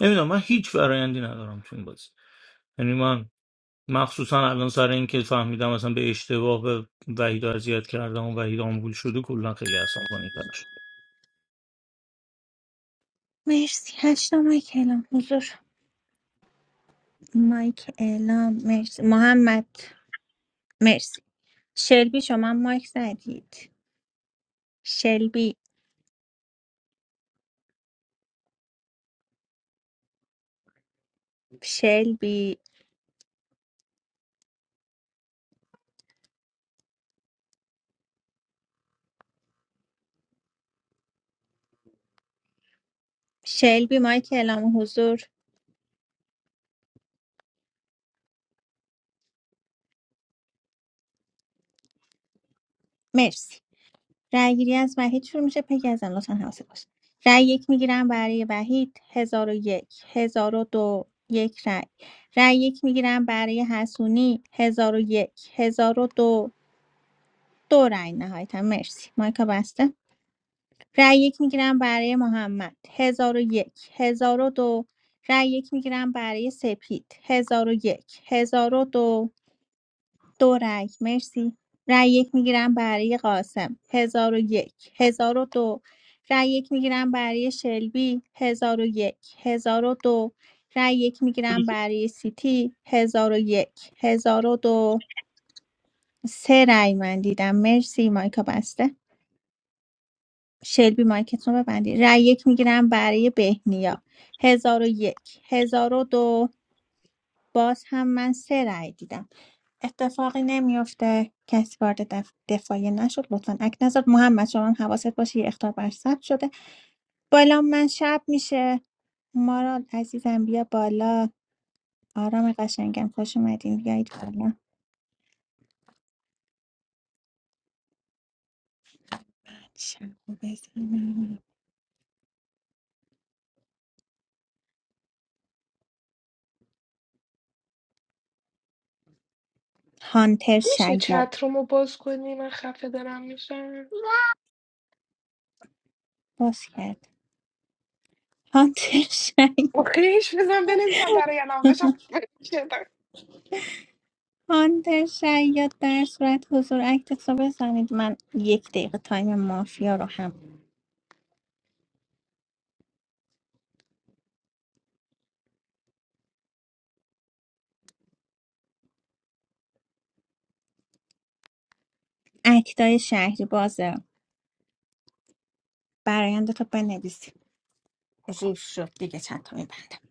نمیدونم من هیچ برایندی ندارم تو این بازی یعنی من مخصوصا الان سر این که فهمیدم اصلا به اشتباه به وحید اذیت کردم و وحید آمبول شده کلا خیلی عصبانی کردم مرسی هشتا مایک اعلام حضور مایک اعلام مرسی محمد مرسی شلبی شما مایک زدید شلبی شلبی شلبی مایک اعلام حضور مرسی رأیگیری از وحید شروع میشه پگی ازم لطفا حواست باشه رأی یک میگیرم برای وحید هزار و یک هزار و دو یک رأی رأی یک میگیرم برای حسونی هزار و یک هزار و دو دو رأی نهایتا مرسی مایکا بسته رأی یک میگیرم برای محمد هزار و یک هزار و دو رأی یک میگیرم برای سپید هزار و یک هزار و دو دو رای مرسی رای یک میگیرم برای قاسم هزار و یک هزار و دو رای یک میگیرم برای شلبی هزار و یک هزار و دو رای یک میگیرم برای سیتی هزار و یک هزار و دو سه رای من دیدم مرسی مایکا بسته شلبی مایکتون رو ببندید رای یک میگیرم برای بهنیا هزار و یک هزار و دو باز هم من سه رای دیدم اتفاقی نمیفته کسی وارد دف... دفاعیه نشد لطفا اک نذار محمد شما هم حواست باشه یه اختار بر ثبت شده بالا من شب میشه مارال عزیزم بیا بالا آرام قشنگم خوش اومدین بیایید بالا شب رو بزنم. هانتر میشه شیاد چطرومو باز کنی من خفه دارم میشم باز کرد هانتر شیاد خیش بزن بنویسم برای الان داشتم خفه هانتر شیاد در صورت حضور اکت رو بزنید من یک دقیقه تایم مافیا رو هم اکتای شهری بازه برایند برایندتو بنویسید ریف شد دیگه چند تا میبندم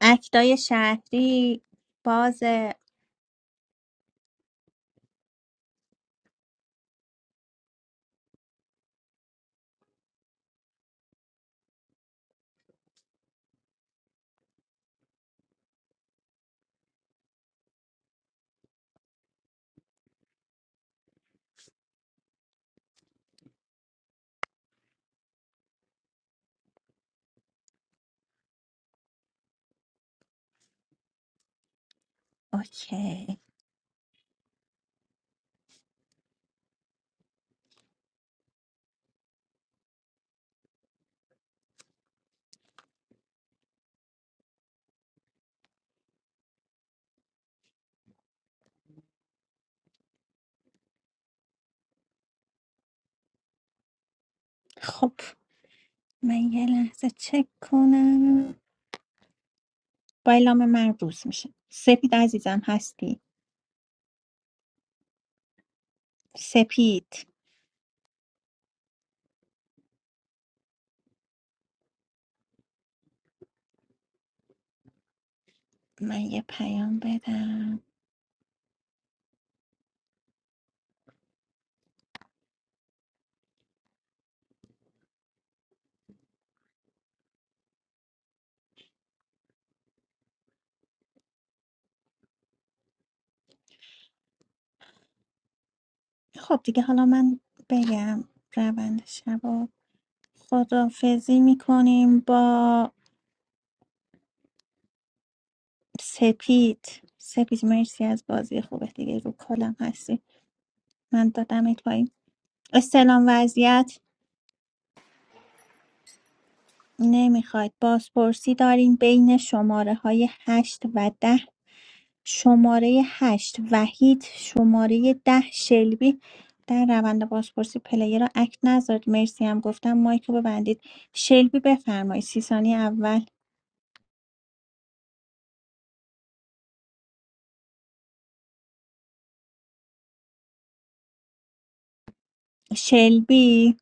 اکتای شهری باز اوکی خب من یه لحظه چک کنم با اعلام من روز میشه سپید عزیزم هستی سپید من یه پیام بدم خب دیگه حالا من بگم روند شب و خدافزی میکنیم با سپید سپید مرسی از بازی خوبه دیگه رو کلم هستی من دادمت پایین استلام وضعیت نمیخواید بازپرسی داریم بین شماره های هشت و ده شماره 8 وحید شماره ده شلبی در روند بازپرسی پلیر را اکت نذارید مرسی هم گفتم مایک رو ببندید شلبی بفرمایید سی ثانی اول شلبی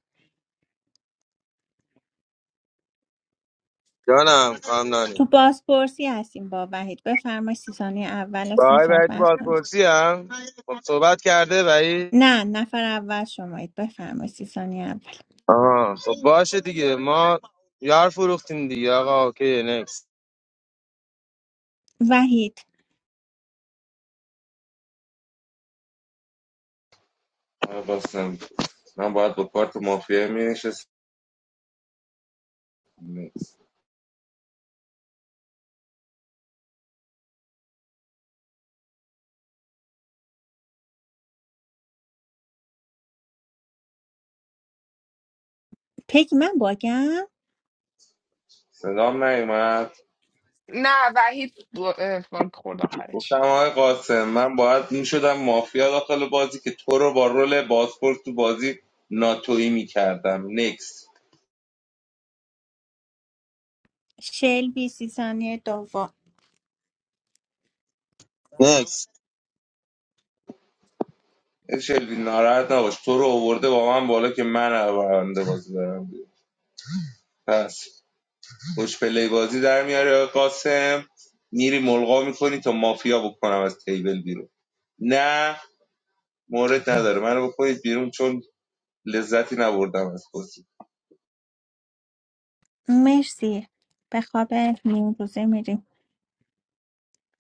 جانم خانم نانی. تو بازپرسی هستیم با وحید بفرمایید سی ثانی اول اصلا بای وحید تو صحبت کنید بازپرسی هم خب صحبت کرده وحید نه نفر اول شمایید بفرمایید سی ثانی اول آها خب باشه دیگه ما یار فروختیم دیگه آقا اوکی نکس وحید آقا بستم من باید با کارت مافیا می نشستم پگی من باگم صدام نیومد نه وحید ب- اه، خورد آخرش گفتم آقای قاسم من باید این شدم مافیا داخل بازی که تو رو با رول بازپورت تو بازی ناتویی میکردم نکس شلبی سی ثانی دوم نکس شلوی ناراحت نباش تو رو آورده با من بالا که من برنده بازی برم بیرون. پس خوش پلی بازی در میاری آقای قاسم میری ملغا میکنی تا مافیا بکنم از تیبل بیرون نه مورد نداره منو بکنید بیرون چون لذتی نبردم از بازی مرسی به خواب نیم روزه میریم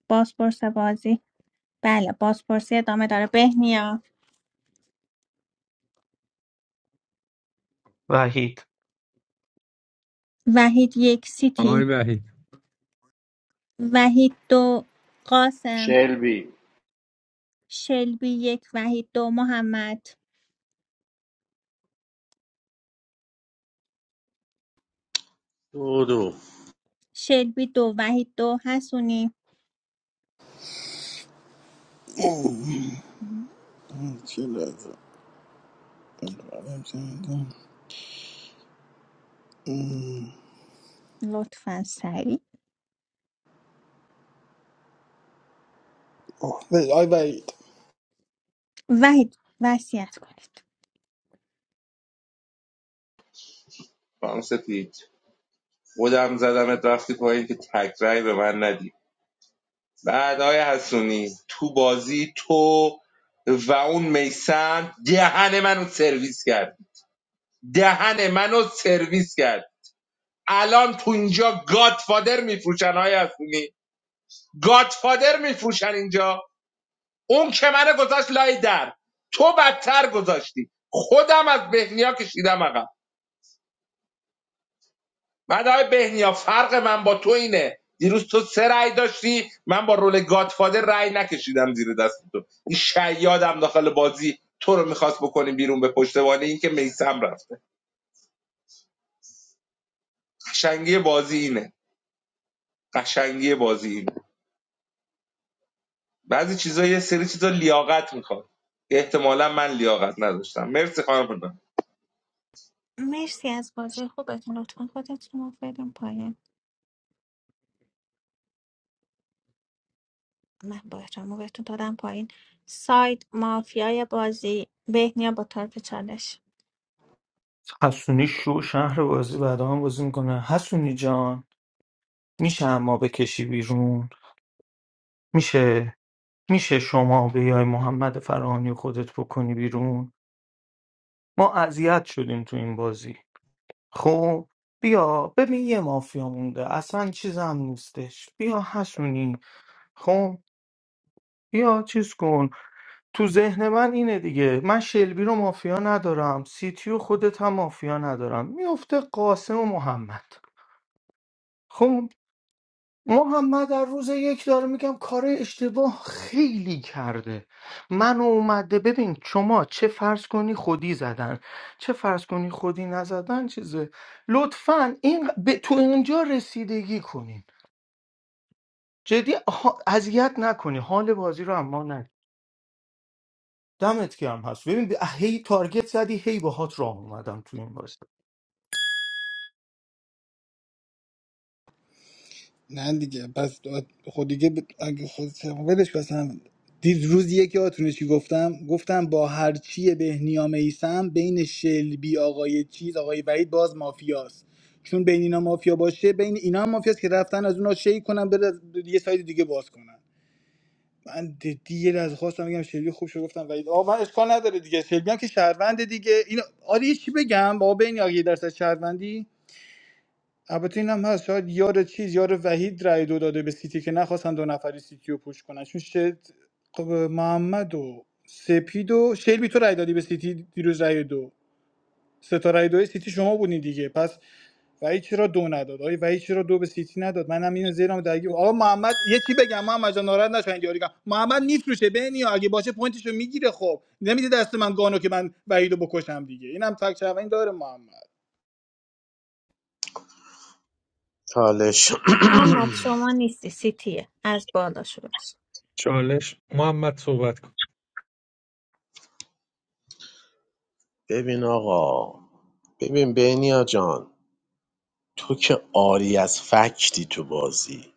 بازپرس بازی بله بازپرسی ادامه داره بهنیا وحید وحید یک آقای سیتی وحید وحید دو قاسم شلبی شلبی یک وحید دو محمد دو دو شلبی دو وحید دو حسونی چه لحظه بعدم چه می‌دونم. لطفا سریع اوه، وای وای وحید وصیت کنید خانم سپید خودم زدمت رفتی پایین که تکرای به من ندی بعد آقای حسونی تو بازی تو و اون میسم دهن منو سرویس کرد دهن منو سرویس کرد الان تو اینجا گادفادر میفروشن های حسونی گادفادر میفروشن اینجا اون که منو گذاشت لای در تو بدتر گذاشتی خودم از بهنیا کشیدم عقب بعد آقای بهنیا فرق من با تو اینه دیروز تو سه رأی داشتی من با رول گادفادر رأی نکشیدم زیر دست تو این شیادم داخل بازی تو رو میخواست بکنی بیرون به پشتوانه این که میسم رفته قشنگی بازی اینه قشنگی بازی اینه بعضی چیزا یه سری چیزا لیاقت میخواد احتمالا من لیاقت نداشتم مرسی خانم پدر. مرسی از بازی خوبتون لطفا خودتون رو بریم پایین من با احترام رو بهتون دادم پایین ساید مافیای بازی بهنیا با طرف چالش حسونی شو شهر بازی بعد هم بازی میکنه حسونی جان میشه اما بکشی بیرون میشه میشه شما بیای محمد فرانی خودت بکنی بیرون ما اذیت شدیم تو این بازی خب بیا ببین یه مافیا مونده اصلا چیز هم نیستش بیا حسونی خب بیا چیز کن تو ذهن من اینه دیگه من شلبی رو مافیا ندارم سیتیو خودت هم مافیا ندارم میفته قاسم و محمد خب محمد در روز یک داره میگم کار اشتباه خیلی کرده من اومده ببین شما چه فرض کنی خودی زدن چه فرض کنی خودی نزدن چیزه لطفا این به تو اینجا رسیدگی کنین جدی آها، اذیت نکنی حال بازی رو اما نه دمت گرم هست ببین به- هی تارگت زدی هی باهات راه اومدم تو این بازی نه دیگه پس خود دیگه ب- اگه خود ولش کن اصلا. دید روز یکی آتونه چی گفتم گفتم با هرچی بهنیام ایسم بین شلبی آقای چیز آقای وحید باز مافیاست چون بین اینا مافیا باشه بین اینا هم مافیاست که رفتن از اونا شی کنن بره یه ساید دیگه باز کنن من دیگه یه لحظه خواستم بگم شلبی خوب شد گفتم وحید آقا من اشکال نداره دیگه شلبی هم که شهروند دیگه اینا آره یه چی بگم با بین آگه درصد شهروندی البته این هم هست شاید یار چیز یار وحید رای دو داده به سیتی که نخواستن دو نفری سیتی رو پوش کنن چون شد خب محمد و سپید و شلبی تو رای دادی به سیتی دیروز رای دو سه تا رای دو سیتی شما بودین دیگه پس وحید چرا دو نداد آقای وحید چرا دو به سیتی نداد منم اینو زیرم درگیر آقا محمد یه چی بگم محمد جان ناراحت نشین یاری کنم. محمد میفروشه بنی اگه باشه پوینتشو میگیره خب نمیده دست من گانو که من وحیدو بکشم دیگه اینم فکت این داره محمد چالش محمد شما نیستی سیتیه از بالا شروع میشه چالش محمد صحبت کن ببین آقا ببین بینیا جان تو که عاری از فکتی تو بازی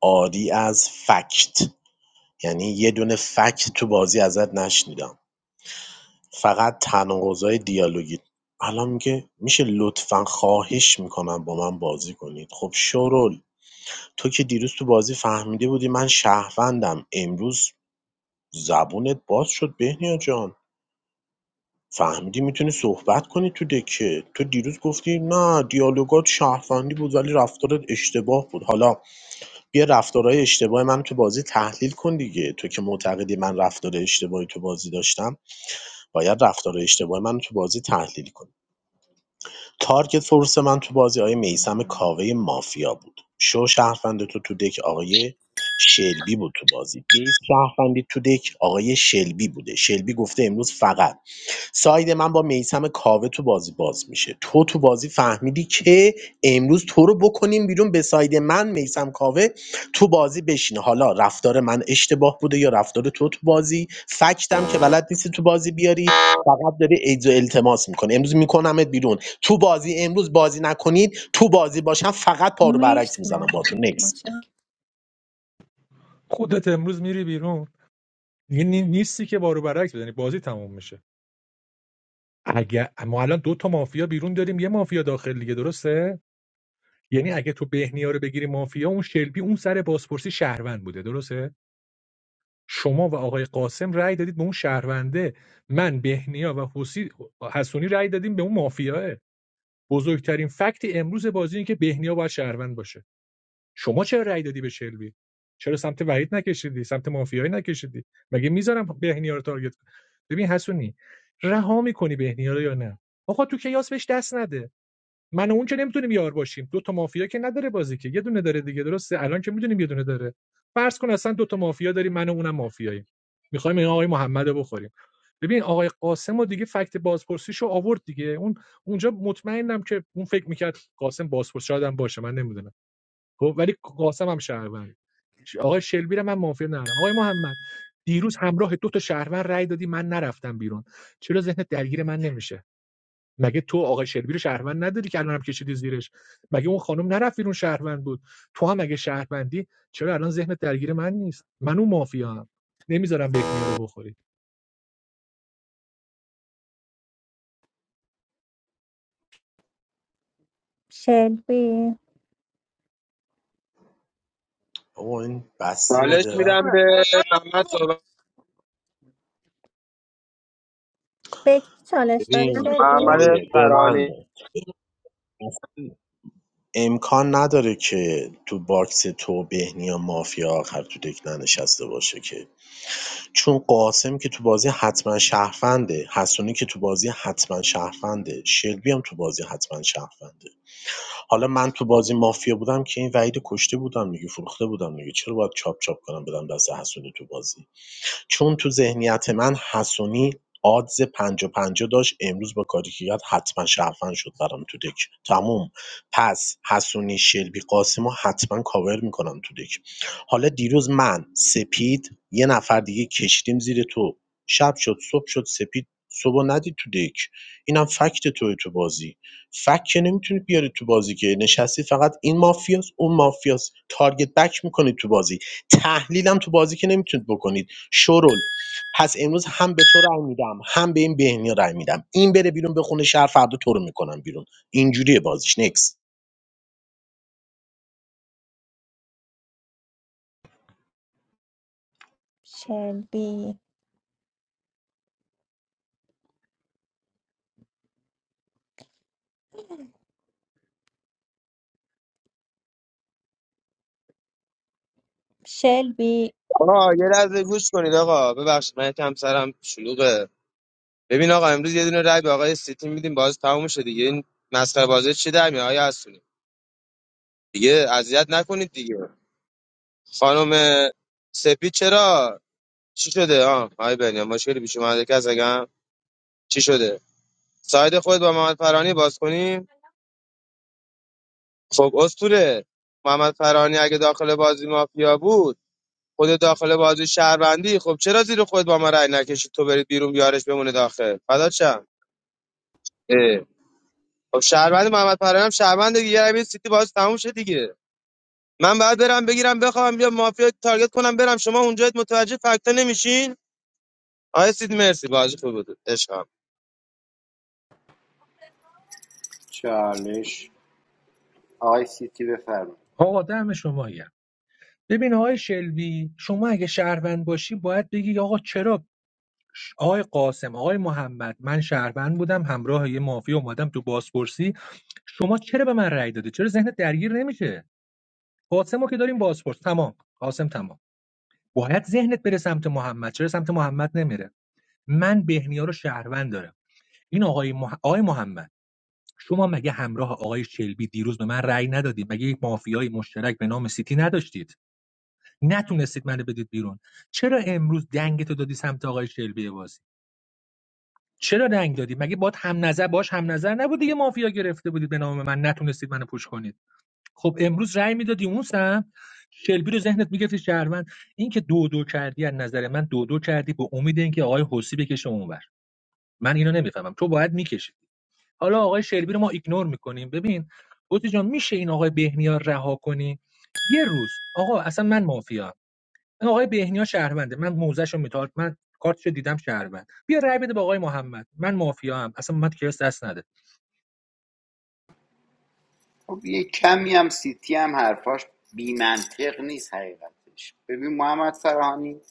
عاری از فکت یعنی یه دونه فکت تو بازی ازت نشنیدم فقط تناقضای دیالوگی الان میگه میشه لطفا خواهش میکنم با من بازی کنید خب شورول تو که دیروز تو بازی فهمیده بودی من شهروندم امروز زبونت باز شد بهنیا جان فهمیدی میتونی صحبت کنی تو دکه تو دیروز گفتی نه دیالوگات شهروندی بود ولی رفتارت اشتباه بود حالا بیا رفتارهای اشتباه من تو بازی تحلیل کن دیگه تو که معتقدی من رفتار اشتباهی تو بازی داشتم باید رفتار اشتباه من تو بازی تحلیل کنی تارگت فورس من تو بازی آقای میسم کاوه مافیا بود شو شهروند تو تو دک آقای شلبی بود تو بازی بیس شهروندی تو دک آقای شلبی بوده شلبی گفته امروز فقط ساید من با میثم کاوه تو بازی باز میشه تو تو بازی فهمیدی که امروز تو رو بکنیم بیرون به ساید من میثم کاوه تو بازی بشینه حالا رفتار من اشتباه بوده یا رفتار تو تو بازی فکتم که بلد نیستی تو بازی بیاری فقط داری ایدز و التماس میکنه امروز میکنمت بیرون تو بازی امروز بازی نکنید تو بازی باشم فقط پارو برعکس مرسی میزنم با تو محمد نکس متشکرم خودت امروز میری بیرون دیگه نی- نیستی که بارو برعکس بزنی بازی تموم میشه اگه ما الان دو تا مافیا بیرون داریم یه مافیا داخل دیگه درسته یعنی اگه تو بهنیا رو بگیری مافیا اون شلبی اون سر بازپرسی شهروند بوده درسته شما و آقای قاسم رأی دادید به اون شهرونده من بهنیا و حسی حسونی رأی دادیم به اون مافیاه بزرگترین فکت امروز بازی این که بهنیا باید شهروند باشه شما چرا رأی دادی به شلبی چرا سمت وحید نکشیدی سمت مافیایی نکشیدی مگه میذارم بهنیا رو تارگت کنی؟ ببین حسونی رها میکنی بهنیا رو یا نه آقا تو کیاس بهش دست نده من و اون که نمیتونیم یار باشیم دو تا مافیا که نداره بازی که یه دونه داره دیگه درسته الان که میدونیم یه دونه داره فرض کن اصلا دو تا مافیا داریم من و اونم مافیاییم میخوایم این آقای محمدو بخوریم ببین آقای قاسم و دیگه فکت بازپرسیشو آورد دیگه اون اونجا مطمئنم که اون فکر میکرد قاسم بازپرس شاید باشه من نمیدونم خب ولی قاسم هم شهروند آقای شلبی رو من مافیا ندارم آقای محمد دیروز همراه دو تا شهروند رای دادی من نرفتم بیرون چرا ذهنت درگیر من نمیشه مگه تو آقای شلبی رو شهروند نداری که الانم کشیدی زیرش مگه اون خانم نرفت بیرون شهروند بود تو هم اگه شهروندی چرا الان ذهنت درگیر من نیست من اون مافیا نمیذارم بهنیا رو بخوری شلبی بابا این بسته به حالش درم میدم به محمد صحبت به کی چالش دادی ببین شلبی محمد آقای به من فرانی ده. امکان نداره که تو باکس تو بهنیا مافیا آخر تو دک ننشسته باشه که چون قاسم که تو بازی حتما شهرفنده حسونی که تو بازی حتما شهرفنده شلبی هم تو بازی حتما شهرفنده حالا من تو بازی مافیا بودم که این وحید کشته بودم میگه فروخته بودم میگه چرا باید چاپ چاپ کنم بدم دست حسونی تو بازی چون تو ذهنیت من حسونی آدز ۵۰ ۵۰ داشت امروز با کاری که کرد حتما شرفن شد برام تو دک تموم پس حسونی شلبی قاسم رو حتما کاور میکنم تو دک حالا دیروز من سپید یه نفر دیگه کشیدیم زیر تو شب شد صبح شد سپید صبح رو ندید تو دک اینم فکت توی تو بازی فکت که نمیتونی بیاری تو بازی که نشستی فقط این مافیاس اون مافیاس تارگت بک میکنید تو بازی تحلیلم تو بازی که نمیتونید بکنید شورول پس امروز هم به تو رأی میدم هم به این بهنیا رأی میدم این بره بیرون به خونه شهر فردا تو رو میکنم بیرون اینجوریه بازیش نکس شلبی شلبی آقا یه لحظه گوش کنید آقا ببخشید من یکم سرم شلوغه ببین آقا امروز یه دونه رای به آقای سیتی میدیم باز تموم شه دیگه این مسخره بازی چی در میاد آیا هستونی دیگه اذیت نکنید دیگه خانم سپید چرا چی شده آه آی بنیام مشکلی پیش اومده کس چی شده ساید خود با محمد فرانی باز کنیم خب اسطوره محمد فرانی اگه داخل بازی مافیا بود خود داخل بازی شهروندی خب چرا زیر خود با ما رأی نکشید تو برید بیرون بیارش بمونه داخل فدا چم اه. خب شهروند محمد فرانی هم شهروند دیگه یه روی سیتی باز تموم شد دیگه من بعد برم بگیرم بخوام بیا مافیا تارگت کنم برم شما اونجا متوجه فکتا نمیشین آیا سید مرسی بازی خوب بود عشقم چالش آقای سیتی بفرمایید آقا دم شما گرم. ببین آقای شلبی شما اگه شهروند باشی باید بگی آقا چرا آقای قاسم آقای محمد من شهروند بودم همراه یه مافیا اومدم تو بازپرسی شما چرا به من رأی دادی چرا ذهنت درگیر نمیشه قاسمو که داریم بازپرس تمام قاسم تمام باید ذهنت بره سمت محمد چرا سمت محمد نمیره من بهنیا رو شهروند دارم این آقای, مح... آقای محمد شما مگه همراه آقای شلبی دیروز به من رأی ندادید مگه یک مافیای مشترک به نام سیتی نداشتید نتونستید منو بدید بیرون چرا امروز دنگتو دادی سمت آقای شلبی بازی چرا دنگ دادی مگه باد هم نظر باش هم نظر نبود دیگه مافیا گرفته بودید به نام من نتونستید منو پوش کنید خب امروز رأی میدادی اون سم شلبی رو ذهنت میگفتی شهروند این که دو دو کردی از نظر من دو دو کردی به امید اینکه آقای حسی بکشه اونور من اینو نمیفهمم تو باید میکشید حالا آقای شلبی رو ما ایگنور میکنیم ببین بوتی جان میشه این آقای بهنیا رها کنی یه روز آقا اصلا من مافیا این آقای بهنیا شهرونده من موزش رو میتارم من کارتشو دیدم شهروند بیا رأی بده به آقای محمد من مافیا هم اصلا من کلاس دست نده خب یه کمی هم سیتی هم حرفاش بی منطق نیست حقیقتش ببین محمد فرهانی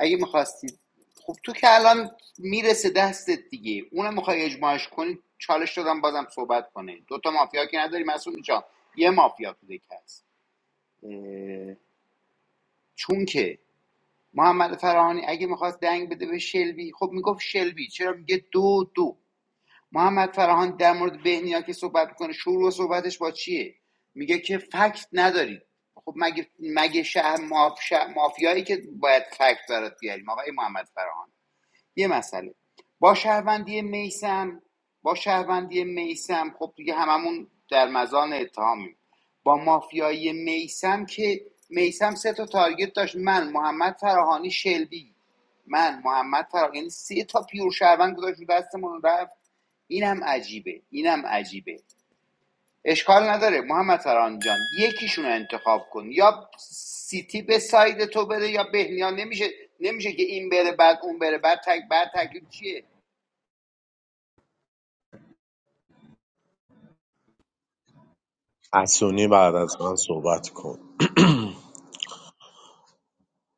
اگه میخواستید خب تو که الان میرسه دستت دیگه اونم میخوای اجماعش کنی چالش دادم بازم صحبت کنه دوتا مافیا که نداری مسئول اینجا یه مافیا تو دک هست چون که محمد فرهانی اگه میخواست دنگ بده به شلبی خب میگفت شلبی چرا میگه دو دو محمد فرهان در مورد بهنیا که صحبت میکنه شروع صحبتش با چیه میگه که فکت ندارید خب مگه مگه شهر ماف- مافیایی که باید فکت برات بیاریم آقای محمد فرهان یه مسئله با شهروندی میسم با شهروندی میسم خب دیگه هممون در مزان اتهامیم با مافیایی میسم که میسم سه تا تارگت داشت من محمد فراهانی شلبی من محمد فراهانی یعنی سه تا پیور شهروند گذاشت رو دستمون رفت اینم عجیبه اینم عجیبه اشکال نداره محمد سران جان یکیشون رو انتخاب کن یا سیتی به ساید تو بره یا بهنیان نمیشه نمیشه که این بره بعد اون بره بعد تک بعد تکلیف چیه حسونی بعد از من صحبت کن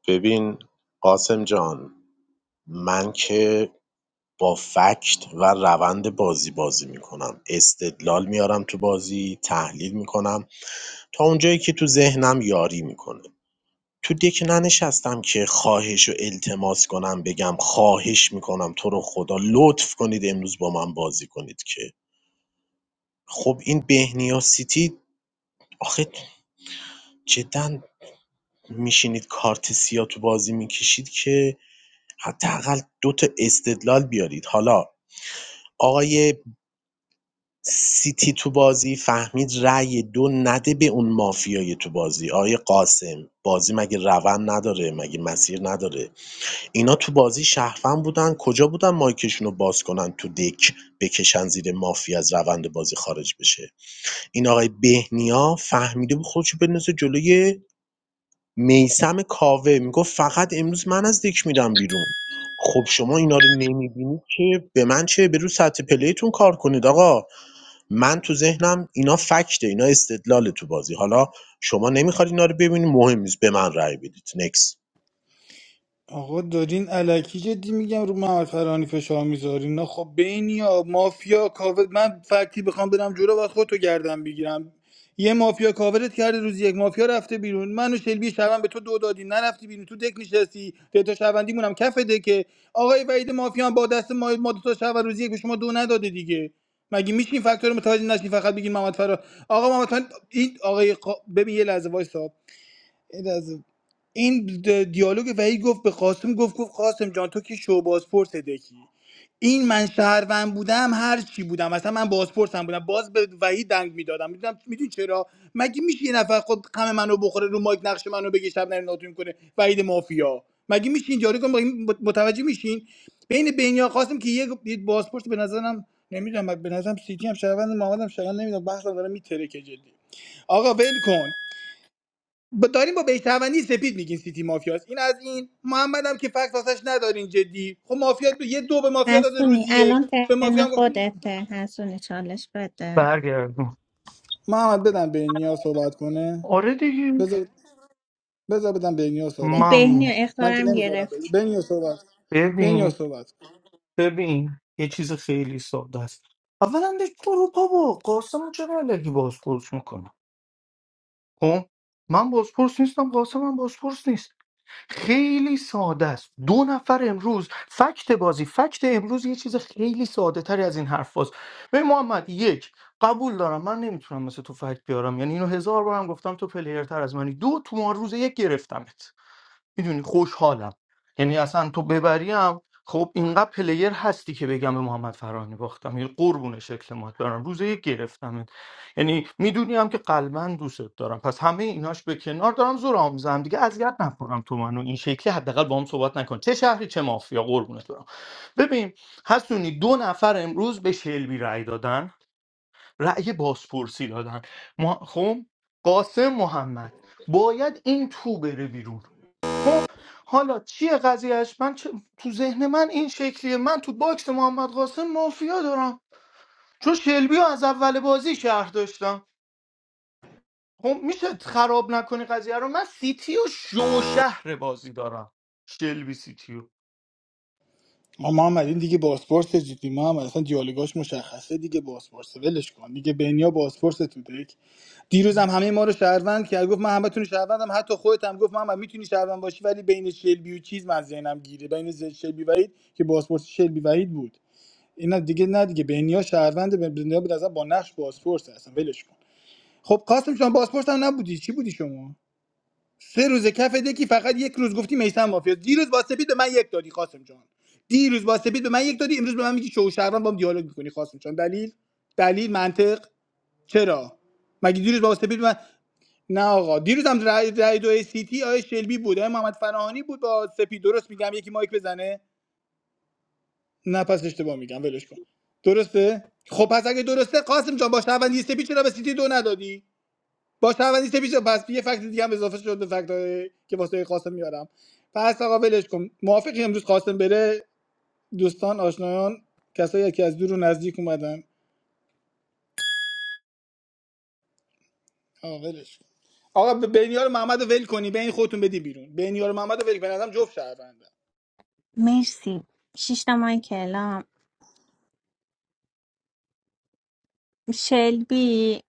ببین قاسم جان من که با فکت و روند بازی بازی میکنم استدلال میارم تو بازی تحلیل میکنم تا اونجایی که تو ذهنم یاری میکنه تو دک ننشستم که خواهش و التماس کنم بگم خواهش میکنم تو رو خدا لطف کنید امروز با من بازی کنید که خب این بهنیا سیتی آخه جدا میشینید کارت سیاه تو بازی میکشید که حداقل دو تا استدلال بیارید حالا آقای سیتی تو بازی فهمید رأی دو نده به اون مافیای تو بازی آقای قاسم بازی مگه روند نداره مگه مسیر نداره اینا تو بازی شهروند بودن کجا بودن مایکشونو باز کنن تو دک بکشن زیر مافیا از روند بازی خارج بشه این آقای بهنیا فهمیده بود خودشو بندازه جلوی میسم کاوه میگفت فقط امروز من از دک میرم بیرون خب شما اینا رو نمیبینید که به من چه به رو سطح پلیتون کار کنید آقا من تو ذهنم اینا فکته اینا استدلال تو بازی حالا شما نمیخواد اینا رو ببینید مهم نیست به من رأی بدید نکس آقا دارین الکی جدی میگم رو محمد فرانی فشار میذارین نه خب بین یا مافیا کاور من فکتی بخوام برم جلو و خودتو گردم بگیرم یه مافیا کاورت کرده روز یک مافیا رفته بیرون من و شلبی شبن به تو دو دادی نرفتی بیرون تو دک نشستی دیتا شبندی مونم کف دکه آقای وحید مافیا هم با دست ما ما دو تا شب و روز یک به شما دو نداده دیگه مگه میشین فاکتور متوجه نشین فقط بگین محمد فرا آقا محمد فرا این آقای قا- ببین یه لحظه وایسا یه لحظه این د- دیالوگ وحید گفت به قاسم گفت گفت قاسم جان تو که شو بازپرس دکی این من شهروند بودم هر چی بودم اصلا من بازپرسم بودم باز به وحید دنگ میدادم میدونم میدونی چرا مگه میشه یه نفر خود غم منو بخوره رو مایک نقش منو بگه شب نره ناتون کنه وحید مافیا مگه میشین جاری کن مگه متوجه میشین بین بینیا خواستم که یه یه بازپرس به نظرم نمیدونم به نظرم سیتی هم شهروند محمد هم شهروند نمیدونم بحثم داره میترکه جدی آقا ول کن با داریم با بهشتوندی سپید میگین سیتی مافیاست این از این محمد هم که فکس واسش ندارین جدی خب مافیا دو یه دو به مافیا داده حسونی روزی یک الان به مافیا ترن هم گفتم خودته حسونی چالش بده برگردم محمد بدم به نیا صحبت کنه آره دیگه بذار بذار بدم به نیا صحبت کنه بهنی ممنون محمد و من که اختارم نمیذارم گرفت به نیا صحبت به ببین نیا صحبت ببین یه چیز خیلی ساده است اولا دیگه اروپا با قاسم چرا علکی بازپرس میکنه خب من بازپرس نیستم قاسم هم بازپرس نیست خیلی ساده است دو نفر امروز فکت بازی فکت امروز یه چیز خیلی ساده تری از این حرف باز به محمد یک قبول دارم من نمیتونم مثل تو فکت بیارم یعنی اینو هزار بارم گفتم تو پلیر تر از منی دو تو ما روز یک گرفتمت میدونی خوشحالم یعنی اصلا تو ببریم خب اینقدر پلیر هستی که بگم به محمد فرانی باختم یعنی قربون شکل مات برم روز یک گرفتم یعنی میدونیم که قلبا دوستت دارم پس همه ایناش به کنار دارم زور آموزم دیگه اذیت نکنم تو منو این شکلی حداقل با هم صحبت نکن چه شهری چه مافیا قربونت برم ببین حسونی دو نفر امروز به شلبی رأی دادن رأی بازپرسی دادن ما خب قاسم محمد باید این تو بره بیرون خب حالا چیه قضیهش من چه- تو ذهن من این شکلیه من تو باکس محمد قاسم مافیا دارم چون شلبی رو از اول بازی شهر داشتم خب میشه خراب نکنی قضیه رو من سیتی و شو شهر بازی دارم شلبی سیتیو ما محمد این دیگه بازپرس جدی محمد اصلا دیالوگاش مشخصه دیگه بازپرسه ولش کن دیگه بنیا بازپرس تو دک دیروز هم همه ما رو شهروند کرد گفت من همتون رو شهروندم حتی خودت هم گفت محمد میتونی شهروند باشی ولی بین شلبی و چیز من ذهنم گیره بین ز- شلبی وحید که بازپرس شلبی وحید بود اینا دیگه نه دیگه بنیا شهروند بنیا به نظر با نقش بازپرس اصلا ولش کن خب قاسم شما بازپرس هم نبودی چی بودی شما سه روز کف دکی فقط یک روز گفتی میثم مافیا دیروز با سپید به من یک دادی قاسم جان دیروز با سپید به من یک دادی امروز به من میگی شوشهروند بام دیالوگ میکنی قاسم جان دلیل دلیل منطق چرا مگه دیروز با سپید به من نه آقا دیروز هم رای, رای دو سیتی آیه شلبی بود آیه محمد فراهانی بود با سپید درست میگم یکی مایک بزنه نه پس اشتباه میگم ولش کن درسته خب پس اگه درسته قاسم جان با شهروندی سپید چرا به سیتی دو ندادی با شهروندی سه پیش پس یه فکت دیگه هم اضافه شد به فکت که واسه قاسم میارم پس آقا ولش کن موافقی امروز قاسم بره دوستان آشنایان کسایی که از دور و نزدیک اومدن آقا ولش کن آقا به بینیار محمد رو ول کنی بین خودتون بدی بیرون بینیار محمد رو ول کن به نظرم جفت شهرونده مرسی شیشتا مایک اعلام شلبی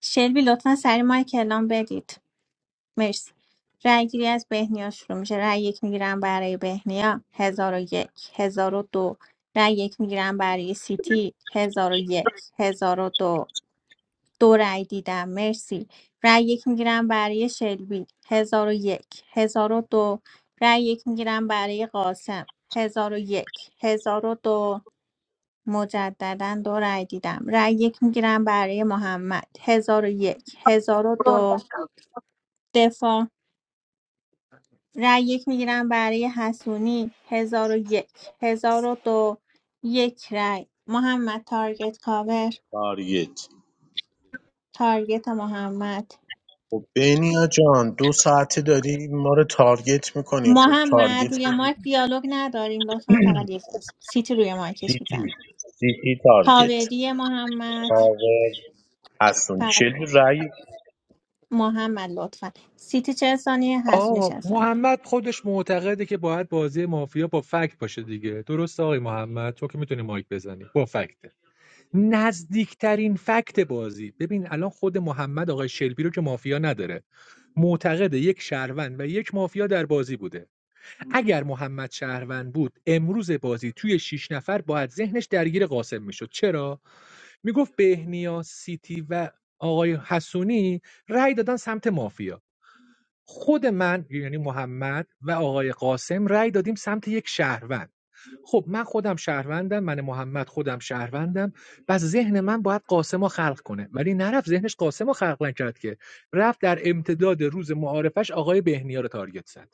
شلبی لطفا سری مایک اعلام بدید مرسی رأی گیری از بهنیا شروع میشه رأی یک میگیرم برای بهنیا هزار و یک هزار و دو رأی یک میگیرم برای سیتی هزار و یک هزار و دو دو رأی دیدم مرسی رأی یک میگیرم برای شلبی هزار و یک هزار و دو رأی یک میگیرم برای قاسم هزار و یک هزار و دو مجددا دو رأی دیدم رأی یک میگیرم برای محمد هزار و یک هزار و دو دفاع رای یک میگیرم برای حسونی هزار و یک هزار و دو یک رای محمد تارگت کاور تارگت تارگت محمد خب بینیا جان دو ساعته داری ما رو تارگت میکنی خب محمد تارگت روی مایک دیالوگ نداریم لطفا فقط یک اسم سیتی روی مایکش میزن سیتی سیتی تارگت کاوری محمد کاور حسون چه فقط هست رای محمد لطفا سیتی چه ثانیه حسونی آه چه ثانیه محمد خودش معتقده که باید بازی مافیا با فکت باشه دیگه درسته آقای محمد تو که میتونی مایک بزنی با فکت نزدیکترین فکت بازی ببین الان خود محمد آقای شلبی رو که مافیا نداره معتقد یک شهروند و یک مافیا در بازی بوده اگر محمد شهروند بود امروز بازی توی شیش نفر باید ذهنش درگیر قاسم میشد چرا میگفت بهنیا سیتی و آقای حسونی رأی دادن سمت مافیا خود من یعنی محمد و آقای قاسم رأی دادیم سمت یک شهروند خب من خودم شهروندم من محمد خودم شهروندم بس ذهن من باید قاسمو خلق کنه ولی نرفت ذهنش قاسمو خلق نکرد که رفت در امتداد روز معارفش آقای بهنیا رو تارگت زد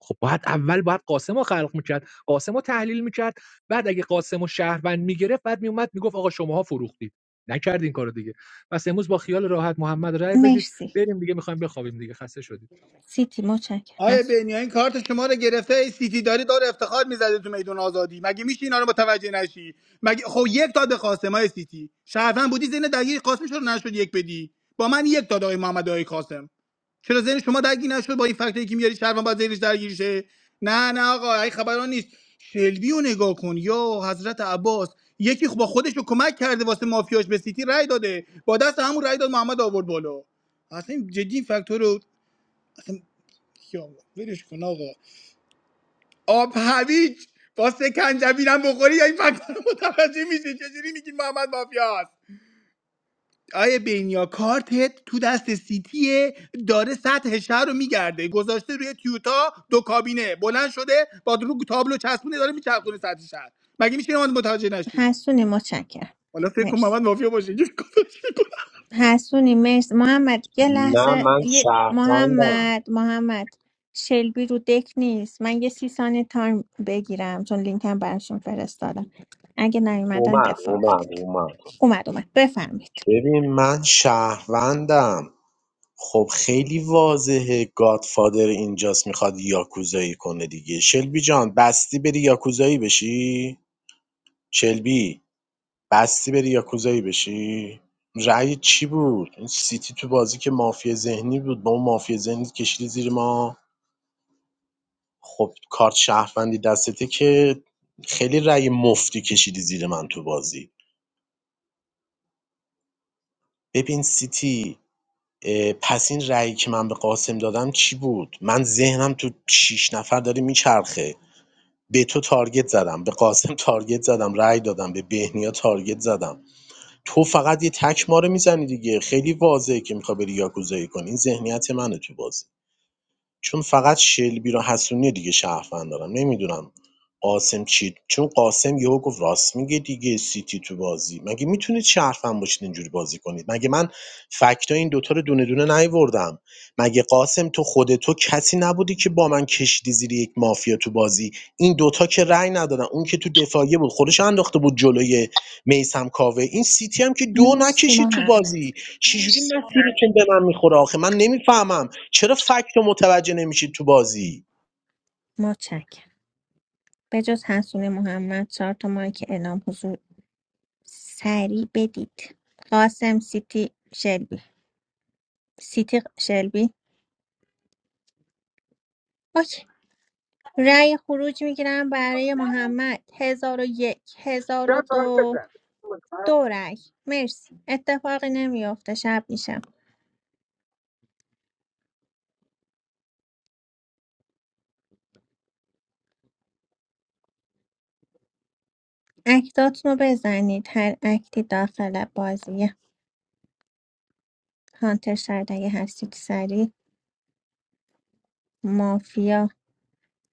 خب باید اول باید قاسمو خلق میکرد قاسم رو تحلیل میکرد بعد اگه قاسم رو شهروند میگرفت بعد میومد میگفت آقا شماها فروختید نکردین این کارو دیگه پس امروز با خیال راحت محمد رأی بدید مرسی بریم دیگه میخوایم بخوابیم دیگه خسته شدید سیتی متشکرم آیا حسون بینیا این کارت شما رو گرفته ای سیتی داری داره افتخار میزده تو میدون آزادی مگه میشه اینا رو متوجه نشی مگه خب یک داده خواسته ما سیتی شهروند بودی زین دلیل قاسم رو نشد یک بدی با من یک داده آقای محمد آقای قاسم چرا ذهن شما درگی نشد با این فکتایی که میاری شهروند باید ذهنش درگیر شه نه نه آقا این خبران نیست شلبی رو نگاه کن یا حضرت عباس یکی خب با خودش رو کمک کرده واسه مافیاش به سیتی رأی داده با دست همون رأی داد محمد آورد بالا اصلا این جدی این فاکتور رو اصلا یا آقا، ولش کن آقا آب هویج با سکنجبینم بخوری یا این فاکتور رو متوجه میشه چجوری میگی محمد مافیاست آیه بینیا کارتت تو دست سیتیه داره سطح شهر رو میگرده گذاشته روی تیوتا دو کابینه بلند شده با رو تابلو چسبونه داره میچرخونه سطح شهر مگه میشه من متوجه نشی حسونی متشکرم حالا فکر کن مرسی. محمد مافیا باشه اینجوری گذاشته حسونی مرسی محمد یه نه لحظه من یه شهروندم محمد محمد شلبی رو دک نیست من یه سی ثانیه تایم بگیرم چون لینکم براشون فرستادم اگه نیومدن اومد دفاع اومد کنید اومد اومد اومد بفرمید ببین من شهروندم خب خیلی واضحه گادفادر اینجاست میخواد یاکوزایی کنه دیگه شلبی جان بستی بری یاکوزایی بشی شلبی بستی بری یاکوزایی بشی رأی چی بود این سیتی تو بازی که مافیا ذهنی بود با اون مافیا ذهنی کشیدی زیر ما خب کارت شهروندی دستته که خیلی رأی مفتی کشیدی زیر من تو بازی ببین سیتی اه، پس این رأیی که من به قاسم دادم چی بود من ذهنم تو شیش نفر داره میچرخه به تو تارگت زدم به قاسم تارگت زدم رأی دادم به بهنیا تارگت زدم تو فقط یه تک ماره می‌زنی دیگه خیلی واضحه که می‌خوای بری یاکوزایی کنی این ذهنیت منه تو بازی چون فقط شلبی و حسونی دیگه شهروند دارم نمیدونم قاسم چی چون قاسم یهو گفت راست میگه دیگه سیتی تو بازی مگه میتونید شهروند باشید اینجوری بازی کنید مگه من فکتا این دوتا رو دونه دونه نیوردم مگه قاسم تو خود تو کسی نبودی که با من کشیدی زیر یک مافیا تو بازی این دوتا که رأی ندادن اون که تو دفاعیه بود خودش انداخته بود جلوی میسم کاوه این سیتی هم که دو مرسی نکشید تو محمد بازی چجوری مرسی مسیرتون به من میخوره آخه من نمیفهمم چرا فکت رو متوجه نمیشید تو بازی متشکرم به جز حسون محمد چهار تا مایک اعلام حضور سریع بدید قاسم سیتی شلبی سیتی شلبی اوکی رأی خروج میگیرم برای محمد هزار و یک هزار و دو دو رأی مرسی اتفاقی نمیافته شب میشه اکتاتون رو بزنید هر اکتی داخل بازیه هانتر شاید اگه هستید سریع مافیا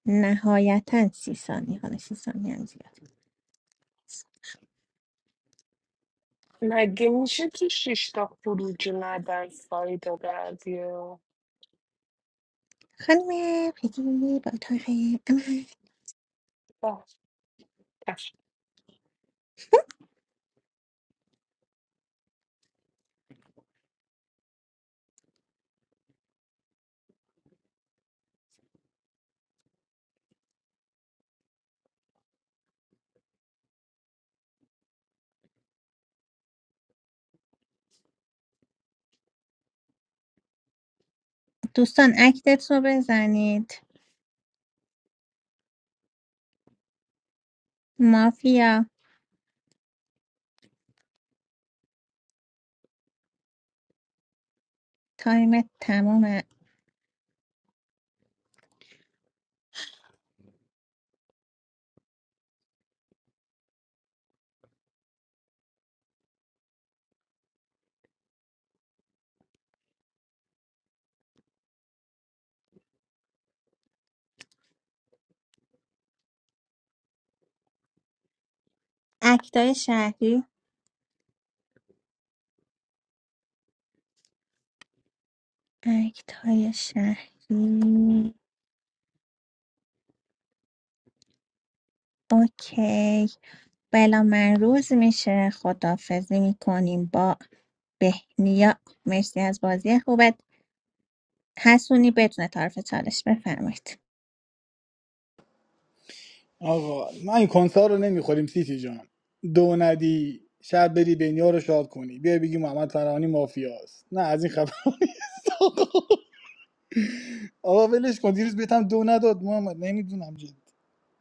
نهایتا سی ثانیه حالا سی ثانیه هم زیاد مگه میشه تو شیشتا خروجی ندن ساید بعضی و- خانم پیگیری با اتاق عمل. آه، اه. دوستان اکتتون رو بزنید مافیا تایم تمام اکتای شهری اکت های شهری اوکی بلا من روز میشه خدافزی میکنیم با بهنیا مرسی از بازی خوبت حسونی بدون طرف چالش بفرمایید آقا ما این کنسار رو نمیخوریم سیتی جان دو ندی شب بری بینیا رو شاد کنی بیا بگی محمد فرهانی مافیاست نه از این خبر آقا ولش کن دیروز بهتم دو نداد محمد نمیدونم جدی.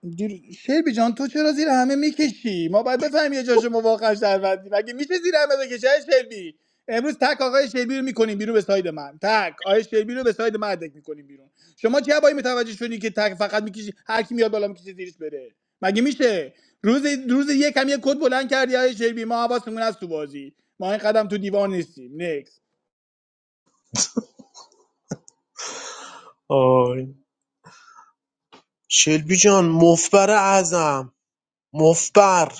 دیر... شیبی جان تو چرا زیر همه میکشی ما باید بفهمیم یه جاشو ما واقعا شهروندی مگه میشه زیر همه بکشه آقای شیبی امروز تک آقای شیبی رو میکنیم بیرون به ساید من تک آقای شیبی رو به ساید من دک میکنیم بیرون شما چه بایی متوجه شدی که تک فقط میکشی هر کی میاد بالا میکشه زیرش بره مگه میشه روز روز یکم یه کد بلند کردی آقای شیبی ما حواسمون از تو بازی ما این قدم تو دیوار نیستیم آی شلبی جان مفبر اعظم مفبر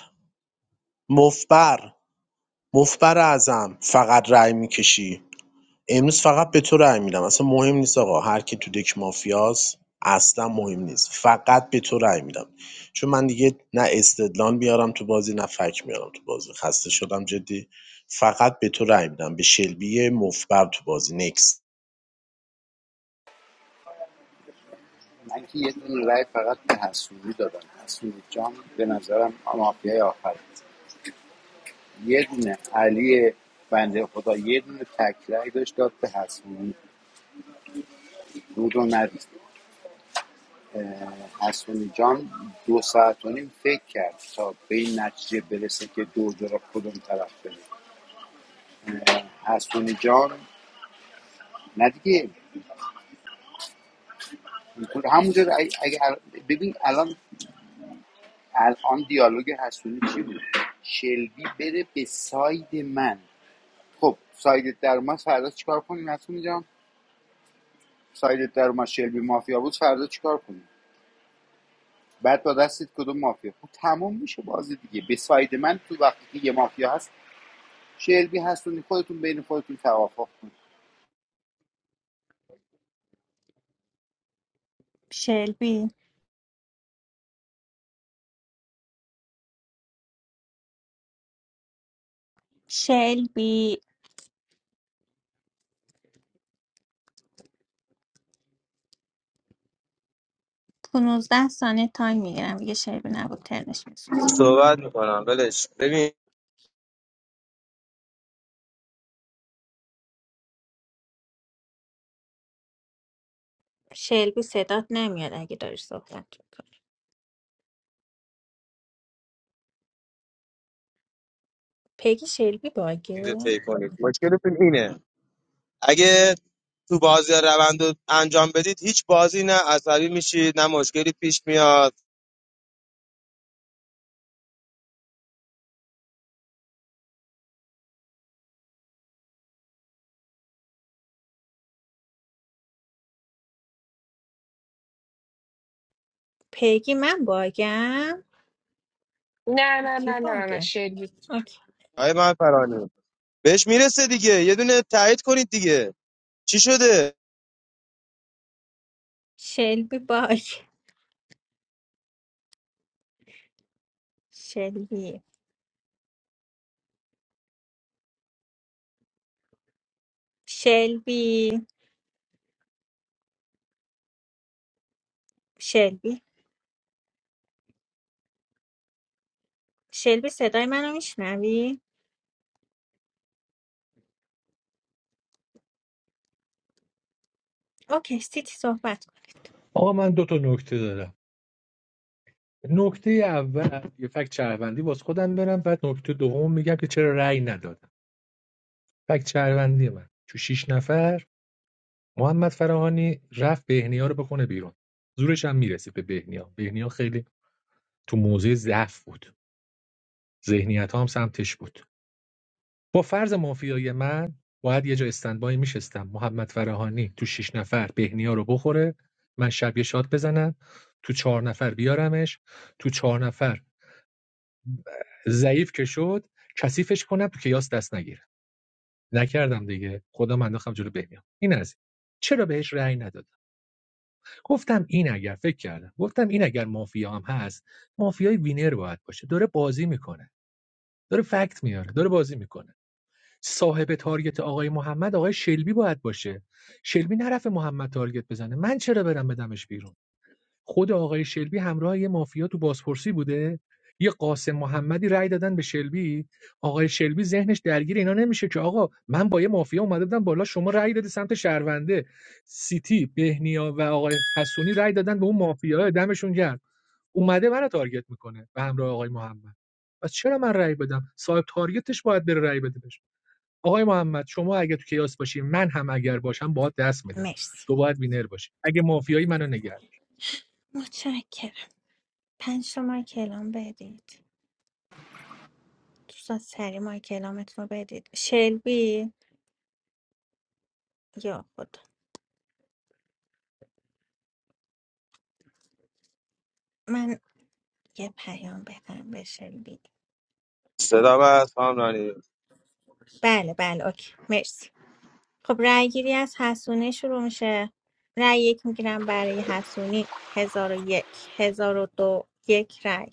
مفبر مفبر اعظم فقط رأی میکشی امروز فقط به تو رأی میدم اصلا مهم نیست آقا هر کی تو دک مافیاس اصلا مهم نیست فقط به تو رأی میدم چون من دیگه نه استدلال بیارم تو بازی نه فک میارم تو بازی خسته شدم جدی فقط به تو رأی میدم به شلبی مفبر تو بازی نکس من که یه دونه رای فقط به حسونی دادم حسونی جان به نظرم مافیای آخر است. یه دونه علی بنده خدا یه دونه تک رای داشت داد به حسونی دود و ندید حسونی جان دو ساعت و نیم فکر کرد تا به این نتیجه برسه که دو را کدوم طرف بره حسونی جان نه دیگه همونجا اگه اگه الان- ببین الان الان دیالوگ حسونی چی بود شلبی بره به ساید من خب سایدت در اومد فردا چیکار کنیم حسونی جان سایدت در اومد شلبی مافیا بود فردا چیکار کنیم بعد با دستت کدوم مافیا خب تمام میشه بازی دیگه به ساید من تو وقتی که یه مافیا هست شلبی هستونی خودتون بین خودتون توافق کنید شلبی شلبی 15 ثانیه تایم میگیرم دیگه شلبی نبود ترنش میسوز صحبت میکنم ولش ببین شلبی صدات نمیاد اگه داری صحبت میکنی پیگی شلبی رو باگه طی کنید مشکلتون اینه اگه تو بازی روند رو انجام بدید هیچ بازی نه عصبی میشید نه مشکلی پیش میاد پیگی من باگم نه نه کی نه نه نه باگه شلبی اوکی. آقای من فرانی بهش میرسه دیگه یه دونه تایید کنید دیگه چی شده شلبی باگ شلبی شلبی شلبی شلبی صدای منو میشنوی؟ اوکی سیتی صحبت کنید آقا من دو تا نکته دارم نکته اول یه فکت شهروندی واسه خودم برم بعد نکته دوم میگم که چرا رأی ندادم فکت شهروندی من تو شیش نفر محمد فراهانی رفت بهنیا رو بکنه بیرون زورش هم میرسید به بهنیا بهنیا خیلی تو موضع ضعف بود ذهنیت ها هم سمتش بود با فرض مافیای من باید یه جا استندبای میشستم محمد فراهانی تو شش نفر بهنیا رو بخوره من شب یه شات بزنم تو چهار نفر بیارمش تو چهار نفر ضعیف که شد کثیفش کنم تو کیاس دست نگیره نکردم دیگه خودم انداختم جلو بهمیان این از چرا بهش رأی ندادم گفتم این اگر فکر کردم گفتم این اگر مافیا هم هست مافیای وینر باید باشه داره بازی میکنه داره فکت میاره داره بازی میکنه صاحب تارگت آقای محمد آقای شلبی باید باشه شلبی نرفه محمد تارگت بزنه من چرا برم بدمش بیرون خود آقای شلبی همراه یه مافیا تو بازپرسی بوده یه قاسم محمدی رأی دادن به شلبی آقای شلبی ذهنش درگیر اینا نمیشه که آقا من با یه مافیا اومده بودم بالا شما رأی دادی سمت شهرونده سیتی بهنیا و آقای حسونی رأی دادن به اون مافیا دمشون گرم اومده منو تارگت میکنه به همراه آقای محمد پس چرا من رأی بدم صاحب تارگتش باید بره رأی بده بشه آقای محمد شما اگه تو کیاس باشی من هم اگر باشم باهات دست میدم مرسی تو باید وینر باشی اگه مافیایی منو نگه متشکرم پنج تا مایک اعلام بدید دوستان سری مایک اعلامتون رو بدید شلبی یا خدا من یه پیام بدم به شلبی صدا از خام رانی بله بله اوکی مرسی خب رأی گیری از حسونه شروع میشه رأی یک میگیرم برای حسونی هزار و یک هزار و دو یک رأی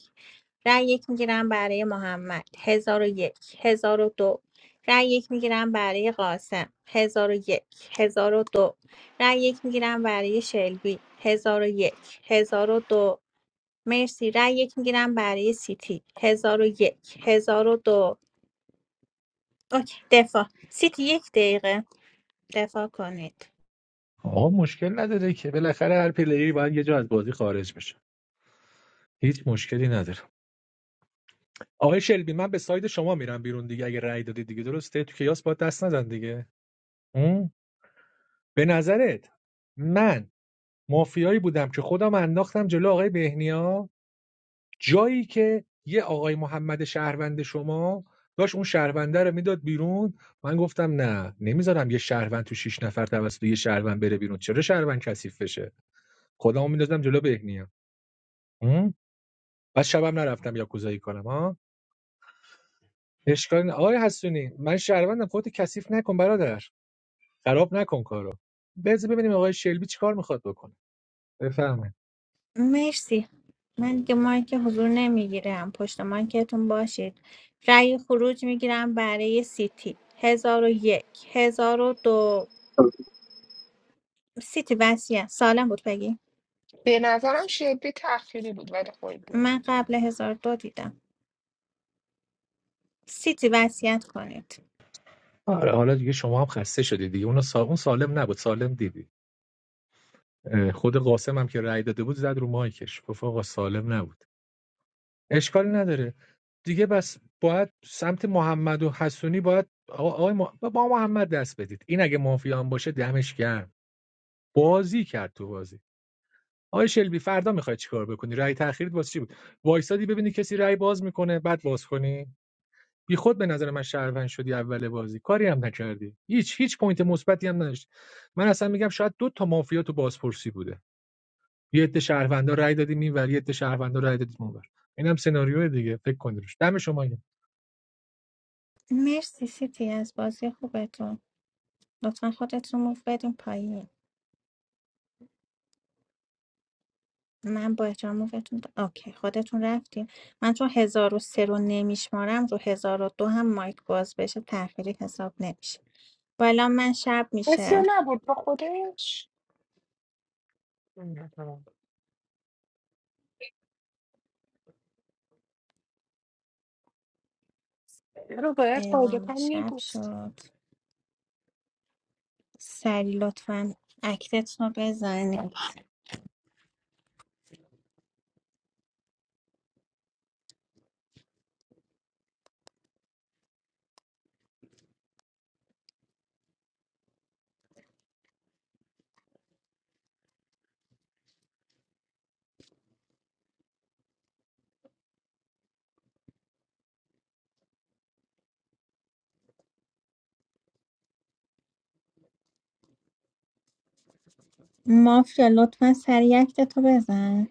رای یک میگیرم برای محمد هزار و یک هزار و دو رای یک میگیرم برای قاسم هزار و یک هزار و دو رای یک میگیرم برای شلبی هزار و یک هزار و دو مرسی رای یک میگیرم برای سیتی هزار و یک هزار و دو اوکی دفاع سیتی یک دقیقه دفاع کنید آقا مشکل نداره که بالاخره هر پلیری باید یه جا از بازی خارج بشه هیچ مشکلی نداره آقای شلبی من به ساید شما میرم بیرون دیگه اگه رأی دادی دیگه درسته تو کیاس باید دست نزن دیگه اون به نظرت من مافیایی بودم که خودم انداختم جلو آقای بهنیا جایی که یه آقای محمد شهروند شما داشت اون شهرونده رو میداد بیرون من گفتم نه نمیذارم یه شهروند تو شیش نفر توسط یه شهروند بره بیرون چرا شهروند کثیف بشه خودمو میندازم جلو بهنیا بعد شبم نرفتم یاکوزایی کنم ها اشکال نه آقای حسونی من شهروندم خودت کثیف نکن برادر خراب نکن کارو بذار ببینیم آقای شلبی چیکار میخواد بکنه بفرمایید مرسی من دیگه مایک حضور نمیگیرم پشت مایکتون باشید رأی خروج میگیرم برای سیتی هزار و یک هزار و دو سیتی وصیت سالم بود بگی به نظرم شلبی تخیری بود ولی خوب بود من قبل هزار و دو دیدم سیتی وصیت کنید آره حالا دیگه شما هم خسته شدی دیگه اون سا... اون سالم نبود سالم دیدی خود قاسم هم که رأی داده بود زد رو مایکش گفت آقا سالم نبود اشکالی نداره دیگه بس باید سمت محمد و حسونی باید آقا- آقای ما... با محمد دست بدید این اگه مافیا هم باشه دمش گرم بازی کرد تو بازی آقای شلبی فردا میخوای چیکار بکنی رأی تأخیرت واسه چی بود وایسادی ببینی کسی رأی باز میکنه بعد باز کنی بی خود به نظر من شهروند شدی اول بازی کاری هم نکردی هیچ هیچ پوینت مثبتی هم نداشت من اصلا میگم شاید دو تا مافیا تو بازپرسی بوده یه عده شهروندا رأی دادیم این ولی یه عده شهروندا رأی دادیم اونور اینم سناریو دیگه فکر کنید روش دم شما مرسی سیتی از بازی خوبتون لطفا خودتون رو موف بدین پایین من با احترام موفتون د- اوکی خودتون رفتین من چون هزار و سه رو نمیشمارم رو هزار و دو هم مایک باز بشه تأخیری حساب نمیشه بالا من شب حسی میشه نبود با خودش مهم. رو باید قاعدتا اعلام می شب بود شد سری لطفا اکتت رو بزن مافیا لطفا سری اکتت رو بزن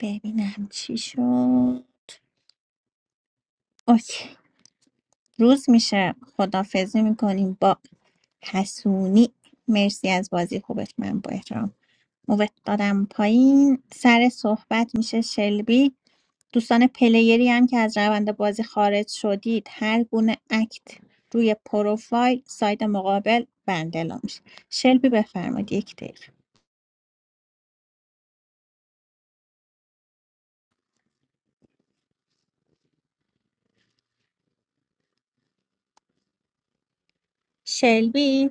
ببینم چی شد اوکی روز میشه خدافزی میکنیم با حسونی مرسی از بازی خوبت من با احترام موت دادم پایین سر صحبت میشه شلبی دوستان پلیری هم که از روند بازی خارج شدید هر گونه اکت روی پروفایل سایت مقابل بندلا میشه شلبی بفرمایید یک دقیقه شلبی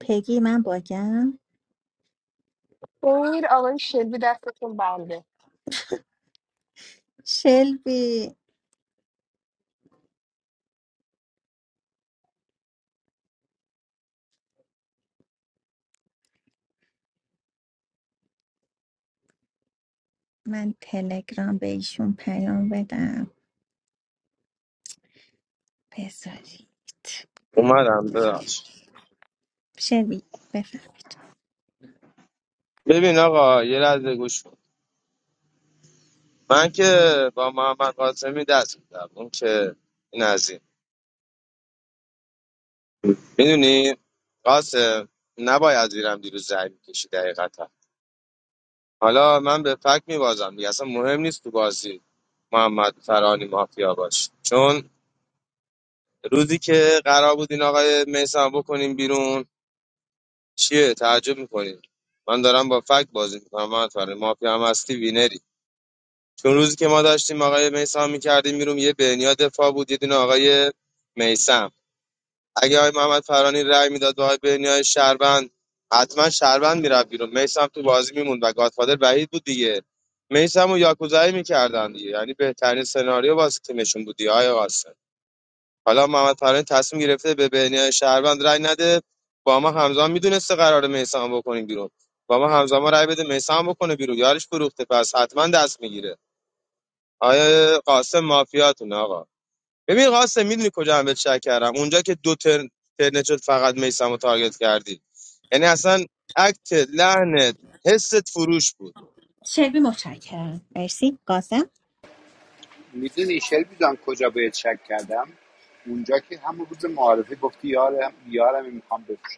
پگی من باگم خیر آقای شلبی دستتون بنده شلبی من تلگرام به ایشون پیام بدم بذارید اومدم ببخش شلبی بفرمایید ببین آقا یه لحظه گوش کن من که با محمد قاسمی دست میدم اون که این از این میدونی قاسم نباید زیرم دیروز زنگ میکشی دقیقتا حالا من به فک میبازم دیگه اصلا مهم نیست تو بازی محمد فرانی مافیا باش چون روزی که قرار بود این آقای میسم بکنیم بیرون چیه تعجب میکنیم من دارم با فک بازی میکنم محمد فرانی مافیا هم هستی وینری چون روزی که ما داشتیم آقای میسم میکردیم بیرون یه بنیا دفاع بود یه دونه آقای میسم اگه آقای محمد فرانی رأی میداد به آقای بنیای شهروند حتما شهروند میرفت بیرون میسم تو بازی میموند و گادفادر وحید بود دیگه میسم و یاکوزایی میکردن دیگه یعنی بهترین سناریو واسه تیمشون بود دیگه آقای قاسم حالا محمد فرانی تصمیم گرفته به بنیای شهروند رأی نده با ما همزمان میدونسته قرار میسم بکنیم بیرون با ما همزمان رأی بده میسم بکنه بیرون یارش فروخته پس حتما دست میگیره آیا قاسم مافیاتون آقا ببین قاسم میدونی کجا هم بهت شک کردم اونجا که دو ترن ترنت شد فقط میسم رو تارگت کردی یعنی اصلا اکت لحنت حست فروش بود شلبی متشکرم مرسی قاسم میدونی شلبی جان کجا باید شک کردم اونجا که همون روز معارفه گفتی یارم یارم میخوام بفروشم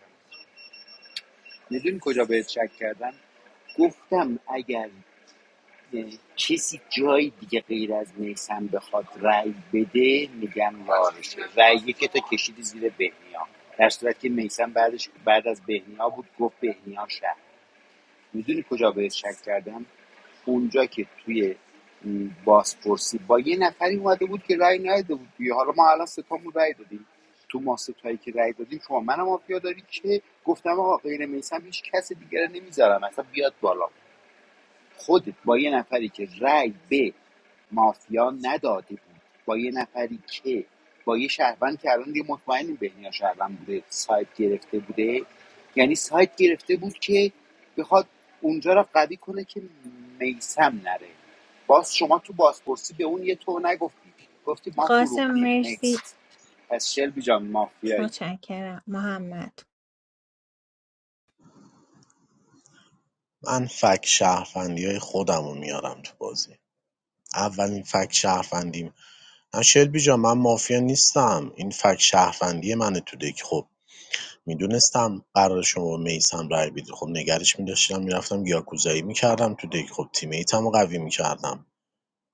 میدونی کجا بهت شک کردم گفتم یعنی کسی جای دیگه غیر از هم بخواد رأی بده میگم یارشه رأی که تو کشیدی زیر بهنیا در صورت که میسم بعدش بعد از بهنیا بود گفت بهنیا شهر میدونی کجا بهت شک کردم اونجا که توی م، بازپرسی با یه نفری اومده بود که رأی نداده بود دیگه حالا ما الان ستامون رأی دادیم تو ما ستایی که رأی دادیم شما منم مافیا داری که گفتم آقا غیر میسم هیچ کس دیگر نمیذارم اصلا بیاد بالا خودت با یه نفری که رأی به مافیا نداده بود با یه نفری که با یه شهروند که الان دیگه مطمئنیم بهنیا شهروند بوده سایت گرفته بوده یعنی سایت گرفته بود که بخواد اونجا را قوی کنه که میسم نره باز شما تو بازپرسی به اون یه تو نگفتی گفتی ما قاسم فروختیم مرسی نیست پس شلبی جان مافیایی متشکرم محمد من فک شهروندی های خودم رو میارم تو بازی اولین فک شهروندیم نه شلبی جان من مافیا نیستم این فک شهروندی منه تو دک خب میدونستم قرار شما میسم رای بیده خب نگرش میداشتم میرفتم یاکوزایی میکردم تو دک خب تیمیتم رو قوی میکردم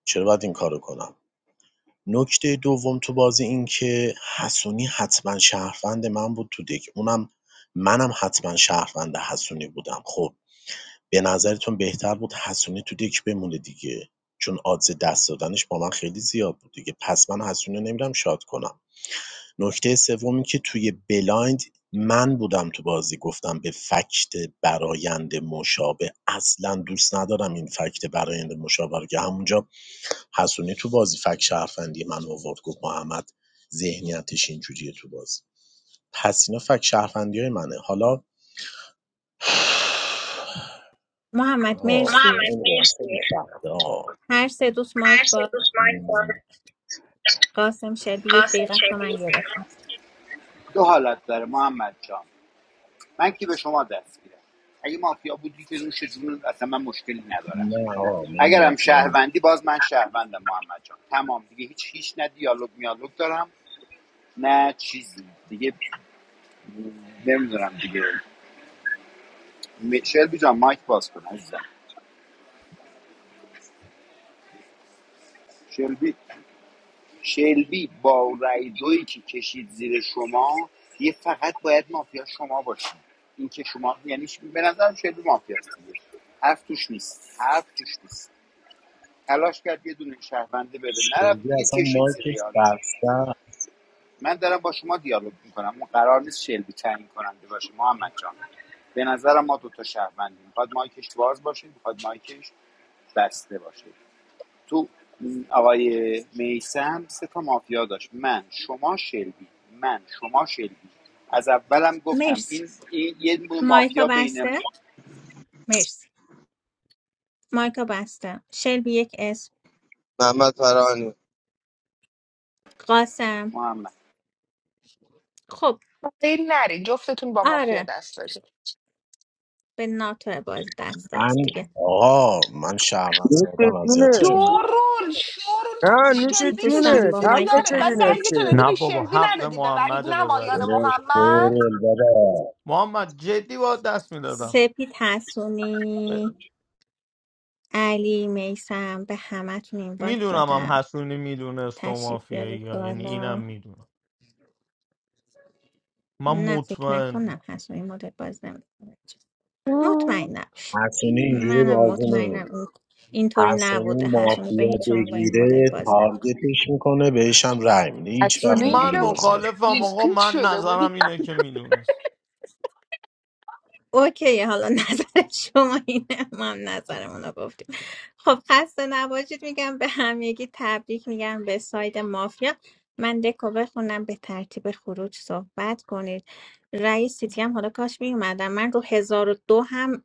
چرا باید این کارو کنم نکته دوم تو بازی این که حسونی حتما شهروند من بود تو دک اونم منم حتما شهروند حسونی بودم خب به نظرتون بهتر بود حسونی تو دک بمونه دیگه چون آدز دست دادنش با من خیلی زیاد بود دیگه پس من حسونی نمیرم شاد کنم نکته سومی که توی بلایند من بودم تو بازی گفتم به فکت برایند مشابه اصلا دوست ندارم این فکت برایند مشابه رو که همونجا حسونی تو بازی فکت شهرفندی من آورد گفت محمد ذهنیتش اینجوریه تو بازی پس اینا فکت شهرفندی های منه حالا محمد آه، محمد مرسی مرسی آه. هر سه دوست هر مایک سه دوست با قاسم شلبی یک قاسم دقیقه است رو من شبیه بیرون گرفتم دو حالت داره محمد جان من که به شما دست میدم اگه مافیا بودی که نوش جون اصلا من مشکلی ندارم نه آقا من اگرم مافیا نیستم شهروندی باز من شهروندم محمد جان تمام دیگه هیچ هیچ نه دیالوگ میالوگ دارم نه چیزی دیگه نمیدونم دیگه م- شلبی جان مایک باز کن عزیزم شلبی شلبی با رای دویی که کشید زیر شما یه فقط باید مافیا شما باشید این که شما یعنی ش- به نظرم شلبی مافیاست دیگه حرف توش نیست حرف توش نیست تلاش کرد یه دونه شهرونده بره نرفت شلبی دیگه اصلا کشید زیر مایکش یارو. بسته من دارم با شما دیالوگ میکنم اون قرار نیست شلبی تعیین کننده باشه محمد جان به نظرم ما دوتا شهروندیم میخواد مایکش باز باشه میخواد مایکش بسته باشه تو آقای میسم سه تا مافیا داشت من شما شلبی من شما شلبی از اولم گفتم مرسی این, این یه دونه مایکا مافیا بین بسته مرسی مایکا بسته شلبی یک اسم محمد فرانی قاسم محمد خب خیر نری جفتتون با مافیا آره دست داشته به ناتو بازی دست داد من دیگه آقا من شهروند نوش سادم جونه اذیتشون شورول شورول تو با نه نوش شلبی کشیدی دوستم جونه با زیر مایک حق چه یارت بعد بینه بسته برگتو دادی که نه به بابا شلبی حق ندادی به وحید محمد نمایان ببره نکنه محمد کورل بابا محمد جدی با دست میدادم سپید ب... حسونی علی میسم به همتون این وایت میدونم هم دادم حسونی میدونست تو تشریف مافیایی بیارید یا یعنی اینم بالا میدونم من نه فکر مطمئنم نکنم حسونی مدل باز نمیکنه مطمئنم حسونی اینجوری منم بازی مطمئنم نمی‌کنه. این اینطوری نبوده حسونی حسونی به مافیا هیچ عنوان با این مدل بگیره باز نمیکنه تارگتش میکنه بهش هم رای میده هیچ وقت حسونه یه من اینجوری جا بازی مخالفم آقا دیسپیت من شده بودی نظرم اینه که میدونست اوکی حالا نظر شما اینه ما هم نظرمون رو گفتیم خب خسته نباشید میگم به همگی تبریک میگم به ساید مافیا من دکو بخونم به ترتیب خروج صحبت کنید رئیس سیتی هم حالا کاش میومدم من رو 1002 هم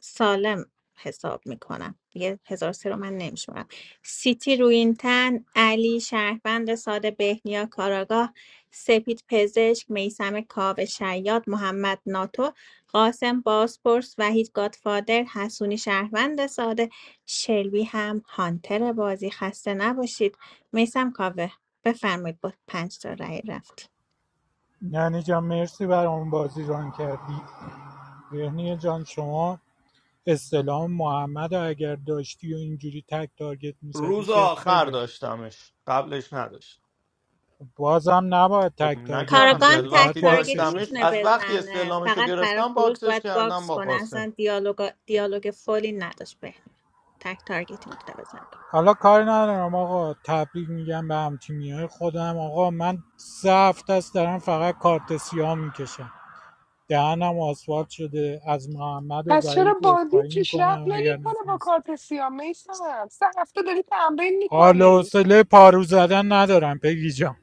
سالم حساب میکنم دیگه هزار سه رو من نمیشمارم سیتی روینتن علی شهروند ساده بهنیا کاراگاه سپید پزشک میسم کاو شیاد محمد ناتو قاسم بازپرس وحید گادفادر حسونی شهروند ساده شلوی هم هانتر بازی خسته نباشید میسم کاوه بفرمایید با پنج تا رأی رفت یعنی جان مرسی برای اون بازی ران کردی بهنیا جان شما استلام محمد اگر داشتی و اینجوری تک تارگت میزدی روز که آخر خیلی هم داشتمش قبلش نداشتم بازم نباید خب تک تارگت نکردم کاراگاه دیگه هم از میزدی باید تک وقتی تارگتی واکسش داشتمش میتونه میکرد از وقتی بزنه استعلامش رو فقط برای گرفتم خروج باکسش باید کردم باکس با کنه قاسم اصلا دیالوگ دیالوگ فولی نداشت به تک تارگتی میتونه بزنه حالا کاری ندارم آقا تبریک میگم به هم تیمی های خودم آقا من سه هفته است دارم فقط کارت سیاه میکشم دهنم آسفالت شده از محمد و پس چرا وحید بازی عذرخواهی پیشرفت میکنم اگر نمیکنه با نتونست کارت سیاه میسمم سه هفته داری تمرین حال و میکنی حوصله پارو زدن ندارم پگی جان.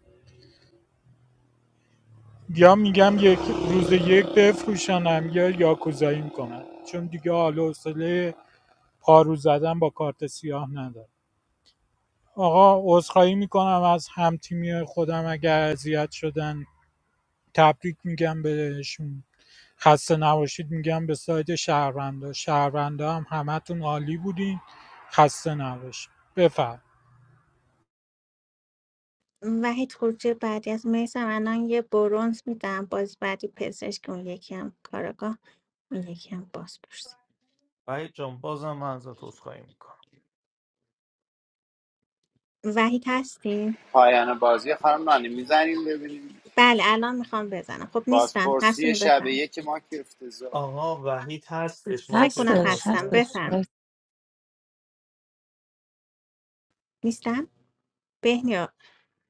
یا میگم یک روز یک بفروشنم یا یاکوزایی میکنم چون دیگه حال و حوصله پارو زدن با کارت سیاه ندارم آقا عذرخواهی میکنم از همتیمی خودم اگر اذیت شدن تبریک میگم بهشون خسته نباشید میگم به سایت شهروندا شهروندا هم همتون عالی بودین خسته نباشید بفرم وحید خروجی بعدی از میسم الان یه برونز میدم باز بعدی پزشک اون یکی هم کاراگاه اون یکی هم بازپرس وحید جان بازم من ازت عذرخواهی میکنم وحید هستی؟ پایان بازی خانم نانی میزنیم ببینیم بله الان میخوام بزنم خب نیستن بازپرسی هستونی شب بفرمایید که ما که افتضاح آقا وحید هستش فکر مایکش رو کنم هستش هستم باسته هستش بفرمایید نیستن بهنیا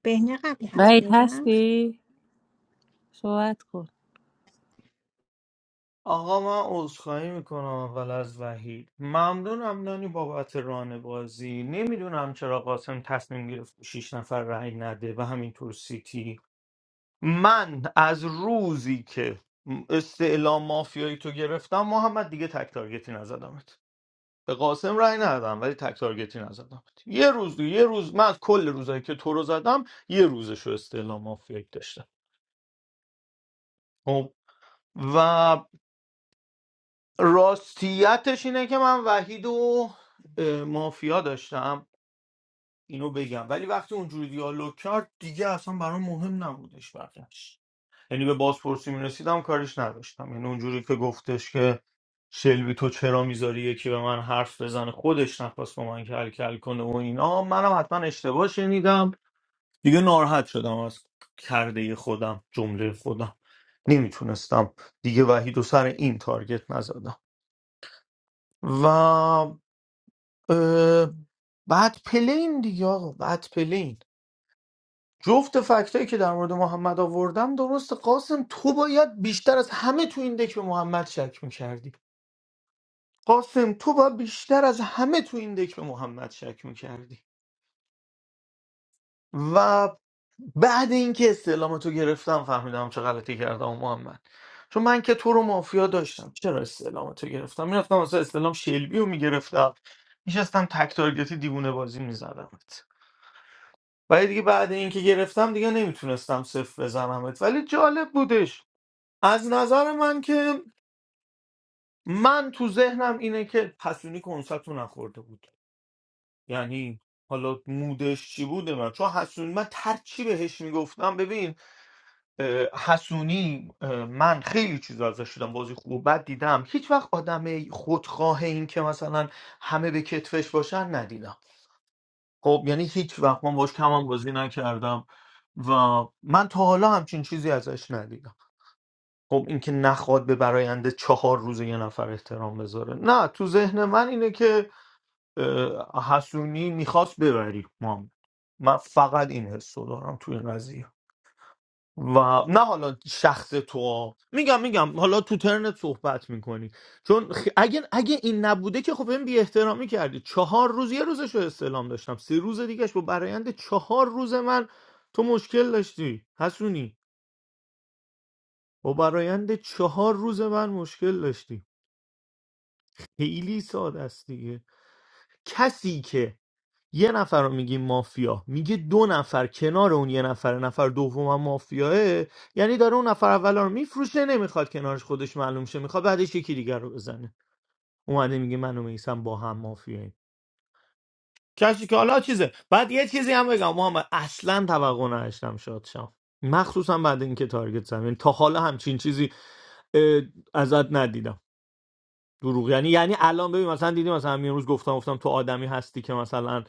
بهنیا قبلی وحید هستونی رفت هستی؟ صحبت کن آقا من عذرخواهی میکنم اول از وحید ممنونم نانی بابت ران بازی نمیدونم چرا قاسم تصمیم گرفت شیش نفر رای نده و همینطور سیتی من از روزی که استعلام مافیایی تو گرفتم محمد دیگه تک تارگتی نزدمت به قاسم رای ندادم ولی تک تارگتی نزدمت یه روز دیگه یه روز من از کل روزایی که تو رو زدم یه روزش رو استعلام مافیایی داشتم خب، و راستیتش اینه که من وحید و اه، مافیا داشتم اینو بگم ولی وقتی اونجوری دیالوگ کرد دیگه اصلا برام مهم نبودش بقیه‌اش یعنی به بازپرسی میرسیدم کارش نداشتم یعنی اونجوری که گفتش که شلبی تو چرا میذاری یکی به من حرف بزنه خودش نخواست با من کل کل کنه و اینا منم حتما اشتباه شنیدم دیگه ناراحت شدم از کرده خودم جمله خودم نمیتونستم دیگه وحید و سر این تارگت نزدم و اه، بعد پلین دیگه آقا بعد پلین جفت فکتایی که در مورد محمد آوردم درست قاسم تو باید بیشتر از همه تو این دک به محمد شک میکردی قاسم تو باید بیشتر از همه تو این دک به محمد شک میکردی و بعد اینکه استعلام تو گرفتم فهمیدم چه غلطی کردم محمد چون من که تو رو مافیا داشتم چرا استعلام تو گرفتم میرفتم واسه استعلام شلبی رو میگرفتم میشستم تک تارگتی دیوونه بازی میزدمت ولی دیگه بعد اینکه گرفتم دیگه نمیتونستم صفر بزنمت ولی جالب بودش از نظر من که من تو ذهنم اینه که حسونی کنسرت رو نخورده بود یعنی حالا مودش چی بوده من چون حسونی من ترچی بهش میگفتم ببین اه، حسونی اه، من خیلی چیز ازش شدم بازی خوب و بد دیدم هیچ وقت آدم خودخواه این که مثلا همه به کتفش باشن ندیدم خب یعنی هیچ وقت من باش کمم بازی نکردم و من تا حالا همچین چیزی ازش ندیدم خب اینکه نخواد به براینده چهار روز یه نفر احترام بذاره نه تو ذهن من اینه که اه، حسونی میخواست ببری ما من فقط این حس رو دارم تو این قضیه و نه حالا شخص تو ها. میگم میگم حالا تو ترنت صحبت میکنی چون خ- اگه اگه این نبوده که خب این بی احترامی کردی چهار روز یه روزش رو استعلام داشتم سه روز دیگهش با برایند چهار روز من تو مشکل داشتی حسونی با برایند چهار روز من مشکل داشتی خیلی ساده است دیگه کسی که یه نفر رو میگیم مافیا میگه دو نفر کنار اون یه نفر نفر دوم هم مافیاه یعنی داره اون نفر اول رو میفروشه نمیخواد کنارش خودش معلوم شه میخواد بعدش یکی دیگر رو بزنه اومده میگه من و میسم با هم مافیاییم کسی که حالا چیزه بعد یه چیزی هم بگم محمد اصلا توقع نداشتم شاد شم مخصوصا بعد اینکه تارگت زمین تا حالا همچین چیزی اه، ازت ندیدم دروغ یعنی یعنی الان ببین مثلا دیدی مثلا همین روز گفتم گفتم تو آدمی هستی که مثلا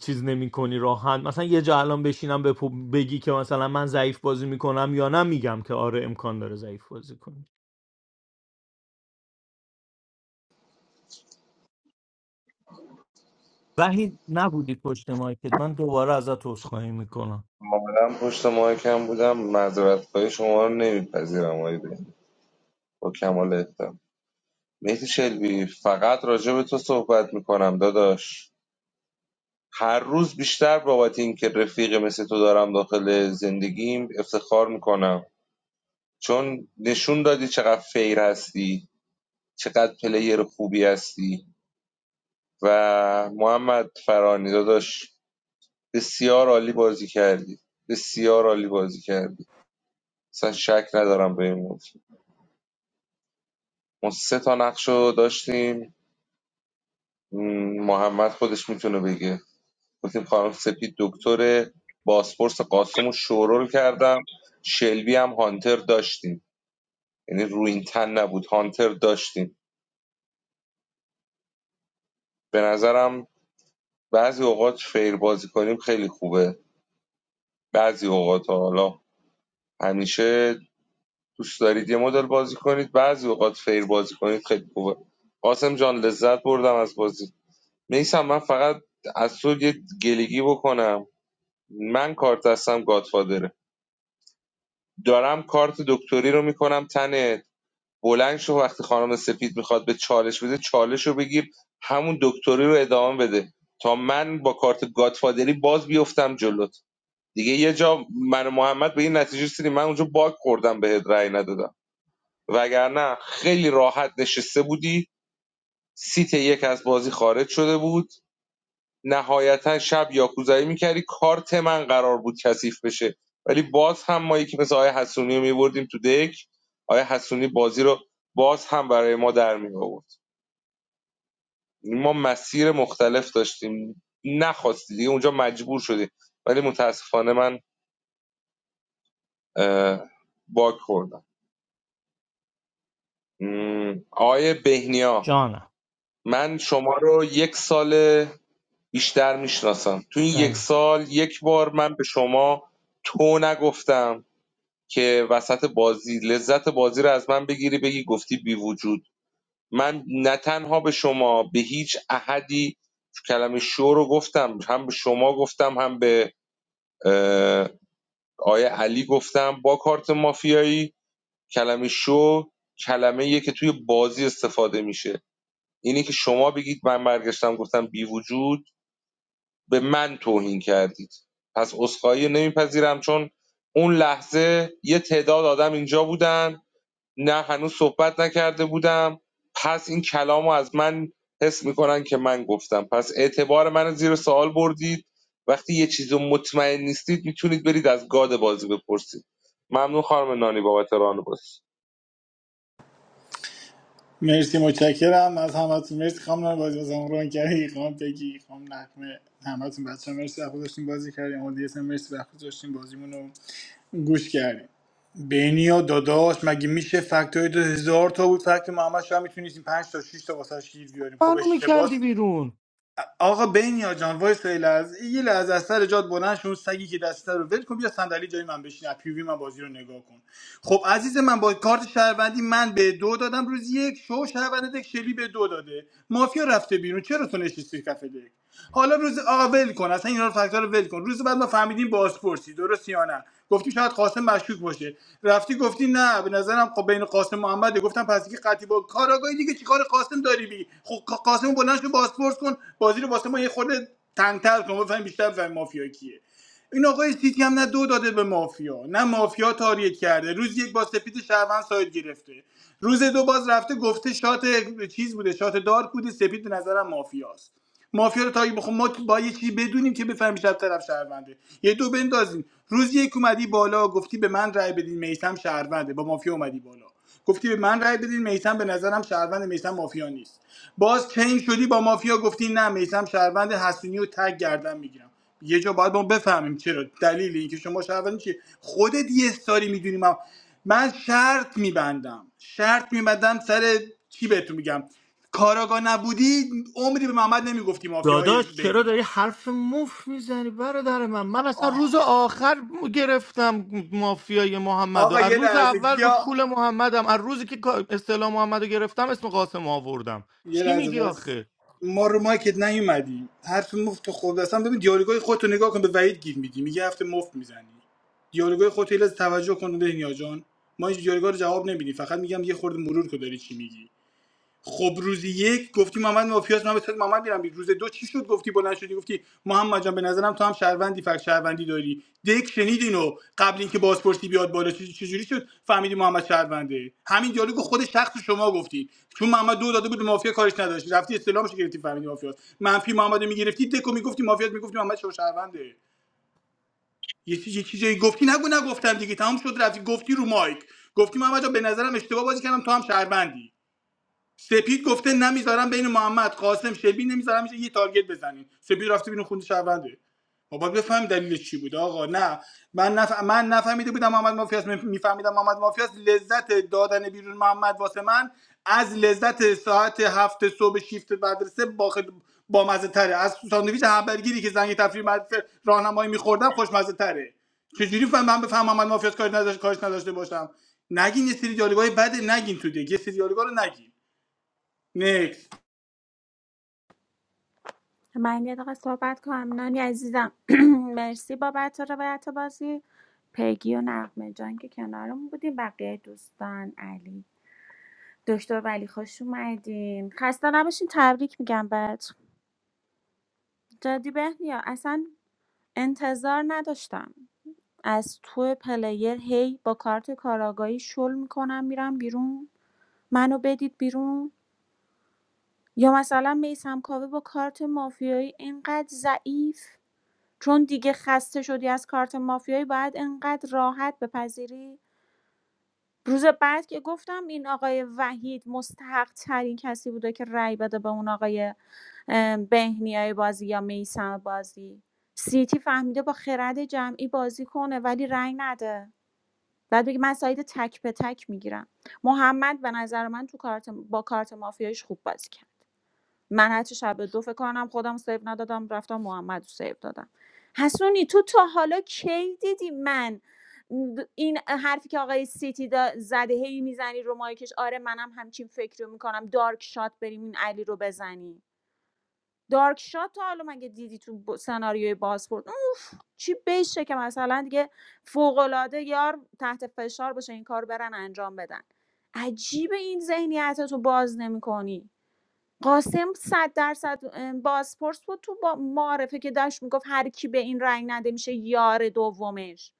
چیز نمی کنی راحت مثلا یه جا الان بشینم بپو- بگی که مثلا من ضعیف بازی میکنم یا نه میگم که آره امکان داره ضعیف بازی کنی وحید نبودی پشت مایکت من دوباره ازت عذرخواهی میکنم مادم پشت مایکم بودم معذرت خواهی شما رو نمیپذیرم آقای بهنیا با کمال احترام مهدی شلبی فقط راجع به تو صحبت میکنم داداش هر روز بیشتر بابت این که رفیق مثل تو دارم داخل زندگیم افتخار میکنم چون نشون دادی چقدر فیر هستی چقدر پلیر خوبی هستی و محمد فرانی داداش بسیار عالی بازی کردی بسیار عالی بازی کردی اصلا شک ندارم به این موضوع ما سه تا نقش رو داشتیم م، محمد خودش میتونه بگه گفتیم خانم سپید دکتر باسپورس قاسم رو شورول کردم شلبی هم هانتر داشتیم یعنی رو این تن نبود هانتر داشتیم به نظرم بعضی اوقات فیر بازی کنیم خیلی خوبه بعضی اوقات ها. حالا همیشه دوست دارید یه مدل بازی کنید بعضی اوقات فیر بازی کنید خیلی خوبه قاسم جان لذت بردم از بازی میسم من فقط از تو یه گلگی بکنم من کارت هستم گادفادره دارم کارت دکتری رو میکنم تن بلند شو وقتی خانم سپید میخواد به چالش بده چالش رو بگیر همون دکتری رو ادامه بده تا من با کارت گادفادری باز بیفتم جلوت دیگه یه جا من و محمد به این نتیجه رسیدیم من اونجا باگ خوردم بهت رأی ندادم وگرنه خیلی راحت نشسته بودی سیت یک از بازی خارج شده بود نهایتا شب یاکوزایی میکردی کارت من قرار بود کثیف بشه ولی باز هم ما یکی مثل آیه حسونی رو میبردیم تو دک آیه حسونی بازی رو باز هم برای ما در می آورد ما مسیر مختلف داشتیم نخواستی دیگه اونجا مجبور شدی ولی متاسفانه من اه، باگ خوردم م، بهنیا جانم من شما رو یک سال بیشتر میشناسم تو این یک بله سال یک بار من به شما تو نگفتم که وسط بازی لذت بازی رو از من بگیری بگی گفتی بی وجود من نه تنها به شما به هیچ احدی کلمه شو رو گفتم هم به شما گفتم هم به اه، آیه علی گفتم با کارت مافیایی کلمه شو کلمه یه که توی بازی استفاده میشه اینی که شما بگید من برگشتم گفتم بی وجود به من توهین کردید پس اسخایی نمیپذیرم چون اون لحظه یه تعداد آدم اینجا بودن نه هنوز صحبت نکرده بودم پس این کلامو از من حس میکنن که من گفتم پس اعتبار منو زیر سوال بردید وقتی یه چیزو مطمئن نیستید میتونید برید از گاد بازی بپرسید ممنون خانم نانی بابت ران بازی مرسی متشکرم از همتون مرسی خانم نان بازی بازم رو کردی خانم بگی خانم نقمه همتون بچه مرسی وقت داشتیم بازی کردیم اما دیگه مرسی وقت داشتیم بازیمون رو گوش کردیم بینی داداش مگه میشه فکت های دو هزار تا بود فکت محمد شاه میتونیم پنج تا شش تا واسه گیر بیاریم خب منو میکردی اشتباس بیرون آقا بینیا جان وایس یه لحظه یه لحظه از سر جات بلند شو اون سگی که دسته رو ول کن بیا صندلی جای من بشین از پیوی من بازی رو نگاه کن خب عزیز من با کارت شهروندی من به دو دادم روز یک شو شهروند دک شلی به دو داده مافیا رفته بیرون چرا تو نشستی کف دک حالا روز آقا ول کن اصلا اینا رو فاکتور ول کن روز بعد ما فهمیدیم بازپرسی درست یا نه گفتی شاید قاسم مشکوک باشه رفتی گفتی نه به نظرم خب بین قاسم محمده گفتم پس که قطعی با کاراگاهی دیگه چیکار قاسم داری بی خب قاسم بلند شو بازپرس کن بازی رو واسه ما یه خورده تنگتر کن بفهمیم بیشتر بفهمیم مافیا کیه این آقای سیتی هم نه دو داده به مافیا نه مافیا تاریک کرده روز یک با سپید شهروند ساید گرفته روز دو باز رفته گفته شات چیز بوده شات دارک بوده سپید به نظرم مافیاست مافیا رو تا بخون ما با یه چیزی بدونیم که بفهمیم شب طرف شهرونده یه دو بندازیم روز یک اومدی بالا گفتی به من رأی بدین میسم شهرونده با مافیا اومدی بالا گفتی به من رأی بدین میسم به نظرم شهروند میسم مافیا نیست باز چین شدی با مافیا گفتی نه میسم شهروند حسونی و تگ گردن میگیرم یه جا باید ما بفهمیم چرا دلیل اینکه شما شهروند چی خودت یه استاری میدونی من من شرط میبندم شرط میبندم سر چی بهتون میگم کاراگاه نبودی عمری به محمد نمیگفتی مافیای داداش چرا داری بینیا حرف مف میزنی برادر من من اصلا روز آخر م- گرفتم مافیای محمد و آقا از یه روز لحظه اول رو کیا کول محمدم از روزی که کا- اصطلاح محمد رو گرفتم اسم قاسم آوردم یه چی لحظه میگی باز آخه ما رو مایکت نیومدیم حرف مفت خود اصلا ببین دیالوگای خودتو نگاه کن به وحید گیر میدی میگه هفته مفت میزنی دیالوگای خودت رو یه لحظه توجه کن بهنیا جان ما این دیالوگا رو جواب نمیدیم فقط میگم یه خورده مرور کو داری چی میگی خب روز یک گفتی محمد مافیاس من به سر محمد میرم روز دو چی شد گفتی بلند شدی گفتی محمد جان به نظرم تو هم شهروندی فک شهروندی داری دک شنید اینو قبل اینکه بازپرسی بیاد بالا چه- چجوری شد فهمیدی محمد شهرونده همین دیالوگو خود شخص شما گفتی چون محمد دو داده بود به مافیا کارش نداشتی رفتی استلامش رو گرفتی فهمیدی مافیاس منفی محمد میگرفتی دکو میگفتی مافیاس میگفتی محمد شو شهرونده یه چیزی یه چیزی گفتی نگو نگفتم دیگه تمام شد رفتی گفتی رو مایک گفتی محمد جان به نظرم اشتباه بازی کردم تو هم شهروندی سپید گفته نمیذارم بین محمد قاسم شبی نمیذارم یه تارگت بزنین سپید رفته بیرون خونده شهرونده ما باید بفهمیم دلیلش چی بود آقا نه من نف... من نفهمیده بودم محمد مافیاس میفهمیدم محمد مافیاس لذت دادن بیرون محمد واسه من از لذت ساعت هفت صبح شیفت مدرسه با خد... با مزه تره از ساندویچ همبرگری که زنگ تفریح مدرسه راهنمایی میخوردم خوشمزه تره چجوری فهم من بفهمم محمد مافیاس کاری نداشت کارش نداشته باشم نگین یه سری دیالوگای بده نگین تو دیگه یه سری دیالوگا رو نگین نیکس من یه دقیقه صحبت کنم نانی عزیزم مرسی بابت روایت بازی پیگی و نقمه جان که کنارمون بودیم بقیه دوستان علی دکتر ولی خوش اومدین خسته نباشین تبریک میگم بهت جدی بهنیا اصلا انتظار نداشتم از تو پلیر هی با کارت کاراگاهی شل میکنم میرم بیرون منو بدید بیرون یا مثلا میسم کاوه با کارت مافیایی اینقدر ضعیف چون دیگه خسته شدی از کارت مافیایی باید انقدر راحت بپذیری روز بعد که گفتم این آقای وحید مستحق ترین کسی بوده که رأی بده به اون آقای ام، بهنیای بازی یا میسم بازی سیتی فهمیده با خرد جمعی بازی کنه ولی رأی نده بعد بگی من ساید تک به تک میگیرم محمد به نظر من تو کارت با کارت مافیایش خوب بازی کرد من هرچی شب دو فکر کنم خودم رو سیو ندادم رفتم محمد رو سیو دادم حسونی تو تا حالا کی دیدی من این حرفی که آقای سیتی دا زده هی میزنی رو مایکش آره منم همچین فکر رو میکنم دارک شات بریم این علی رو بزنیم دارک شات تا حالا مگه دیدی تو ب- سناریوی بازپورت اوف چی بشه که مثلا دیگه فوقالعاده یار تحت فشار باشه این کار برن انجام بدن عجیب این ذهنیت رو باز نمیکنی قاسم صد درصد بازپرس بود تو با معارفه که داشت میگفت هر کی به این رأی نده میشه یار دومش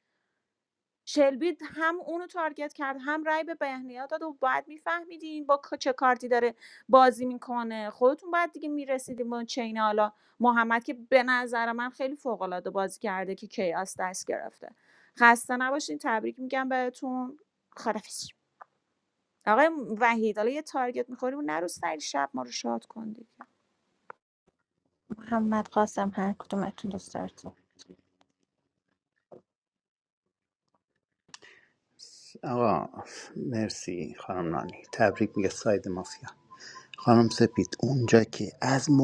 شلبی هم اونو تارگت کرد هم رای به بهنیا داد و باید میفهمیدین با چه کارتی داره بازی میکنه خودتون باید دیگه میرسیدیم به چین حالا محمد که به نظر من خیلی فوق العاده بازی کرده که کیاس دست گرفته خسته نباشین تبریک میگم بهتون خدافظ آقای وحید حالا یه تارگت میخوریم نرو سری شب ما رو شاد کن دیگه. محمد قاسم هر کدومتون دوست دارید آقا مرسی خانم نانی تبریک میگه ساید مافیا خانم سپید اونجا که از ما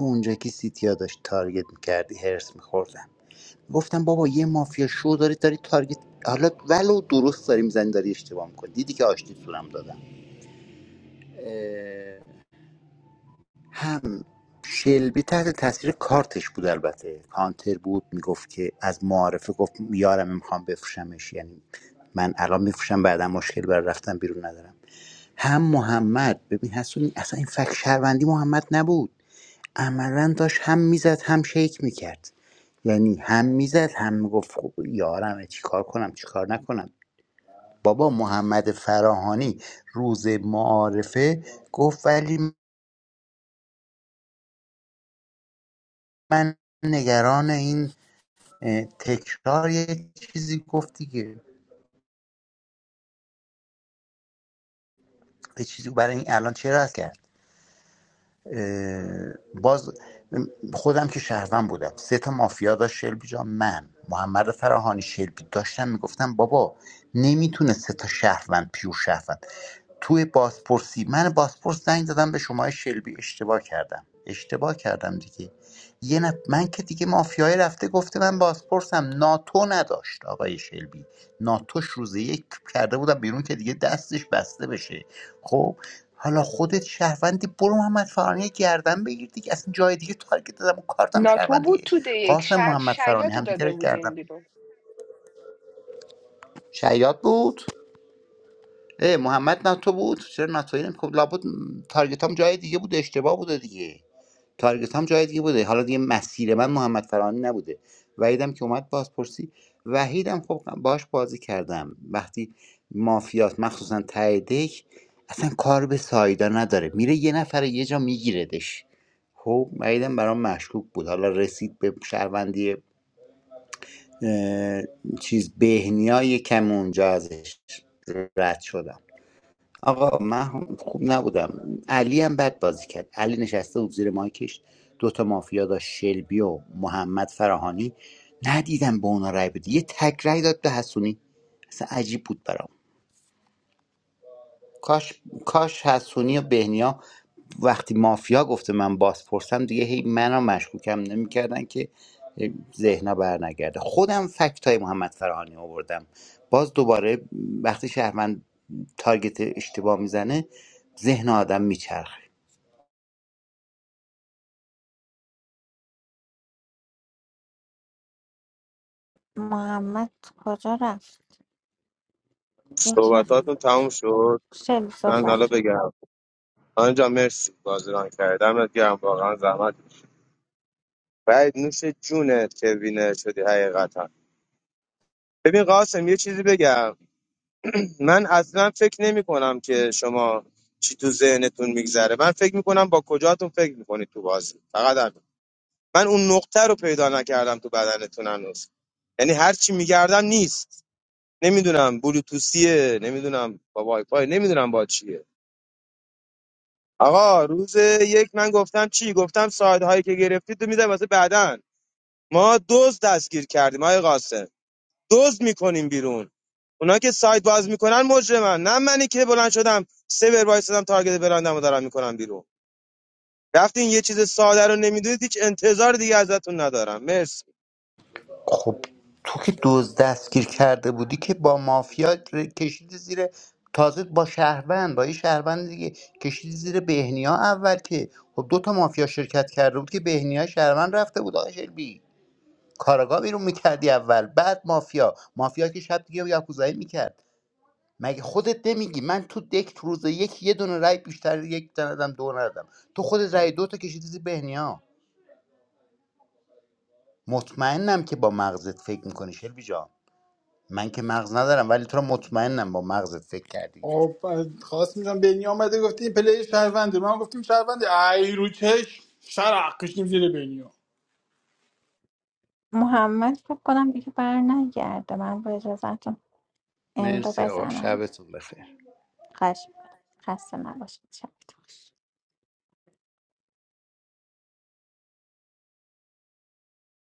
اونجا که سیتیا داشت تارگت میکردی هرس میخوردم گفتم بابا یه مافیا شو داری داری تارگت حالا ولو درست داری میزنی داری اشتباه میکنی دیدی که آشتی سورم دادم هم شلبی تحت تاثیر کارتش بود البته کانتر بود میگفت که از معارفه گفت یارم میخوام بفروشمش یعنی من الان میفروشم بعدا مشکل برای رفتن بیرون ندارم هم محمد ببین حسونی اصلا این فکت شهروندی محمد نبود عملا داشت هم میزد هم شیک میکرد یعنی هم میزد هم میگفت خب یارمه چیکار کنم چیکار نکنم بابا محمد فراهانی روز معارفه گفت ولی من نگران این اه، تکرار یه چیزی گفت دیگه یه چیزی برای این الان چرا هست کرد باز خودم که شهروند بودم سه تا مافیا داشت شلبی جان من محمد فراهانی شلبی داشتم میگفتم بابا نمیتونه سه تا شهروند پیور شهروند توی بازپرسی من بازپرس زنگ دادم به شما شلبی اشتباه کردم اشتباه کردم دیگه یه نف... من که دیگه مافیای رفته گفته من بازپرسم ناتو نداشت آقای شلبی ناتوش روز یک کرده بودم بیرون که دیگه دستش بسته بشه خب حالا خودت شهروندی برو محمد فرانی گردن بگیر دیگه اصلا جای دیگه تارگت دادم و کارتم ناتو بود شهروندیه تو ده یک قاسم محمد فرانی شاید رو همدیگه رو داده گردن بودین بیرون شیاد بود ای محمد ناتو بود چرا ناتوی نمی خب لابد تارگت هم جای دیگه بوده اشتباه بوده دیگه تارگت هم جای دیگه بوده حالا دیگه مسیر من محمد فرانی نبوده وحیدم که اومد بازپرسی وحیدم خب باش بازی کردم وقتی مافیات مخصوصا ته دک اصلا کار به سایدا نداره میره یه نفر یه جا میگیردش خب وحیدم برام مشکوک بود حالا رسید به شهروندی اه، چیز بهنیا یکم اونجا ازش رد شدم آقا من خوب نبودم علی هم بد بازی کرد علی نشسته بود زیر مایکش دوتا مافیا داشت شلبی و محمد فراهانی ندیدم به اونا رای بده یه تک رای داد به حسونی اصلا عجیب بود برام کاش کاش حسونی و بهنیا وقتی مافیا گفته من باز پرسم دیگه هی منو مشکوکم نمیکردن که ذهنا بر نگرده خودم فکت های محمد فرهانی آوردم باز دوباره وقتی شهروند تارگت اشتباه میزنه ذهن آدم میچرخه محمد کجا رفت یکم صحبتاتون تموم شد شلی من حالا صحبت بگم آنجا مرسی بازران کردم گرم واقعا زحمت بعد نوش جونه که بینه شدی حقیقتا ببین قاسم یه چیزی بگم من اصلا فکر نمی کنم که شما چی تو ذهنتون میگذره من فکر میکنم با کجاتون فکر میکنید تو بازی فقط همین من اون نقطه رو پیدا نکردم تو بدنتون هنوز یعنی هر چی میگردم نیست نمیدونم بلوتوسیه نمیدونم با وایفای نمیدونم با چیه آقا روز یک من گفتم چی گفتم ساعت هایی که گرفتید تو میدم واسه بعدن ما دوز دستگیر کردیم آقای قاسم دزد میکنیم بیرون اونا که سایت باز میکنن مجرمن نه منی که بلند شدم سه بر وایسادم تارگت برندم دارم میکنم بیرون رفتین یه چیز ساده رو نمیدونید هیچ انتظار دیگه ازتون ندارم مرسی خب تو که دزد دستگیر کرده بودی که با مافیا ر- کشیدی زیر تازه با شهروند با یه شهروند دیگه کشیدی زیر بهنیا اول که خب دو تا مافیا شرکت کرده بود که بهنیا شهروند رفته بود آقا شلبی کاراگاه بیرون میکردی اول بعد مافیا مافیا که شب دیگه یاکوزایی میکرد مگه خودت نمیگی من تو دک تو روز یک یه دونه رای بیشتر یک ندم دو ندم تو خودت رای دو تا کشیدی زیر بهنیا مطمئنم که با مغزت فکر میکنی شلبی جان من که مغز ندارم ولی تو رو مطمئنم با مغزت فکر کردی آب خواست میدونم بنی آمده گفته این پلی شهرونده من گفتیم شهرونده ای رو چش شرق کشیم زیر بنی محمد فکر کنم دیگه بر نگرده من با اجازتون اندو مرسی آقا بزنم شبتون بخیر خشم خسته نباشید شب